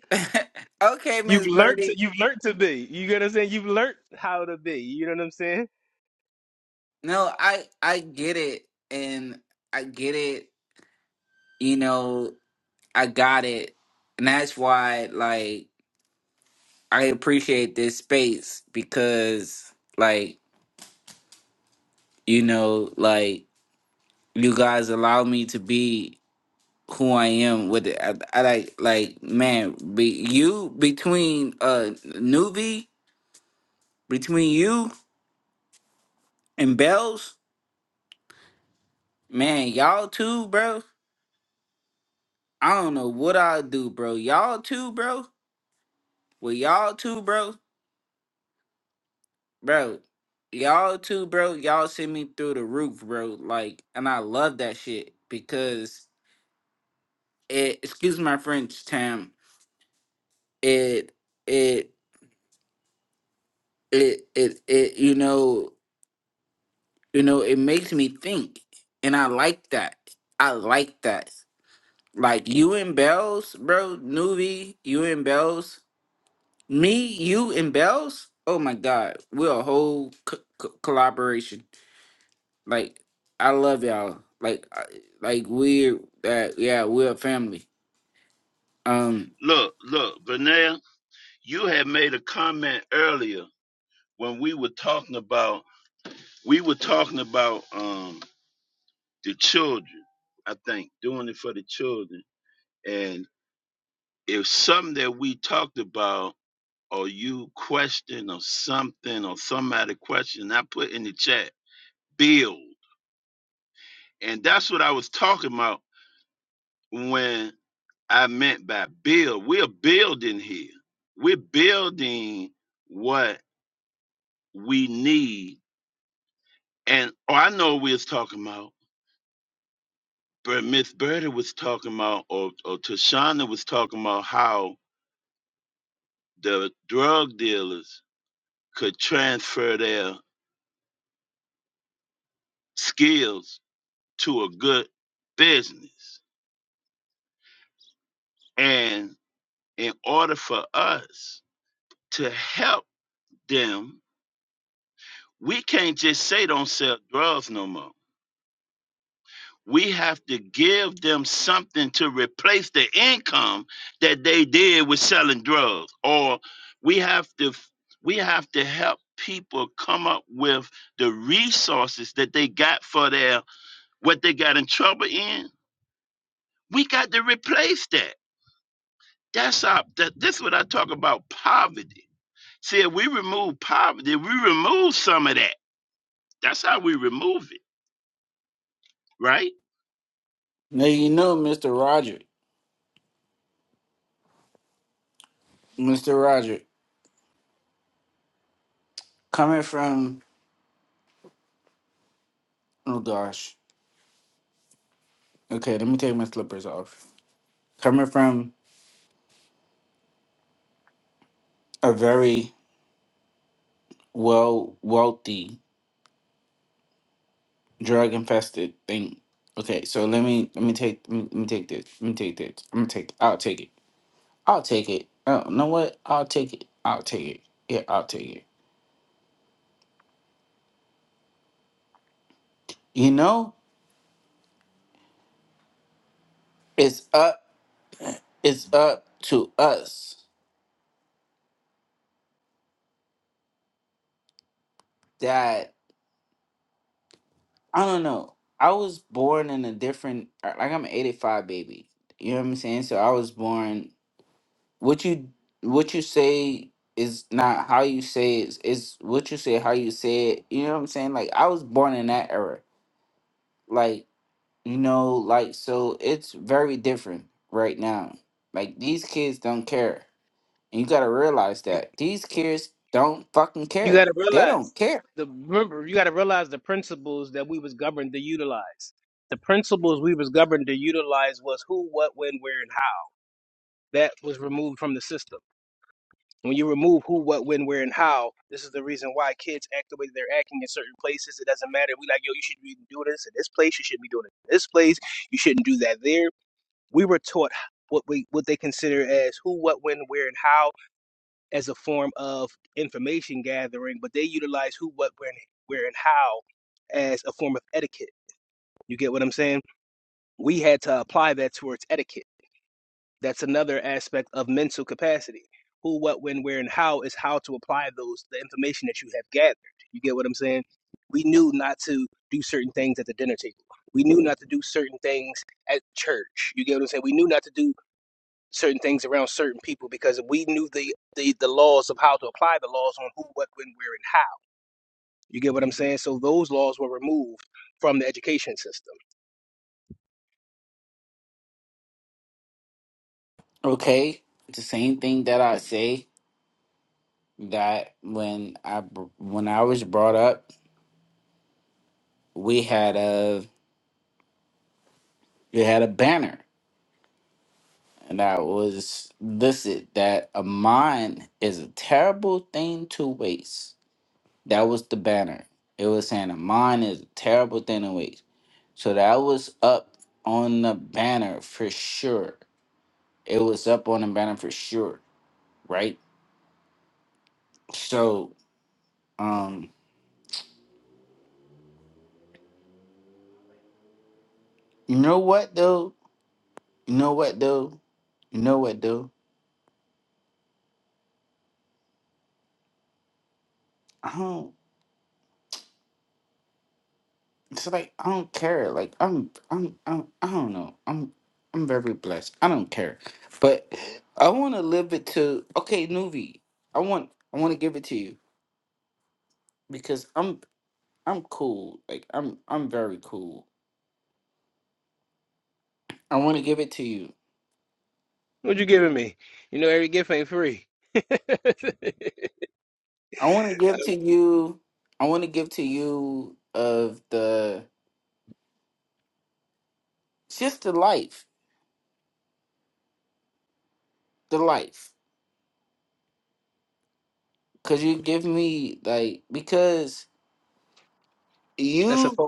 okay, you've Miss learned Birdie. to, you've learned to be you get what i'm saying you've learned how to be you know what i'm saying No, I I get it, and I get it. You know, I got it, and that's why, like. I appreciate this space because, like, you know, like you guys allow me to be who I am. With it. I, I like, like, man, be, you between uh Nuvi, between you and Bells, man, y'all two, bro. I don't know what i do, bro. Y'all two, bro. With y'all two, bro, bro. Y'all two, bro. Y'all send me through the roof, bro. Like, and I love that shit because. it excuse my French, Tam. It it it it it you know you know it makes me think, and I like that. I like that. Like you and Bells, bro, Nuvi, you and Bells, me, you and Bells. Oh my God, we're a whole co- co- collaboration. Like I love y'all. Like I, like we're that yeah we're a family. Um, Look, look, Vernell, you had made a comment earlier when we were talking about we were talking about um the children, I think, doing it for the children. And if something that we talked about or you question or something or somebody question, I put in the chat, build. And that's what I was talking about when I meant by build. We're building here. We're building what we need and oh, I know we was talking about but Miss Birdie was talking about or, or Tashana was talking about how the drug dealers could transfer their skills to a good business. And in order for us to help them, we can't just say don't sell drugs no more we have to give them something to replace the income that they did with selling drugs or we have to we have to help people come up with the resources that they got for their what they got in trouble in we got to replace that that's our that, this is what i talk about poverty see if we remove poverty we remove some of that that's how we remove it right now you know Mr. Roger, Mr. Roger coming from Oh gosh. Okay, let me take my slippers off. Coming from a very well wealthy, drug infested thing. Okay, so let me let me take let me, let me take this. Let me take this. I'm gonna take I'll take it. I'll take it. Oh, you know what? I'll take it. I'll take it. Yeah, I'll take it. You know, it's up it's up to us that I don't know. I was born in a different like I'm an 85 baby. You know what I'm saying? So I was born what you what you say is not how you say it, it's what you say how you say it you know what i'm saying like i was born in that era like you know like so it's very different right now like these kids don't care and you gotta realize that these kids don't fucking You care got to they don't realize care the remember you got to realize the principles that we was governed to utilize. The principles we was governed to utilize was who, what, when, where, and how. That was removed from the system. When you remove who, what, when, where, and how, this is the reason why kids act the way they're acting in certain places. It doesn't matter. We like, yo, you should be doing this in this place. You shouldn't be doing it in this place. You shouldn't do that there. We were taught what we what they consider as who, what, when, where, and how as a form of information gathering, but they utilize who, what, when, where, and how as a form of etiquette. You get what I'm saying? We had to apply that towards etiquette. That's another aspect of mental capacity. Who, what, when, where, and how is how to apply those the information that you have gathered. You get what I'm saying? We knew not to do certain things at the dinner table. We knew not to do certain things at church. You get what I'm saying? We knew not to do certain things around certain people because we knew the, the the laws of how to apply the laws on who, what, when, where, and how. You get what I'm saying? So those laws were removed from the education system. okay the same thing that i say that when i br- when i was brought up we had a we had a banner and I was listed that a mind is a terrible thing to waste. That was the banner. It was saying a mind is a terrible thing to waste. So that was up on the banner for sure. It was up on the banner for sure, right? So, um, you know what though? You know what though? You know what though? I don't. it's like I don't care. Like I'm, I'm, I'm I don't know. I'm, I'm very blessed. I don't care, but I want to live it to. Okay, Nuvi, I want, I want to give it to you because I'm, I'm cool. Like I'm, I'm very cool. I want to give it to you. What you giving me? You know, every gift ain't free. I want to give to you. I want to give to you of the just the life, the life, because you give me like because that's a you fun,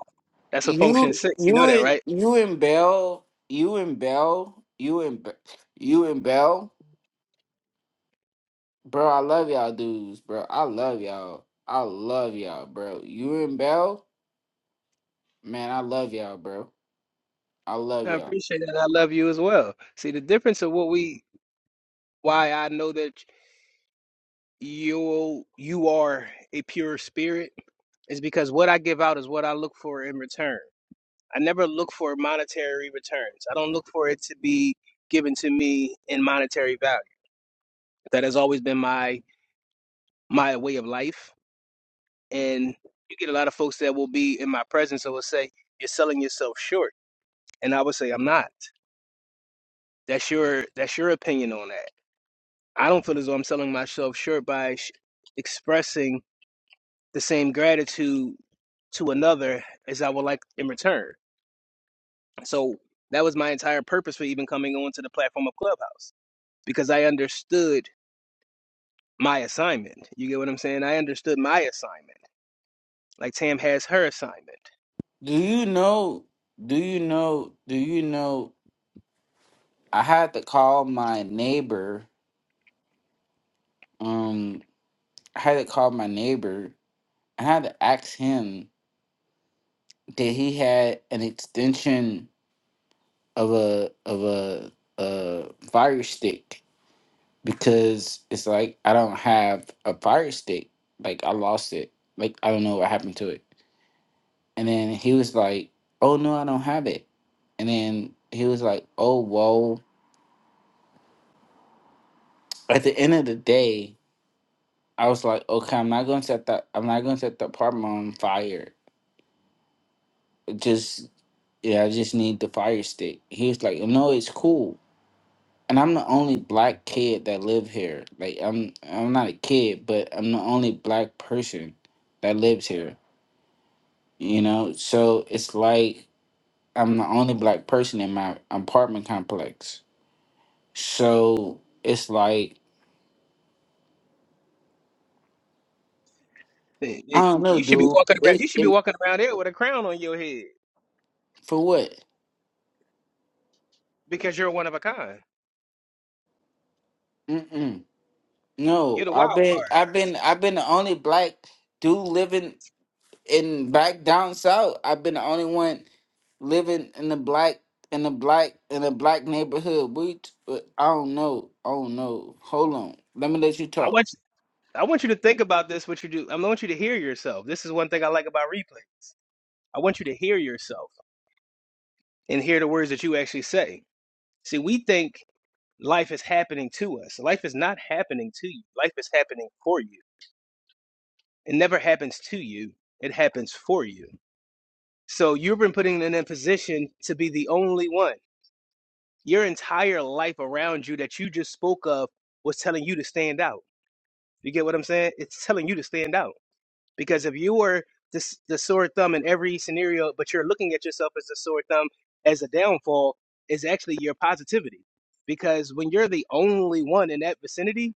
that's a function you six. You you know that, and right? you and Bell, you and Bell, you and Be- you and Bell, bro. I love y'all dudes, bro. I love y'all. I love y'all, bro. You and Bell, man, I love y'all, bro. I love I y'all. appreciate that. I love you as well. See the difference of what we why I know that you you are a pure spirit is because what I give out is what I look for in return. I never look for monetary returns. I don't look for it to be given to me in monetary value. That has always been my my way of life. And you get a lot of folks that will be in my presence that will say, You're selling yourself short. And I would say, I'm not. That's your that's your opinion on that. I don't feel as though I'm selling myself short by sh- expressing the same gratitude to another as I would like in return. So that was my entire purpose for even coming onto the platform of Clubhouse because I understood my assignment. You get what I'm saying? I understood my assignment. Like Tam has her assignment. Do you know? Do you know? Do you know? I had to call my neighbor. Um, I had to call my neighbor. I had to ask him that he had an extension of a of a a fire stick because it's like I don't have a fire stick. Like I lost it. Like I don't know what happened to it. And then he was like, "Oh no, I don't have it." And then he was like, "Oh whoa At the end of the day, I was like, "Okay, I'm not going to set that. I'm not going to set the apartment on fire. Just yeah, I just need the fire stick." He was like, "No, it's cool." and I'm the only black kid that live here. Like I'm I'm not a kid, but I'm the only black person that lives here. You know, so it's like I'm the only black person in my apartment complex. So it's like It- I it- don't know, you should be dude. walking around. It, You should be it walking around there with a crown on your head for what? because you're one of a kind. Mm-mm. No, You're the I've wild been card. I've been I've been the only black dude living in back down south. I've been the only one living in the black in the black in a black neighborhood. We t- uh, I don't know. I don't know. Hold on. Let me let you I talk. want you, I want you to think about this. What you do? I want you to hear yourself. This is one thing I like about replay. I want you to hear yourself and hear the words that you actually say. See, we think life is happening to us. Life is not happening to you. Life is happening for you. It never happens to you. It happens for you. So you've been putting in a position to be the only one. Your entire life around you that you just spoke of was telling you to stand out. You get what I'm saying? It's telling you to stand out. Because if you were the, s- the sore thumb in every scenario, but you're looking at yourself as a sore thumb, as a downfall, is actually your positivity. Because when you're the only one in that vicinity,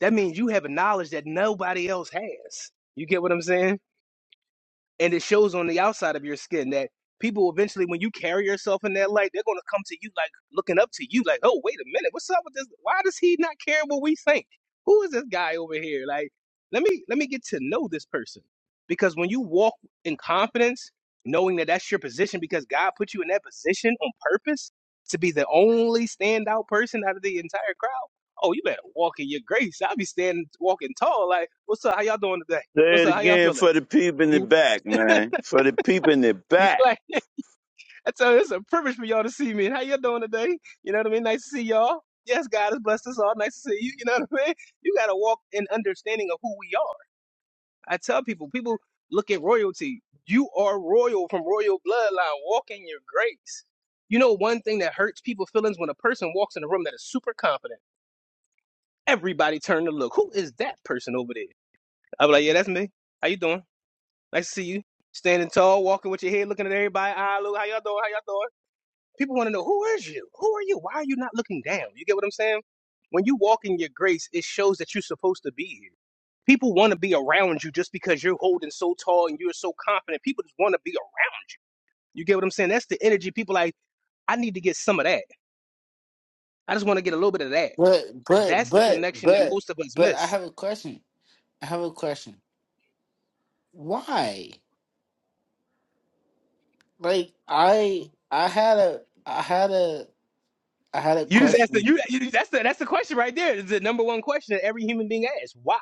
that means you have a knowledge that nobody else has. You get what I'm saying? and it shows on the outside of your skin that people eventually when you carry yourself in that light they're going to come to you like looking up to you like oh wait a minute what's up with this why does he not care what we think who is this guy over here like let me let me get to know this person because when you walk in confidence knowing that that's your position because god put you in that position on purpose to be the only standout person out of the entire crowd oh you better walk in your grace i'll be standing walking tall like what's up how y'all doing today Say what's it up how y'all again for feeling the people in the back, man. For the people in the back. like That's so it's a privilege for y'all to see me. And how you all doing today? You know what I mean? Nice to see y'all. Yes, God has blessed us all. Nice to see you. You know what I mean? You got to walk in understanding of who we are. I tell people, people look at royalty. You are royal from royal bloodline. Walk in your grace. You know, one thing that hurts people's feelings when a person walks in a room that is super confident. Everybody turn to look. Who is that person over there? i will be like, yeah, that's me. How you doing? Nice to see you. Standing tall, walking with your head, looking at everybody. Ah, look, how y'all doing? How y'all doing? People want to know who is you? Who are you? Why are you not looking down? You get what I'm saying? When you walk in your grace, it shows that you're supposed to be here. People want to be around you just because you're holding so tall and you're so confident. People just want to be around you. You get what I'm saying? That's the energy. People like, I need to get some of that. I just want to get a little bit of that. But but That's the but connection that but most of us but I miss. have a question. I have a question. Why? Like I I had a I had a I had a You just asked the, question. you, you that's the that's the question right there. It's the number one question that every human being asks. Why?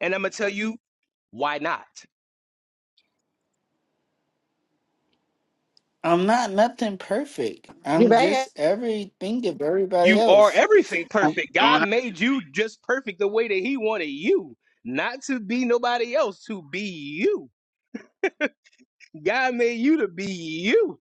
And I'm gonna tell you why not? I'm not nothing perfect. You I'm just bet. everything of everybody You are else. everything I'm, perfect. Don't God have made you just perfect the way that He wanted you, not to be nobody else, to be you. God made you to be you.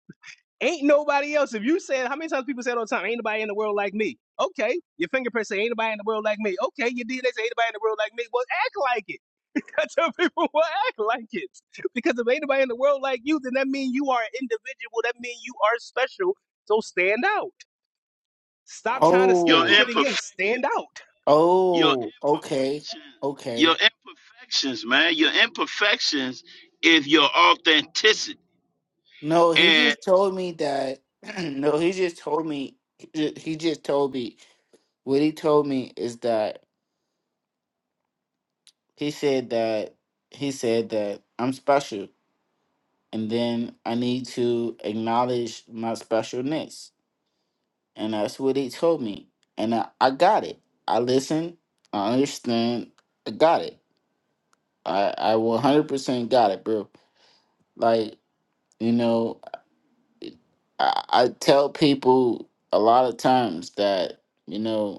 Ain't nobody else. If you said, how many times people say it all the time, ain't nobody in the world like me? Okay. Your fingerprint say, ain't nobody in the world like me. Okay. Your DNA say, ain't nobody in the world like me. Well, act like it. I tell people, well, act like it. Because if ain't nobody in the world like you, then that means you are an individual. That means you are special. So stand out. Stop trying to stay your oh fitting in. imperfections. Stand out. Your oh okay imperfections. Your okay imperfections, man. Your imperfections is your authenticity. No, he And just told me that. No, he just told me. He ju- he just told me what he told me is that he said that he said that I'm special, and then I need to acknowledge my specialness, and that's what he told me, and I, I got it. I listened. I understand. I got it. I I 100% got it, bro. Like you know, I, I tell people a lot of times that you know.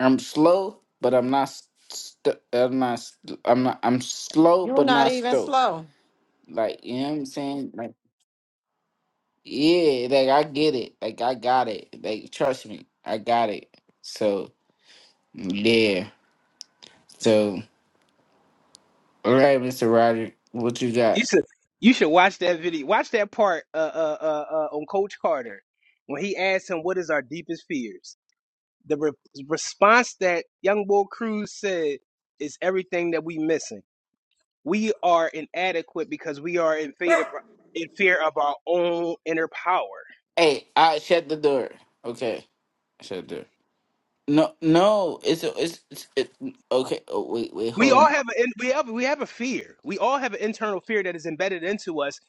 I'm slow, but I'm not. St- I'm not. St- I'm not. I'm slow, You're but not not even slow. slow. Like you know what I'm saying? Like yeah, like I get it. Like I got it. Like trust me, I got it. So yeah. So all right, Mister Roger, what you You got? should you should watch that video. Watch that part uh, uh, uh, uh, on Coach Carter when he asked him, "What is our deepest fears?" The re- response that Young Boy Cruz said is everything that we missing. We are inadequate because we are in fear of in fear of our own inner power. Hey, I shut the door. Okay, shut the door. No, no, it's it's, it's it, okay. Oh wait, wait, We hold all on. have an we have we have a fear. We all have an internal fear that is embedded into us.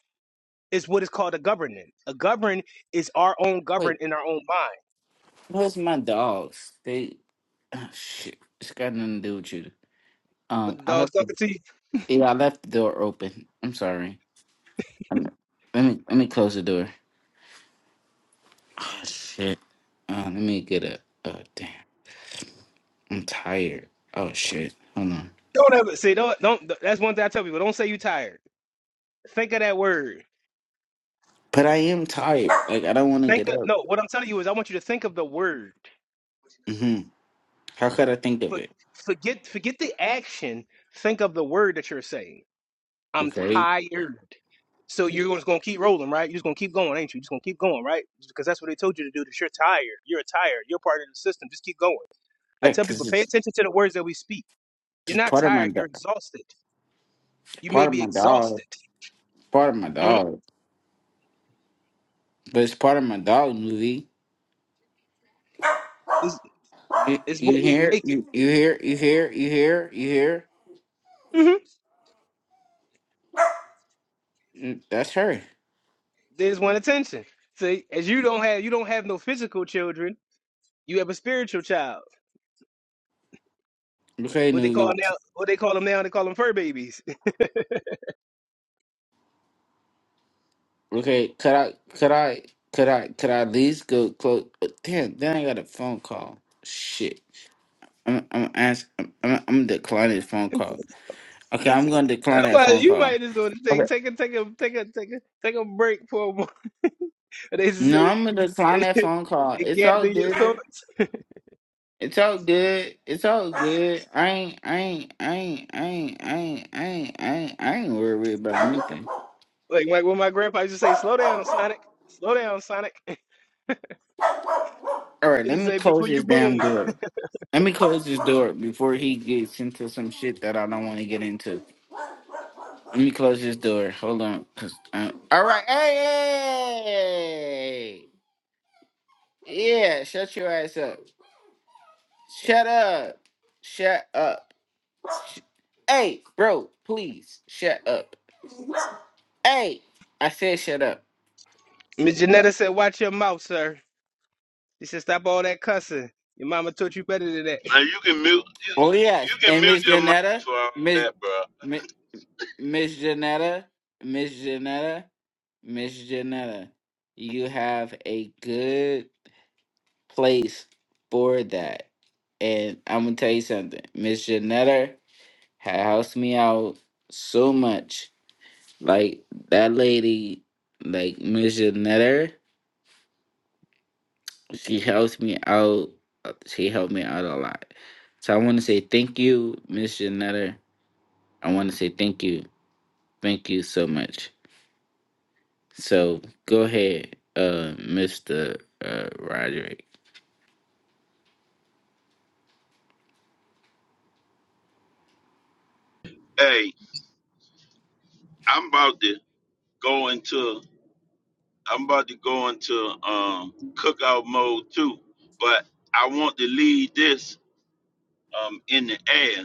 Is what is called a governance. A govern is our own govern Wait, in our own mind. where's my dogs? They, oh, shit, it's got nothing to do with you. What Um, the I dog's left. talking to you? yeah, I left the door open. I'm sorry. I'm, let me let me close the door. Oh shit. Uh, let me get a. Oh damn. I'm tired. Oh shit. Hold on. Don't ever see. Don't don't. That's one thing I tell people. Don't say you tired. Think of that word. But I am tired. Like I don't want to Think get of up. no. What I'm telling you is, I want you to think of the word. hmm How could I think of For, it? forget forget the action. Think of the word that you're saying. I'm Okay. tired. So you're just gonna keep rolling, right? You're just gonna keep going, ain't you? Just gonna keep going, right? Because that's what they told you to do. That you're tired. You're tired. You're part of the system. Just keep going. I Yeah, tell cause people, pay it's, attention to the words that we speak. You're it's not part of my tired. You're dog. exhausted. You may Part of be my dog. exhausted. Part of my Mhm. dog. But it's part of my dog movie. It's, You, it's you what we hear? make You you hear? You hear? You hear? You hear? it. Mm, That's her. They just want attention. So as you don't have you don't have no physical children, you have a spiritual child. Okay, What they call newbie. now what they call them now, they call them fur babies. Okay, could I, could I, could I, could I at least go close? Damn, then I got a phone call. Shit, I'm, I'm ask, I'm, I'm I'm declining this phone call. Okay, I'm gonna decline that so phone you call. might just want to Okay. take take a take a take a take a take a break for a moment. They just No, I'm say gonna decline that phone call. they It's all gather your good. thoughts. It's all good. It's all good. I ain't, I ain't, I ain't, I ain't, I ain't, I ain't, I ain't, I ain't worried really about nothing. Like like when my grandpa used to say, Slow down, Sonic. Slow down, Sonic. All right, He let me said, close Before you this damn boom. door. Let me close this door before he gets into some shit that I don't want to get into. Let me close this door. Hold on. 'cause, uh, all right. Hey, hey, hey, hey. yeah. Shut your ass up. Shut up. Shut up. Hey, bro. Please shut up. Hey, I said shut up. Miss Janetta said, Watch your mouth, sir. He said, Stop all that cussing. Your mama taught you better than that. now you can mute Oh you yes. can And Miss mute your mic Janetta, for all Miss that, bro. Mi- Miss Janetta, Miss Janetta, Miss Janetta, you have a good place for that. And I'm gonna tell you something, Miss Janetta. ha- helps me out so much. Like that lady, like Miss Janetta, she helps me out. uh, She helped me out a lot. So I want to say thank you, Miss Janetta. I want to say thank you, thank you so much. So go ahead, uh, Mister uh, Roderick. Hey, I'm about to go into I'm about to go into um cookout mode too. But I want to leave this um in the air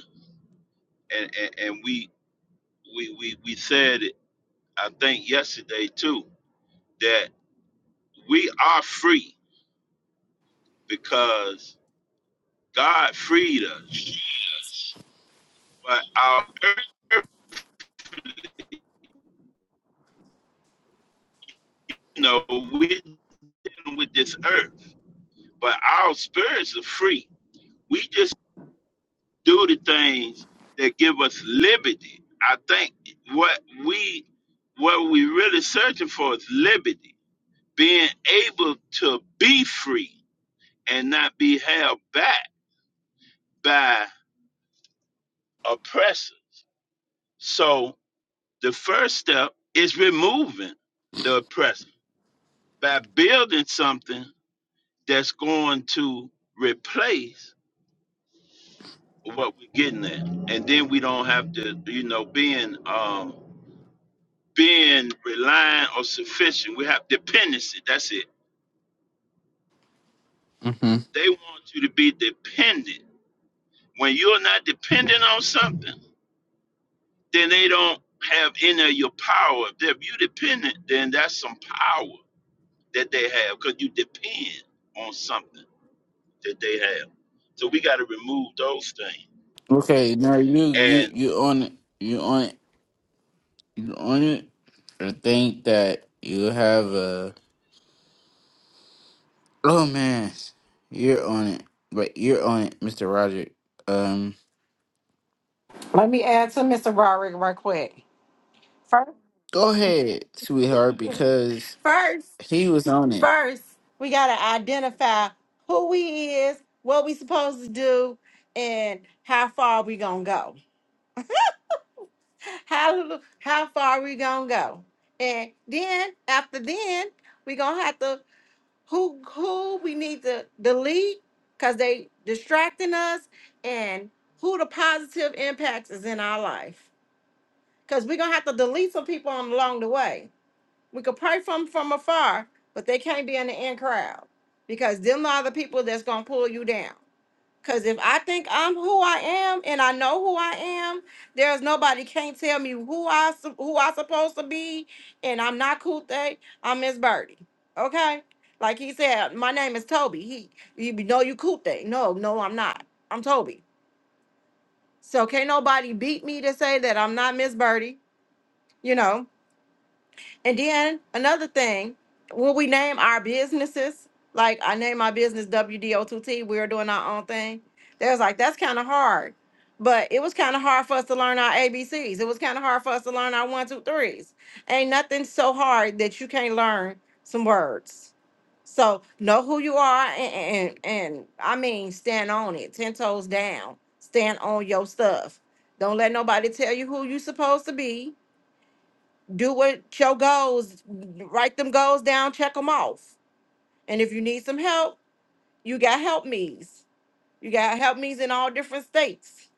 and, and, and we we, we, we said, I think yesterday too, that we are free because God freed us. But our earth, you know, we're dealing with this earth, but our spirits are free. We just do the things that give us liberty. I think what we what we really searching for is liberty, being able to be free and not be held back by oppressors So the first step is removing the oppressor by building something that's going to replace what we're getting at. And then we don't have to, you know, being um being reliant or sufficient. We have dependency. That's it. hmm They want you to be dependent. When you're not dependent on something, then they don't have any of your power. If you're dependent, then that's some power that they have because you depend on something that they have. So we got to remove those things. Okay, now you you And you on it. You on it. You on it. I think that you have a. Oh man, you're on it, but you're on it, Mister Roger. Um, Let me add to Mr. Roderick right quick. go ahead, sweetheart, because First. he was on it. First, we got to identify who we is, what we supposed to do, and how far we going to go. How, how far we going to go. And then, after then, we going to have to, who, who we need to delete because they distracting us and who the positive impacts is in our life. Because we going to have to delete some people on along the way. We could pray from from afar, but they can't be in the in crowd because them are the people that's gonna pull you down. Cause if I think I'm who I am and I know who I am, there's nobody can't tell me who I sup- who I supposed to be, and I'm not Kulte, I'm Miss Birdie. Okay, like he said, my name is Toby. He, you know, you Kulte. No, no, I'm not. I'm Toby. So can't nobody beat me to say that I'm not Miss Birdie. You know. And then another thing, will we name our businesses? Like I name my business WDO2T, we're doing our own thing. They was like, that's kind of hard. But it was kind of hard for us to learn our ABCs. It was kind of hard for us to learn our one, two, threes. Ain't nothing so hard that you can't learn some words. So know who you are and, and and I mean stand on it, ten toes down. Stand on your stuff. Don't let nobody tell you who you supposed to be do what your goals write them goals down check them off and if you need some help you got help me's you got help me's in all different states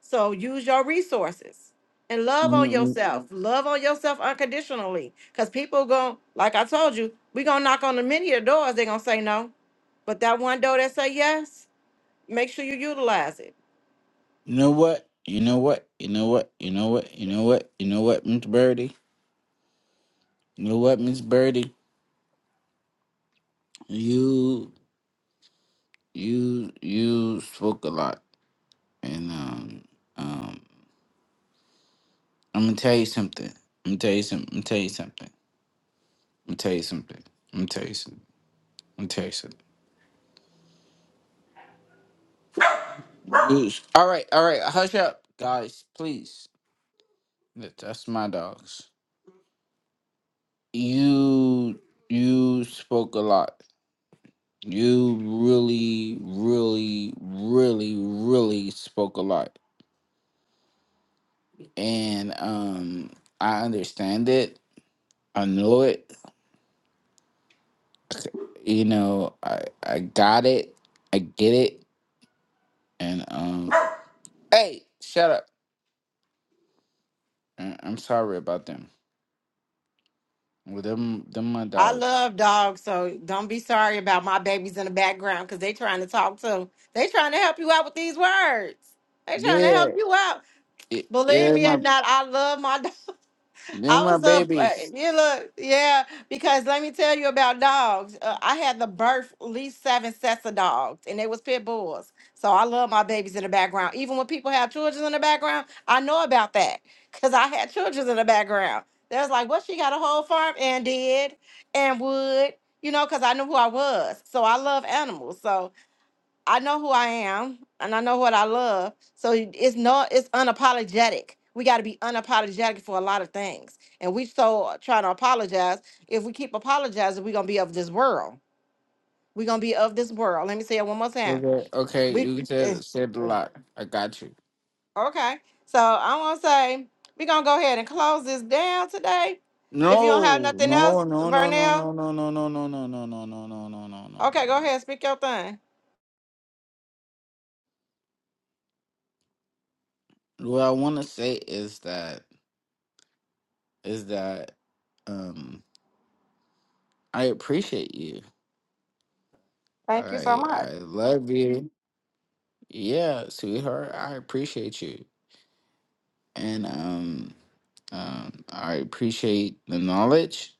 so use your resources and love on Mhm. You yourself love on yourself unconditionally because people going like i told you we gonna knock on the many of the doors they gonna say no but that one door that say yes make sure you utilize it you know what? You know what? You know what? You know what? You know what? You know what, Miss Birdie? You know what, Miss Birdie? You you you spoke a lot, and um um, I'm gonna tell you something. I'm gonna tell you something. I'm gonna tell you something. I'm gonna tell you something. I'm gonna tell you something. Yeesh. All right, all right. Hush up, guys, please. That- That's my dogs. You you spoke a lot. You really, really, really, really spoke a lot, and um, I understand it. I know it. You know, I I got it. I get it. And um, hey, shut up. I- I'm sorry about them. Well, them them my I dogs. love dogs, so don't be sorry about my babies in the background because they trying to talk too. They trying to help you out with these words. They trying to Yeah, help you out. it, Believe yeah, me or my not, I love my They're I my was up. uh, babies. You look, yeah. Because let me tell you about dogs. Uh, I had the birth at least seven sets of dogs, and they was pit bulls. So I love my babies in the background. Even when people have children in the background, I know about that because I had children in the background. They was like, "What? She got a whole farm and did and would." You know, because I knew who I was. So I love animals. So I know who I am and I know what I love. So it's no, it's unapologetic. We got to be unapologetic for a lot of things. And we so trying to apologize. If we keep apologizing, we're going to be of this world. We're going to be of this world. Let me say it one more time. Okay, okay, We you eh, said said a eh, lot. I got you. Okay. So I'm going to say we're going to go ahead and close this down today. If you don't have No, nothing else, no, no, no, no, Vernell, no, no, no, no, no, no, no, no, no, no, no, no, no, okay, go no. ahead. Speak your thing. no. What I want to say is that is that um I appreciate you. Thank you so I much. I love you. Yeah, sweetheart, I appreciate you. And um um I appreciate the knowledge.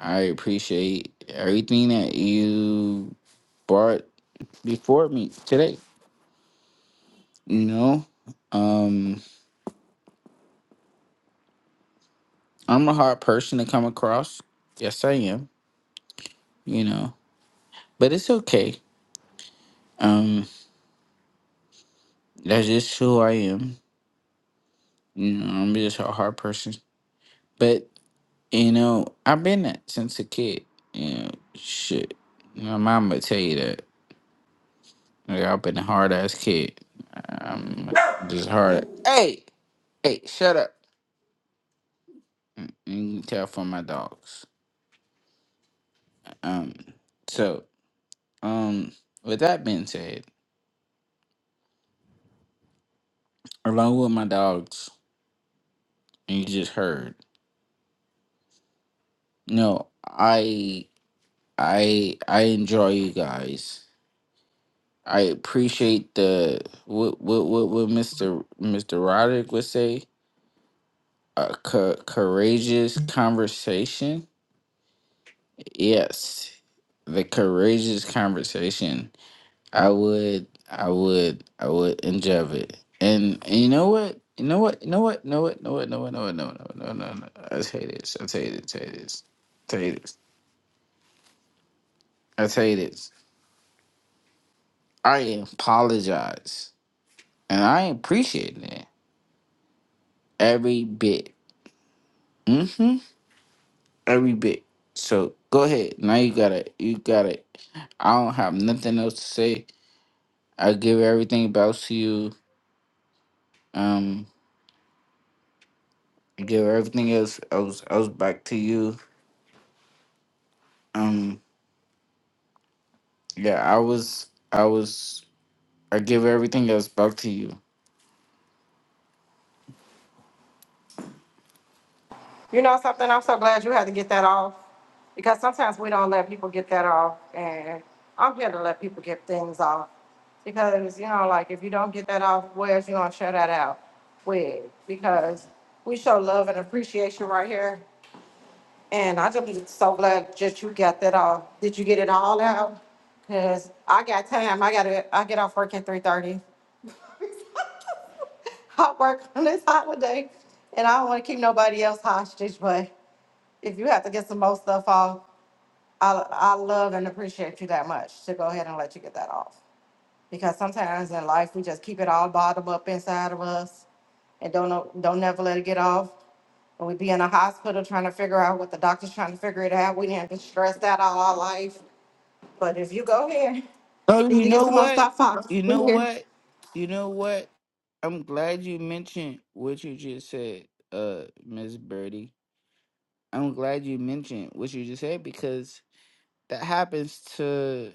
I appreciate everything that you brought before me today. You know, um, I'm a hard person to come across. Yes, I am. You know, but it's okay. Um, that's just who I am. You know, I'm just a hard person. But you know, I've been that since a kid. You know, shit. My mom would tell you that. Like, I've been a hard ass kid. I'm just hard. Hey, hey, shut up. You can tell from my dogs. Um, so, um, with that being said. along with my dogs and you just heard no i i i enjoy you guys i appreciate the what what what, what mr mr roderick would say a co- courageous conversation yes the courageous conversation i would i would i would enjoy it and, and you know what you know what you know what you know what you know what you know what you know what you know what you know what you know what you know what- i'll tell you this i'll tell you this i'll tell you this I tell you this. I apologize. And I appreciate that. Every bit. Mm-hmm. Every bit. So go ahead. Now you got it. You got it. I don't have nothing else to say. I give everything back to you. Um I give everything else else else back to you. Um yeah, I was I was I give everything else back to you. You know something? I'm so glad you had to get that off because sometimes we don't let people get that off, and I'm here to let people get things off because you know, like if you don't get that off, where's you gonna share that out with? Because we show love and appreciation right here, and I just be so glad that you got that off. Did you get it all out? Cause I got time. I gotta. I get off work at three thirty. I work on this holiday, and I don't want to keep nobody else hostage, but if you have to get some more stuff off, I, I love and appreciate you that much to go ahead and let you get that off. Because sometimes in life, we just keep it all bottled up inside of us and don't know, don't never let it get off. And we be in a hospital trying to figure out what the doctor's trying to figure it out. We didn't been stressed out all our life. But if you go here, Oh, need you to get know some more what? stuff off. You We know here. what? You know what? I'm glad you mentioned what you just said, uh, Miss Birdie. I'm glad you mentioned what you just said because that happens to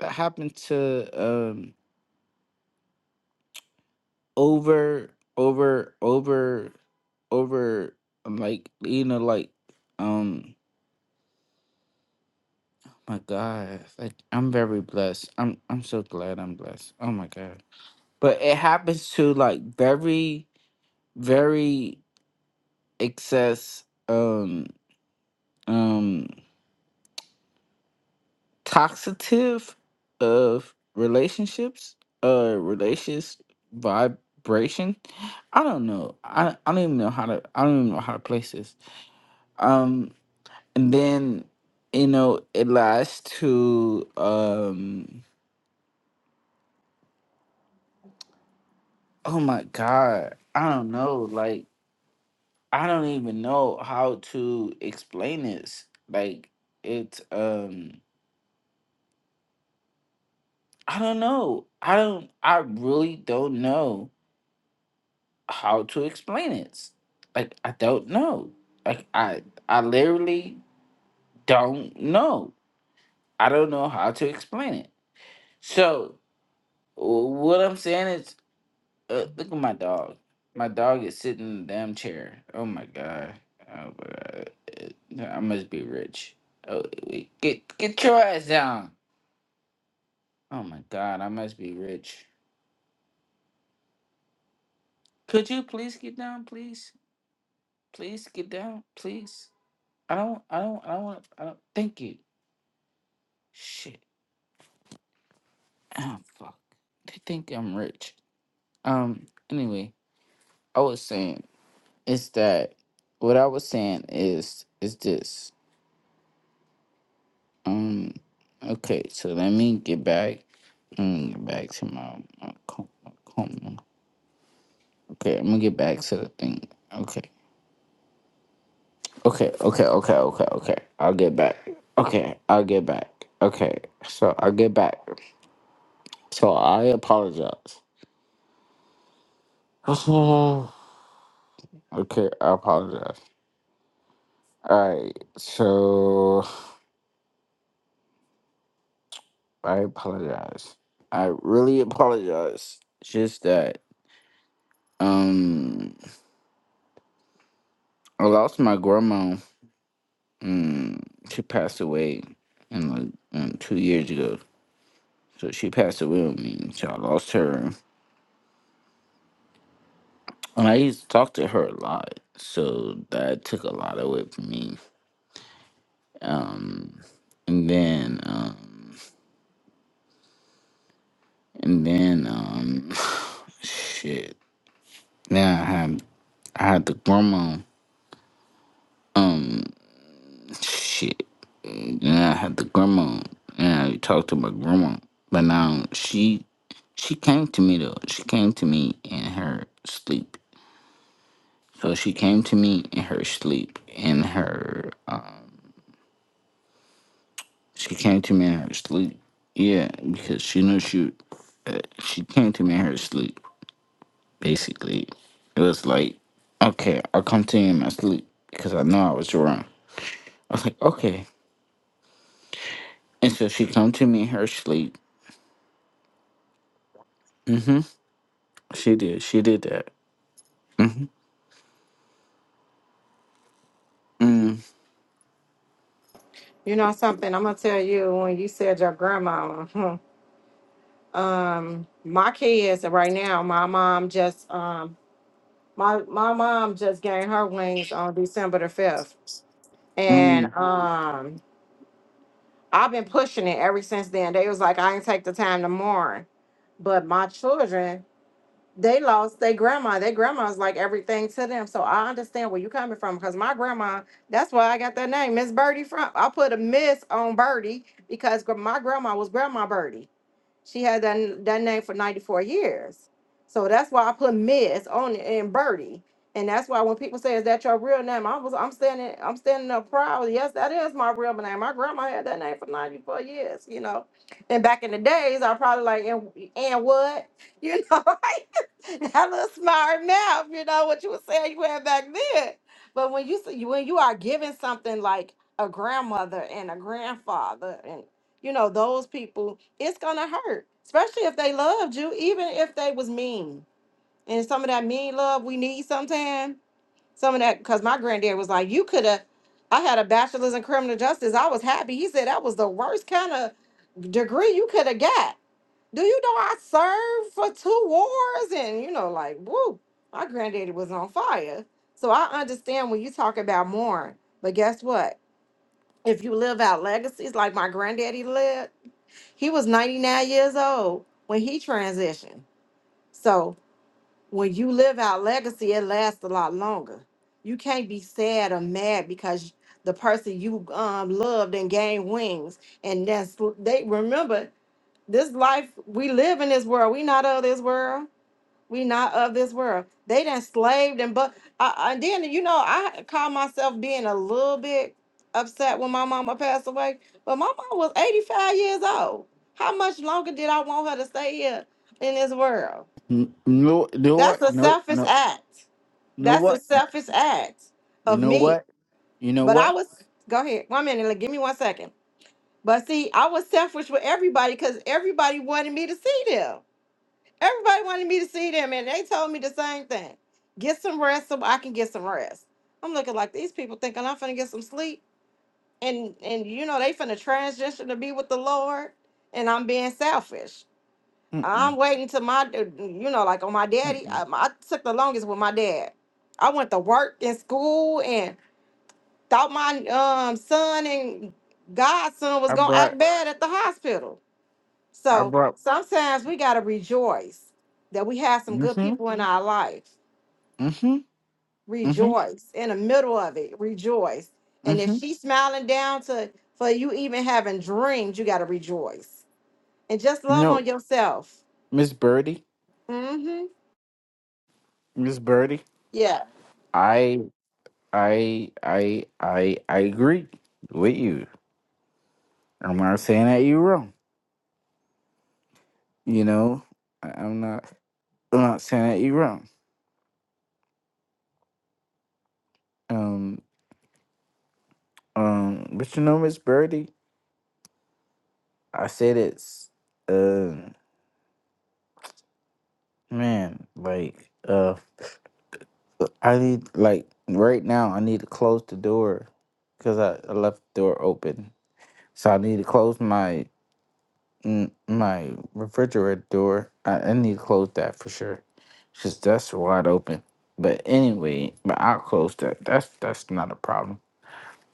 that happened to um over over over over um, like you know like um my god like I'm very blessed. I'm I'm so glad I'm blessed. Oh my god. But it happens to like very very excess um um toxative of relationships uh relations vibration i don't know I, I don't even know how to i don't even know how to place this um and then you know it lies to um oh my god i don't know like i don't even know how to explain this like it's um I don't know. I don't. I really don't know how to explain it. Like I don't know. Like I I literally don't know. I don't know how to explain it. So wh- what I'm saying is, uh, look at my dog. My dog is sitting in the damn chair. Oh my god. Oh my god. Uh, I must be rich. Oh, wait, get get your ass down. Oh my god. I must be rich. Could you please get down, please? Please get down, please. I don't, I don't, I don't want, I don't, thank you. Shit. Oh, fuck. They think I'm rich. Um, anyway, I was saying is that what I was saying is, is this. Um, okay, so let me get back, let me get back to my, my, com my coma. Okay, I'm gonna get back to the thing. Okay, okay, okay, okay, okay, okay. I'll get back. Okay, I'll get back. Okay, so I'll get back. So I apologize. okay, I apologize. All right, so I apologize. I really apologize. Just that um, I lost my grandma. Mm, she passed away, in like um, two years ago. So she passed away with me. So I lost her, and I used to talk to her a lot. So that took a lot away from me. Um, and then um, and then um, shit. Now I had I had the grandma. Um, shit. Now I had the grandma, and I talked to my grandma. But now she, she came to me though. She came to me in her sleep. So she came to me in her sleep. In her, uh, she came to me in her sleep. Yeah, because she knew she. Uh, she came to me in her sleep. Basically, it was like, okay, I'll come to you in my sleep because I know I was wrong. I was like, okay, And so she come to me in her sleep. hmm She did. She did that. hmm mm You know something? I'm gonna tell you when you said your grandmama. Um, my kids right now, my mom just um My my mom just gained her wings on December the fifth, and Mm. um, I've been pushing it ever since then. They was like, I ain't take the time to mourn, but my children, they lost their grandma. Their grandma's like everything to them, so I understand where you coming from. Cause my grandma, that's why I got that name, Miss Birdie. From I put a miss on Birdie because gr- my grandma was Grandma Birdie. She had that, that name for 94 years. So that's why I put Miss on it and Birdie. And that's why when people say, Is that your real name? I was I'm standing I'm standing up proud. Yes, that is my real name. My grandma had that name for 94 years, you know. And back in the days, I probably like and, and what? You know, like that little smart mouth, you know, what you were saying you had back then. But when you see when you are given something like a grandmother and a grandfather you know those people it's gonna hurt especially if they loved you even if they was mean and some of that mean love we need sometimes some of that because my granddad was like you could have i had a bachelor's in criminal justice i was happy he said that was the worst kind of degree you could have got do you know i served for two wars and you know like woo. my granddaddy was on fire so i understand when you talk about mourn but guess what if you live out legacies like my granddaddy lived he was 99 years old when he transitioned. So when you live out legacy, it lasts a lot longer. You can't be sad or mad because the person you um, loved and gained wings. And that's they remember this life we live in this world. We not of this world we not of this world. They done slaved and but uh, and then you know I call myself being a little bit upset when my mama passed away, but my mom was 85 years old. How much longer did I want her to stay here in this world? N- No, no, That's what? a No, selfish no, act. no, That's a what? selfish act You of know me. what? You know But I what? was go ahead. One minute, like, give me one second. But see, I was selfish with everybody because everybody wanted me to see them. Everybody wanted me to see them, and they told me the same thing. Get some rest so I can get some rest. I'm looking like these people thinking I'm finna get some sleep, and and you know they finna transition to be with the Lord, and I'm being selfish. Mm-mm. I'm waiting till my, uh, you know, like on my daddy. Mm-mm. I, I took the longest with my dad. I went to work and school and thought my um son and godson was I gonna act brought, bad at the hospital I so brought, sometimes we got to rejoice that we have some good mm-hmm, people in our life. mm-hmm, mm-hmm, Rejoice in the middle of it. Rejoice. And if mm-hmm. she's smiling down to for you even having dreams, you got to rejoice and just love on No, yourself. Miss Birdie, Mm-hmm. Miss Birdie, Yeah. I, I, I, I, I agree with you. I'm not saying that you're wrong. You know, I- I'm not, I'm not saying that you're wrong. Um, Um, but you know, Miss Birdie, I said it's uh man, like uh I need like right now I need to close the door because I, I left the door open. So I need to close my mm, my refrigerator door. I, I need to close that for sure. Cause that's wide open. But anyway, but I'll close that. That's that's not a problem.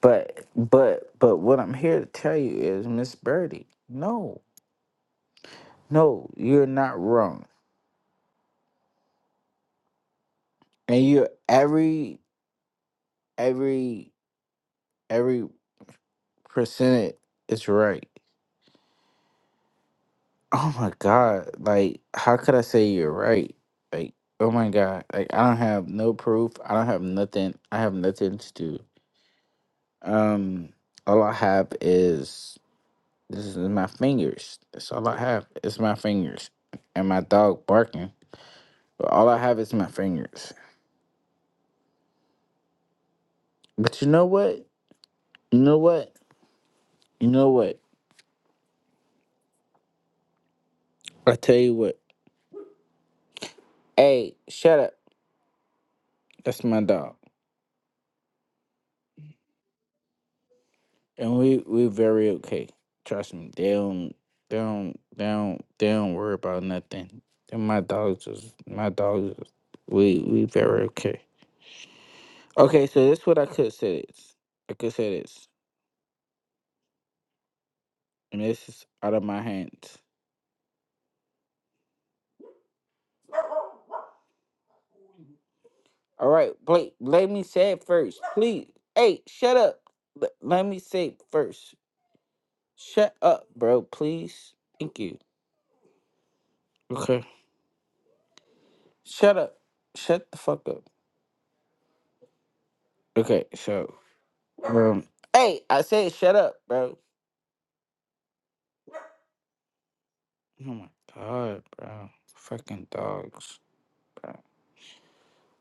But but but what I'm here to tell you is Miss Birdie, no, no, you're not wrong And you every every every percent is right. Oh my god. Like how could I say you're right? Like oh my god. Like I don't have no proof. I don't have nothing. I have nothing to do. Um all I have is this is my fingers. That's all I have. It's my fingers. And my dog barking. But all I have is my fingers. But you know what? You know what? You know what? I tell you what. Hey, shut up. That's my dog. and we we're very okay. Trust me, they don't they don't they don't they don't worry about nothing. And my dogs is my dogs. Is, we we very okay. Okay, so that's what I could say. This I could say this, and this is out of my hands. All right, Blake, let me say it first, please. Hey, shut up. Let, let me say it first. Shut up, bro. Please. Thank you. Okay. Shut up. Shut the fuck up. Okay, so Um, hey, I said shut up, bro. Oh my god, bro. Fucking dogs, bro.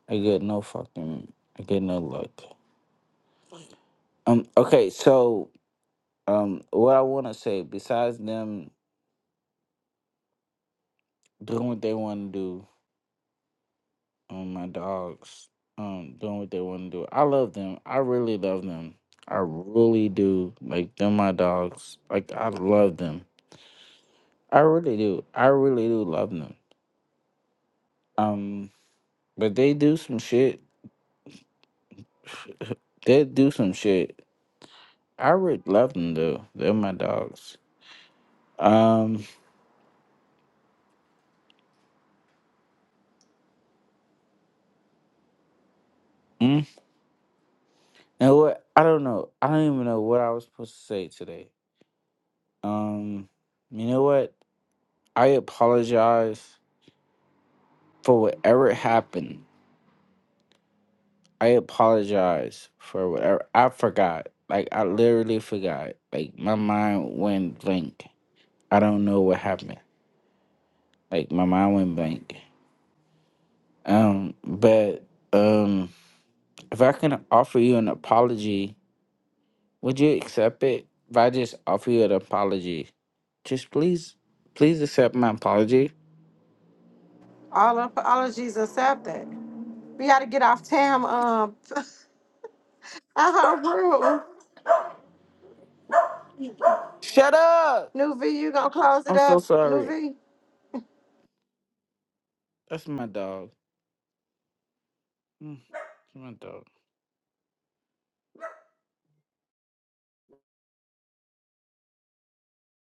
I get no fucking, I get no luck. Um, okay, so, um, what I want to say, besides them doing what they want to do, um, my dogs, um, doing what they want to do, I love them. I really love them. I really do. Like, them, my dogs. Like, I love them. I really do. I really do love them. Um, but they do some shit. They do some shit. I really love them though. They're my dogs. Um, mm, and what? I don't know. I don't even know what I was supposed to say today. Um, you know what? I apologize for whatever happened. I apologize for whatever. I forgot. Like I literally forgot. Like my mind went blank. I don't know what happened. Like my mind went blank. Um, but um, if I can offer you an apology Would you accept it if I just offer you an apology? Just please, please accept my apology. All apologies accepted. We got to get off Tam um out her room. Shut up! Nuvi, you gonna close it I'm so up? sorry. Nuvi. That's my dog. Mm, That's my dog.